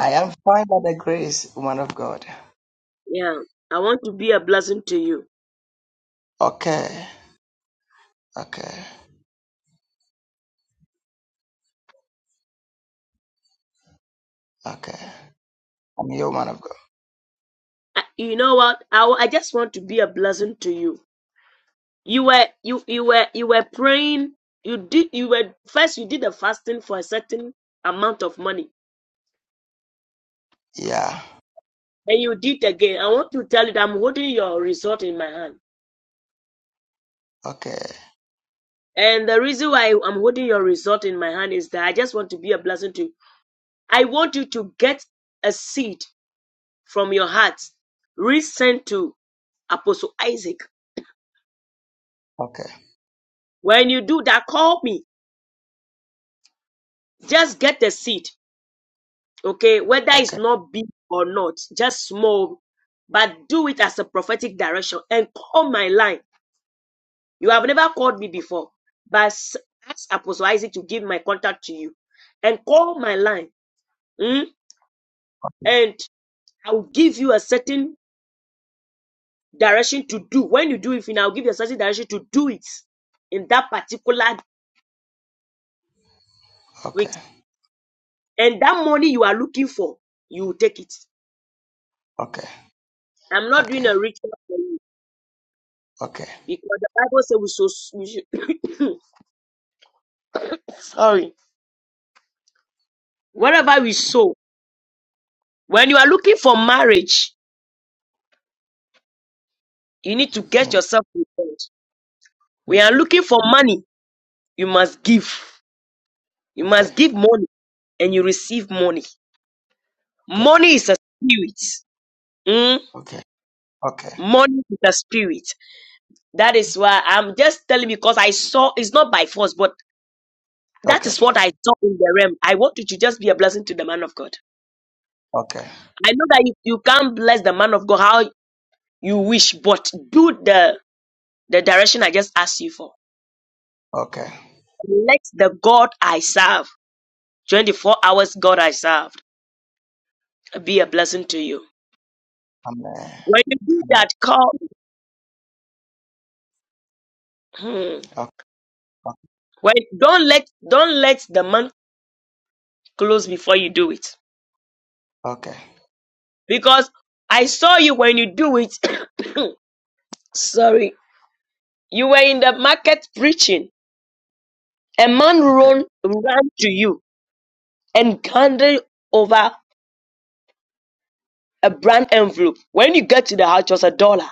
E: I am fine by the grace, woman of God.
G: Yeah, I want to be a blessing to you.
E: Okay. Okay. Okay. I'm your woman of God.
G: I, you know what? I, wa- I just want to be a blessing to you. You were you you were you were praying. You did you were first you did a fasting for a certain amount of money,
E: Yeah.
G: and you did again. I want to tell you that I'm holding your result in my hand.
E: Okay.
G: And the reason why I'm holding your result in my hand is that I just want to be a blessing to you. I want you to get a seed from your heart, resent to Apostle Isaac.
E: Okay.
G: When you do that, call me. Just get a seed, okay? Whether it's
E: Okay.
G: not big or not, just small, but do it as a prophetic direction and call my line. You have never called me before, but s- ask Apostle Isaac to give my contact to you and call my line. mm, And I will give you a certain direction to do. When you do it, you now give yourself the certain direction to do it in that particular
E: Okay.
G: week. And that money you are looking for, you will take it.
E: Okay.
G: I'm not doing
E: Okay.
G: a ritual for you
E: Okay.
G: because the Bible says we so we should, sorry. Whatever we sow, when you are looking for marriage, you need to get
E: Mm.
G: yourself prepared. We are looking for money. You must give. You
E: Okay.
G: must give money and you receive money.
E: Okay.
G: Money is a spirit. Mm?
E: Okay. Okay.
G: Money is a spirit. That is why I'm just telling because I saw it's not by force, but that
E: Okay.
G: is what I saw in the realm. I want you to just be a blessing to the man of God.
E: Okay.
G: I know that you, you can't bless the man of God how you wish, but do the the direction I just asked you for.
E: Okay.
G: Let the God I serve, 24 hours God I serve, be a blessing to you.
E: Amen.
G: When you do
E: Amen.
G: that, call. Hmm,
E: Okay.
G: when don't let don't let the month close before you do it,
E: Okay.
G: because I saw you when you do it. sorry You were in the market preaching. A man run, ran to you and handed over a brand envelope. When you get to the house, it was a dollar.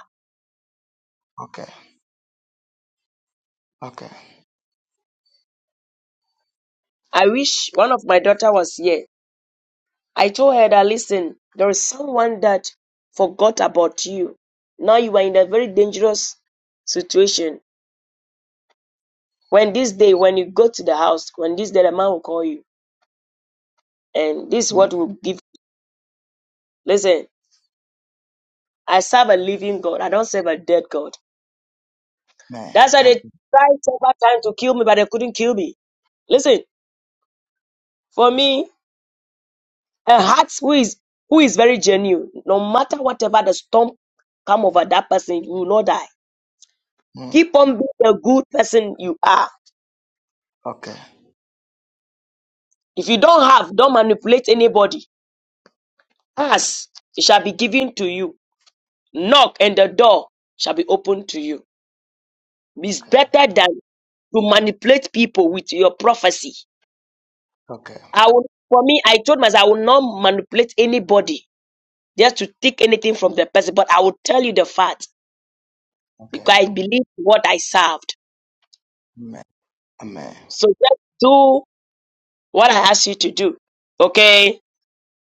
E: Okay. Okay. Okay.
G: I wish one of my daughter was here. I told her that listen, there is someone that forgot about you. Now you are in a very dangerous situation. When this day, when you go to the house, when this day the man will call you, and this is what
E: Mm.
G: will give. Listen, I serve a living God. I don't serve a dead God.
E: Amen.
G: That's why they
E: Amen.
G: tried several times to kill me, but they couldn't kill me. Listen, for me, a heart who is who is very genuine, no matter whatever the storm come over that person, you will not die.
E: Mm.
G: Keep on being the good person you are.
E: Okay.
G: If you don't have, don't manipulate anybody. Ask, it shall be given to you. Knock, and the door shall be opened to you. It's
E: Okay.
G: better than to manipulate people with your prophecy.
E: Okay.
G: I will, for me, I told myself I will not manipulate anybody just to take anything from the person, but I will tell you the fact because I believe what I served.
E: Okay. Amen.
G: So just do what I asked you to do. Okay?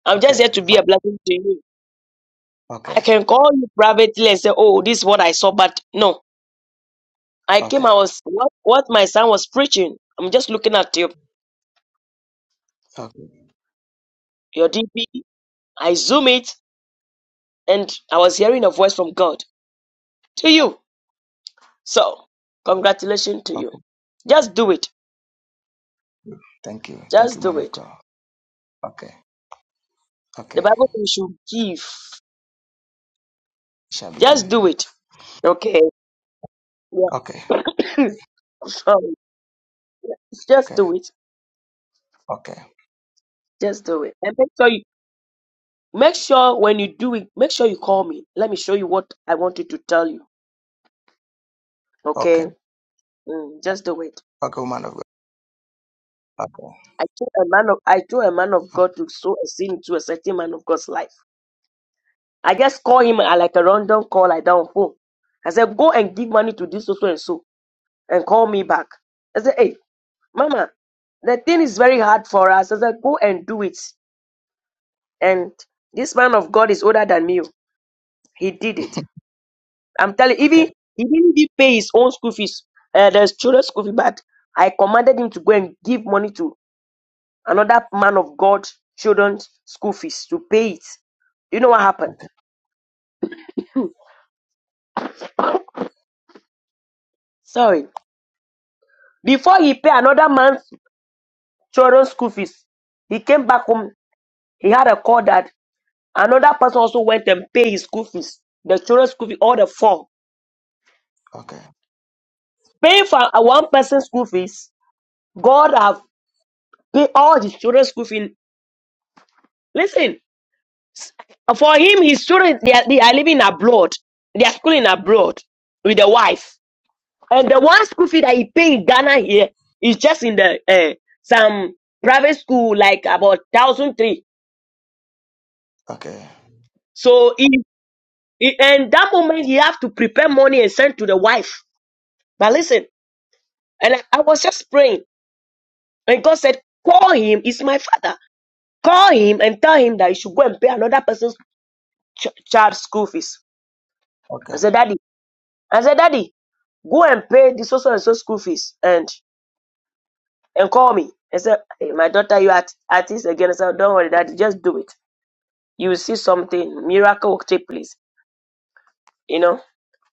G: I'm
E: Okay.
G: just here to be a
E: Okay.
G: blessing to you.
E: Okay.
G: I can call you privately and say, Oh, this is what I saw, but no. I came,
E: Okay.
G: I was what, what my son was preaching. I'm just looking at your,
E: Okay.
G: your DP. I zoom it and I was hearing a voice from God to you. So, congratulations to you.
E: Okay.
G: Just do it.
E: Thank you. Thank
G: Just
E: you, man
G: do
E: of
G: it.
E: God. Okay.
G: The
E: Okay.
G: Bible says we should give.
E: Shall be
G: Just do
E: given.
G: it. Okay.
E: Okay.
G: Yeah. Sorry. Just
E: Okay.
G: do it.
E: Okay.
G: Just do it. And make sure you make sure when you do it, make sure you call me. Let me show you what I wanted to tell you.
E: Okay.
G: Okay. Mm, just do it.
E: Okay, man of God. Okay.
G: I told a man of I told a man of God to sow a seed into a certain man of God's life. I just call him uh, like a random call like that on phone. I said, go and give money to this so so and so and call me back. I said, hey, mama, the thing is very hard for us. I said, go and do it. And this man of God is older than me. oh. He did it. I'm telling you, even
E: okay.
G: he didn't even pay his own school fees, uh, the children's school fee, but I commanded him to go and give money to another man of God children's school fees to pay it. You know what happened?
E: Okay.
G: Sorry. Before he pay another man's children's school fees, he came back home. He had a call that another person also went and paid his school fees, the children's school fee, all the four.
E: Okay. Okay.
G: Paying for a one person's school fees, God have Pay all the children's school fee. Listen, for him, his children they are, they are living abroad. They are schooling abroad with the wife, and the one school fee that he pay in Ghana here is just in the uh, some private school like about thousand three.
E: Okay.
G: So in he- and that moment he have to prepare money and send to the wife. But listen, and I, I was just praying, and God said, "Call him. It's my father. Call him and tell him that he should go and pay another person's ch- child school fees." I said, "Daddy." I said, Daddy, go and pay the so so and so school fees and and call me. I said, hey, my daughter, you at at this again. I said, don't worry, Daddy, just do it. You will see something miracle will take place. You know,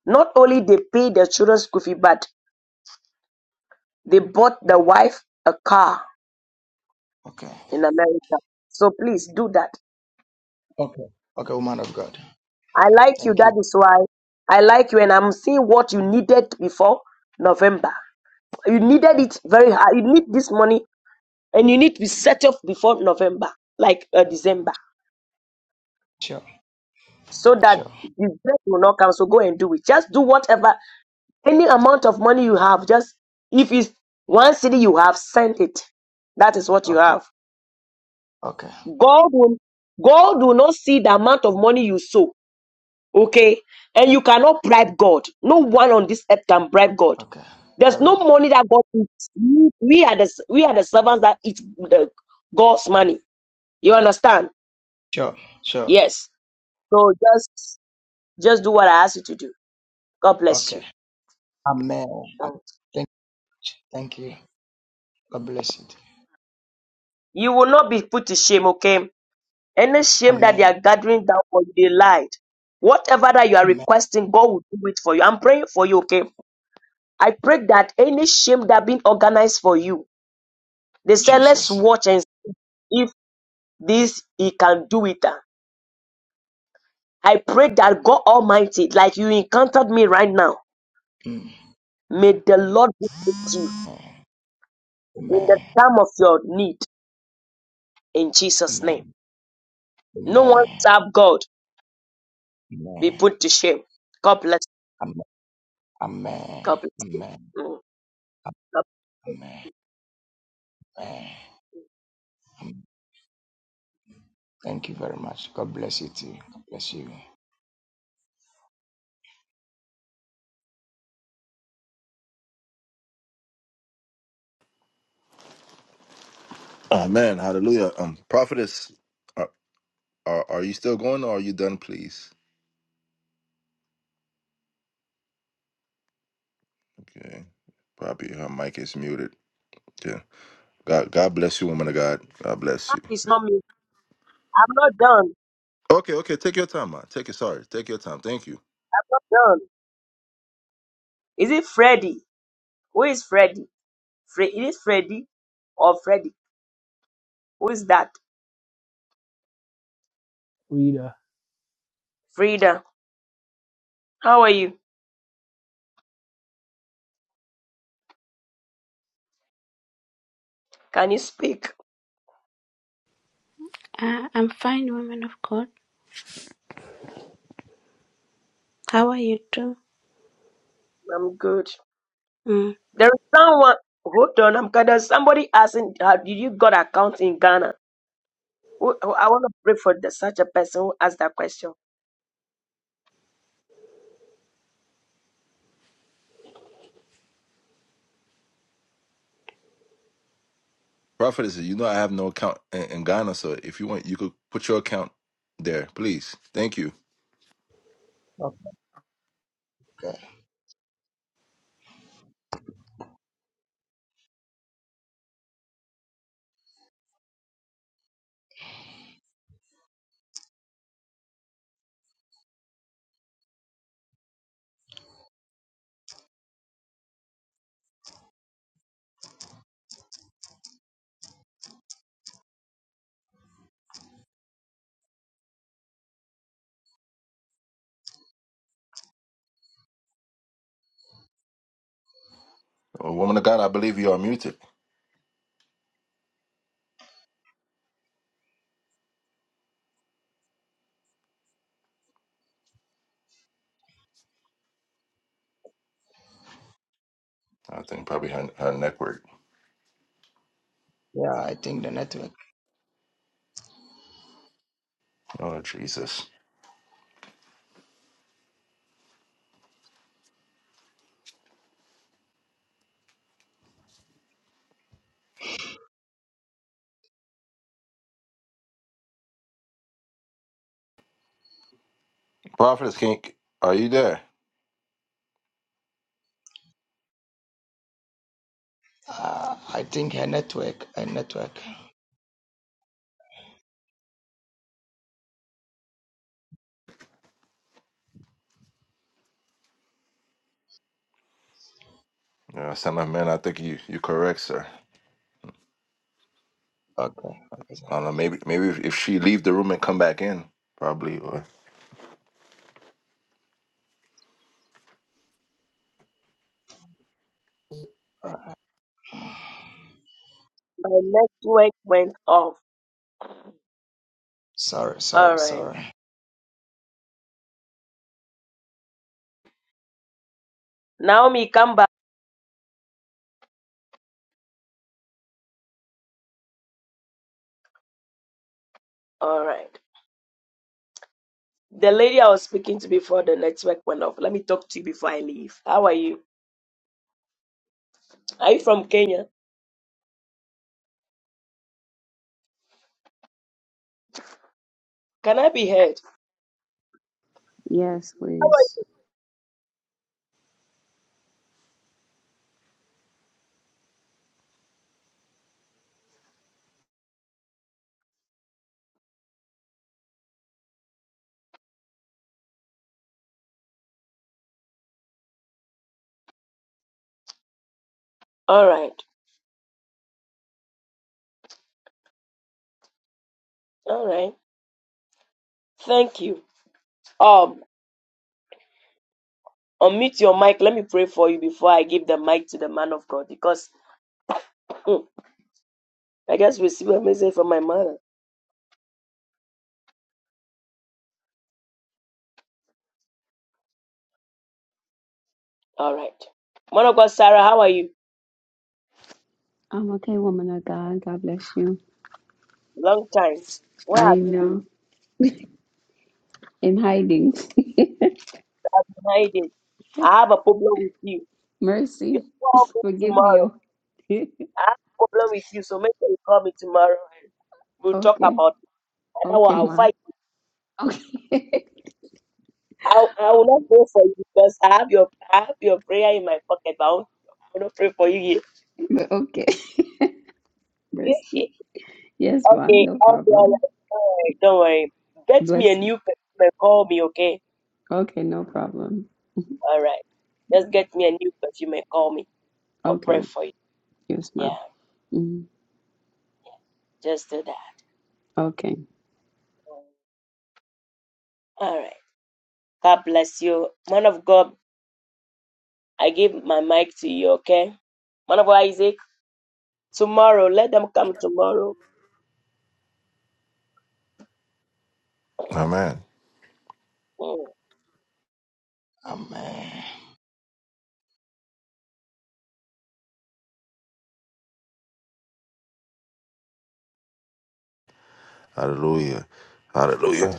G: not only they pay their children's school fee, but they bought the wife a car
E: Okay.
G: in America. So please do that.
E: Okay. Okay, woman of God.
G: I like you.
E: Thank
G: That
E: you.
G: is why I like you, and I'm seeing what you needed before November. You needed it very hard. You need this money, and you need to be settled before November, like uh, December.
E: Sure.
G: so that
E: Sure.
G: the death will not come. So go and do it. Just do whatever, any amount of money you have. Just if it's one city you have, send it. That is what you
E: Okay.
G: have.
E: Okay.
G: God will, God will not see the amount of money you sow. Okay, and you cannot bribe God. No one on this earth can bribe God.
E: Okay. I
G: There's no
E: will.
G: money that God eats. We we are the we are the servants that eat the, God's money. You understand?
E: Sure. Sure.
G: Yes. So just just do what I ask you to do. God bless
E: Okay. Amen. Am-
G: you.
E: Thank you. Thank you. God bless it.
G: You will not be put to shame, okay? Any shame that they
E: Amen.
G: are gathering down for you, they lied. Whatever that you are
E: Amen.
G: requesting, God will do it for you. I'm praying for you, okay? I pray that any shame that been organized for you, they say, let's
E: Jesus.
G: watch and see if this he can do it. ah." I pray that God Almighty, like you encountered me right now,
E: Mm.
G: may the Lord be with you
E: Amen.
G: in the
E: Amen.
G: time of your need in Jesus'
E: Amen.
G: name. No one
E: Amen.
G: serve God,
E: Amen.
G: be put to shame. God bless you.
E: Amen. Amen. Amen.
G: God bless you.
E: Amen.
G: Mm.
E: Amen. Amen. Thank you very much. God bless you too. God bless you.
A: Amen. Hallelujah. Um, prophetess, are, are are you still going or are you done, please? Okay. Probably her mic is muted. Yeah. God God bless you, woman of God. God bless
G: Mark
A: you.
G: not me. I'm not done.
A: Okay, okay. Take your time, man. Take your sorry. Take your time. Thank you.
G: Not done. Is it Freddy? Who is Freddy? Fre- is it Freddy or Freddy? Who is that? Frida. How are you? Can you speak?
H: Uh, I'm fine, woman of God. How are you too?
G: I'm good.
H: Mm.
G: There is someone. Hold on. I'm kind of somebody asking. Uh, did you got account in Ghana? Who, who- I want to pray for the, such a person who asked that question.
A: Prophetess, you know I have no account in, in Ghana, so if you want, you could put your account there, please. Thank you.
E: Okay.
A: Oh, woman of God, I believe you are muted. I think probably her, her network.
E: Yeah, I think the network.
A: Oh Jesus. Prophetess Kink, are you there?
E: Uh, I think her network. Her network.
A: Yeah, son of man, I think you you correct, sir.
E: Okay. Okay. sir.
A: I don't know, maybe maybe if, if she leave the room and come back in, probably or
E: All right.
G: My network went off.
E: Sorry.
G: All
E: Sorry.
G: right.
E: Sorry.
G: Naomi, come back. All right. The lady I was speaking to before the network went off. Let me talk to you before I leave. How are you? Are you from Kenya? Can I be heard?
I: Yes, please.
G: All right. All right. Thank you. Um, unmute your mic. Let me pray for you before I give the mic to the man of God because hmm, I just received a message from my mother. All right. Man of God, Sarah, how are you?
I: I'm okay, woman of God. God bless you.
G: Long time. Where
I: I
G: have you been?
I: know in hiding.
G: Hiding. I have a problem with you. You
I: Mercy,
G: Call me
I: forgive me.
G: tomorrow.
I: oh.
G: I have a problem with you, so make sure you call me tomorrow. We'll talk
I: okay,
G: about it. Otherwise,
I: okay,
G: I'll
I: ma.
G: fight.
I: Okay,
G: I, I will not pray for you because I have your I have your prayer in my pocket, but I won't- I will not pray for you here.
I: But okay. Mercy.
G: okay,
I: Yes, ma.
G: okay,
I: No
G: all
I: problem.
G: right. All right, don't worry. Get me a
I: Bless you.
G: new perfume and call me, okay?
I: Okay, no problem.
G: All right. Just get me a new perfume and call me. I'll
I: Okay.
G: pray for you.
I: Yes, ma.
G: Yeah,
I: Mm,
G: just do that.
I: Okay.
G: All right. God bless you. Man of God, I give my mic to you, okay? Man of God, Isaac, tomorrow, let them come tomorrow.
A: Amen.
G: Hmm.
E: Amen.
A: Hallelujah. Hallelujah.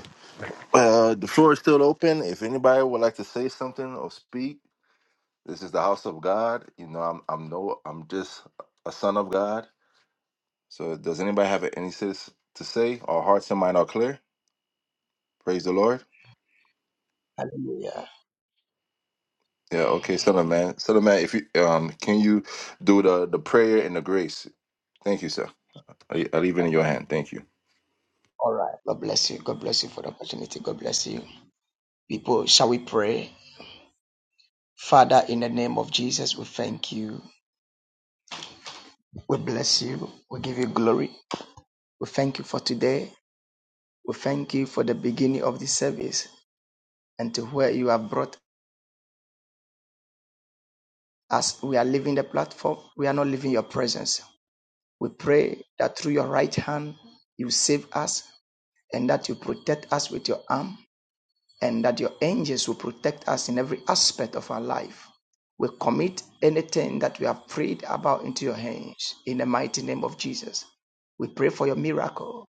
A: Well, the floor is still open. If anybody would like to say something or speak, This is the house of God. You know, I'm I'm no I'm just a son of God. So does anybody have any sis to say? Our hearts and mind are clear. Praise the Lord.
E: Hallelujah.
A: Yeah, okay, son of man. Son of man, if you um can you do the the prayer and the grace? Thank you, sir. I, I leave it in your hand. Thank you.
E: All right. God bless you. God bless you for the opportunity. God bless you. People, shall we pray? Father, in the name of Jesus, we thank you. We bless you. We give you glory. We thank you for today. We thank you for the beginning of this service and to where you have brought us. We are leaving the platform. We are not leaving your presence. We pray that through your right hand you save us and that you protect us with your arm and that your angels will protect us in every aspect of our life. We commit anything that we have prayed about into your hands in the mighty name of Jesus. We pray for your miracle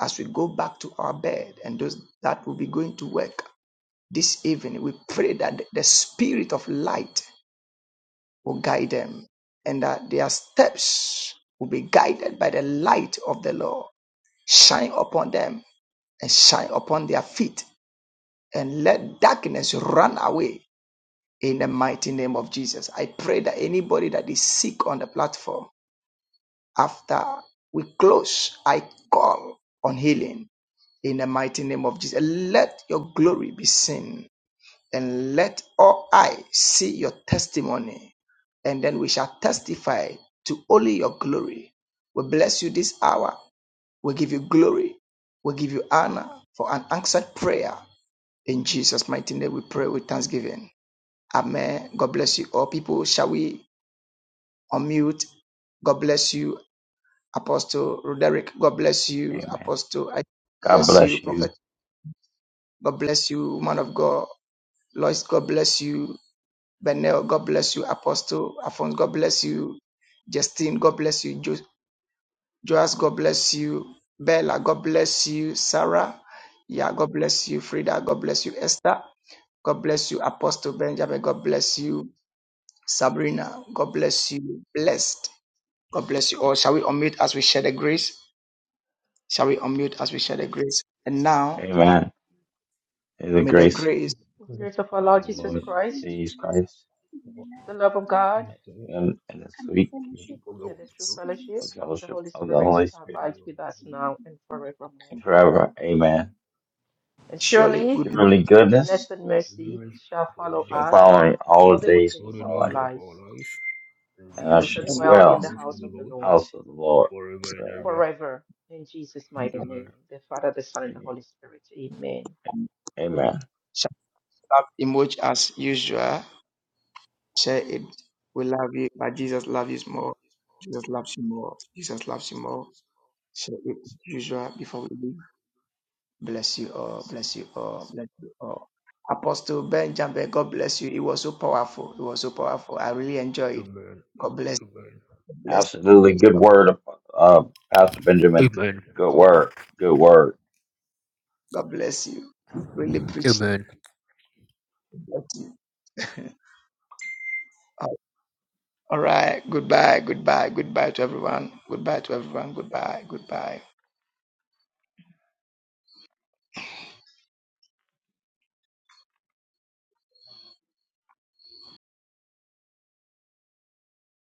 E: as we go back to our bed and those that will be going to work This evening, we pray that the spirit of light will guide them and that their steps will be guided by the light of the Lord. Shine upon them and shine upon their feet and let darkness run away in the mighty name of Jesus. I pray that anybody that is sick on the platform, after we close, I call on healing in the mighty name of Jesus. Let your glory be seen and let all eyes see your testimony, and then we shall testify to only your glory. We bless you this hour. We give you glory. We give you honor for an answered prayer. In Jesus' mighty name, we pray with thanksgiving. Amen. God bless you all. People, shall we unmute? God bless you, Apostle Roderick. God bless you,
F: Amen.
E: Apostle. I
F: God
E: bless you,
F: bless you.
E: Prophet. God bless you, man of God. Lois, God bless you. Benel, God bless you. Apostle Afonso, God bless you. Justine, God bless you. Jo- Joas, God bless you. Bella, God bless you. Sarah, yeah, God bless you. Frida, God bless you. Esther, God bless you. Apostle Benjamin, God bless you. Sabrina, God bless you. Blessed, God bless you all. Shall we unmute as we share the grace? Shall we unmute as we share the grace? And now,
F: Amen. In the
E: may the
F: grace
E: grace,
J: The Grace of our
F: of
J: Lord
F: our
J: Jesus
F: Lord
K: human
J: Christ,
F: Jesus
K: conditions,
F: Christ
K: the lack
J: the
K: of
J: love of
K: God,
J: God,
F: and, and the
K: and the
F: sweet
K: fellowship of the
J: and
K: Holy
J: the true
K: Spirit
J: fellowship of the
F: fellowship
J: Holy
F: of the
J: Spirit
F: Holy Spirit.
J: abide with us
K: be
J: now and
K: with you
J: forevermore.
F: And
K: and
F: forever.
K: with
F: Amen.
J: And
E: surely
F: And
J: surely
E: goodness
F: surely
J: goodness
F: goodness
J: and mercy shall follow
F: shall
J: us
F: follow me all
J: all
F: the
J: the
F: days of
J: days
F: my
J: of
K: you.
J: our
F: life.
J: lives,
F: And
J: and
F: I
J: we
K: Send
F: shall
J: shall
E: and mercy
J: dwell
F: dwell
J: in
F: in
J: the house
K: us
J: of the
F: the
J: Lord
F: house of the Lord forever.
J: forever. In Jesus' mighty name, the Father, the Son, and the
F: Amen.
J: Holy Spirit. Amen. Amen.
F: Amen.
E: shall have emerge as usual Share it. We love you, but Jesus loves you more. Jesus loves you more. Jesus loves you more. Share it as usual before we leave. Bless you all. Bless you all. Bless you all. Apostle Benjamin, God bless you. It was so powerful. It was so powerful. I really enjoyed it. God bless you. God Bless
F: Absolutely. Good
E: God,
F: word, uh, Pastor Benjamin. Good word. Good word.
E: God bless you. You really preached. Bless you. all right. Goodbye. Goodbye. Goodbye to everyone. Goodbye to everyone. Goodbye. Goodbye.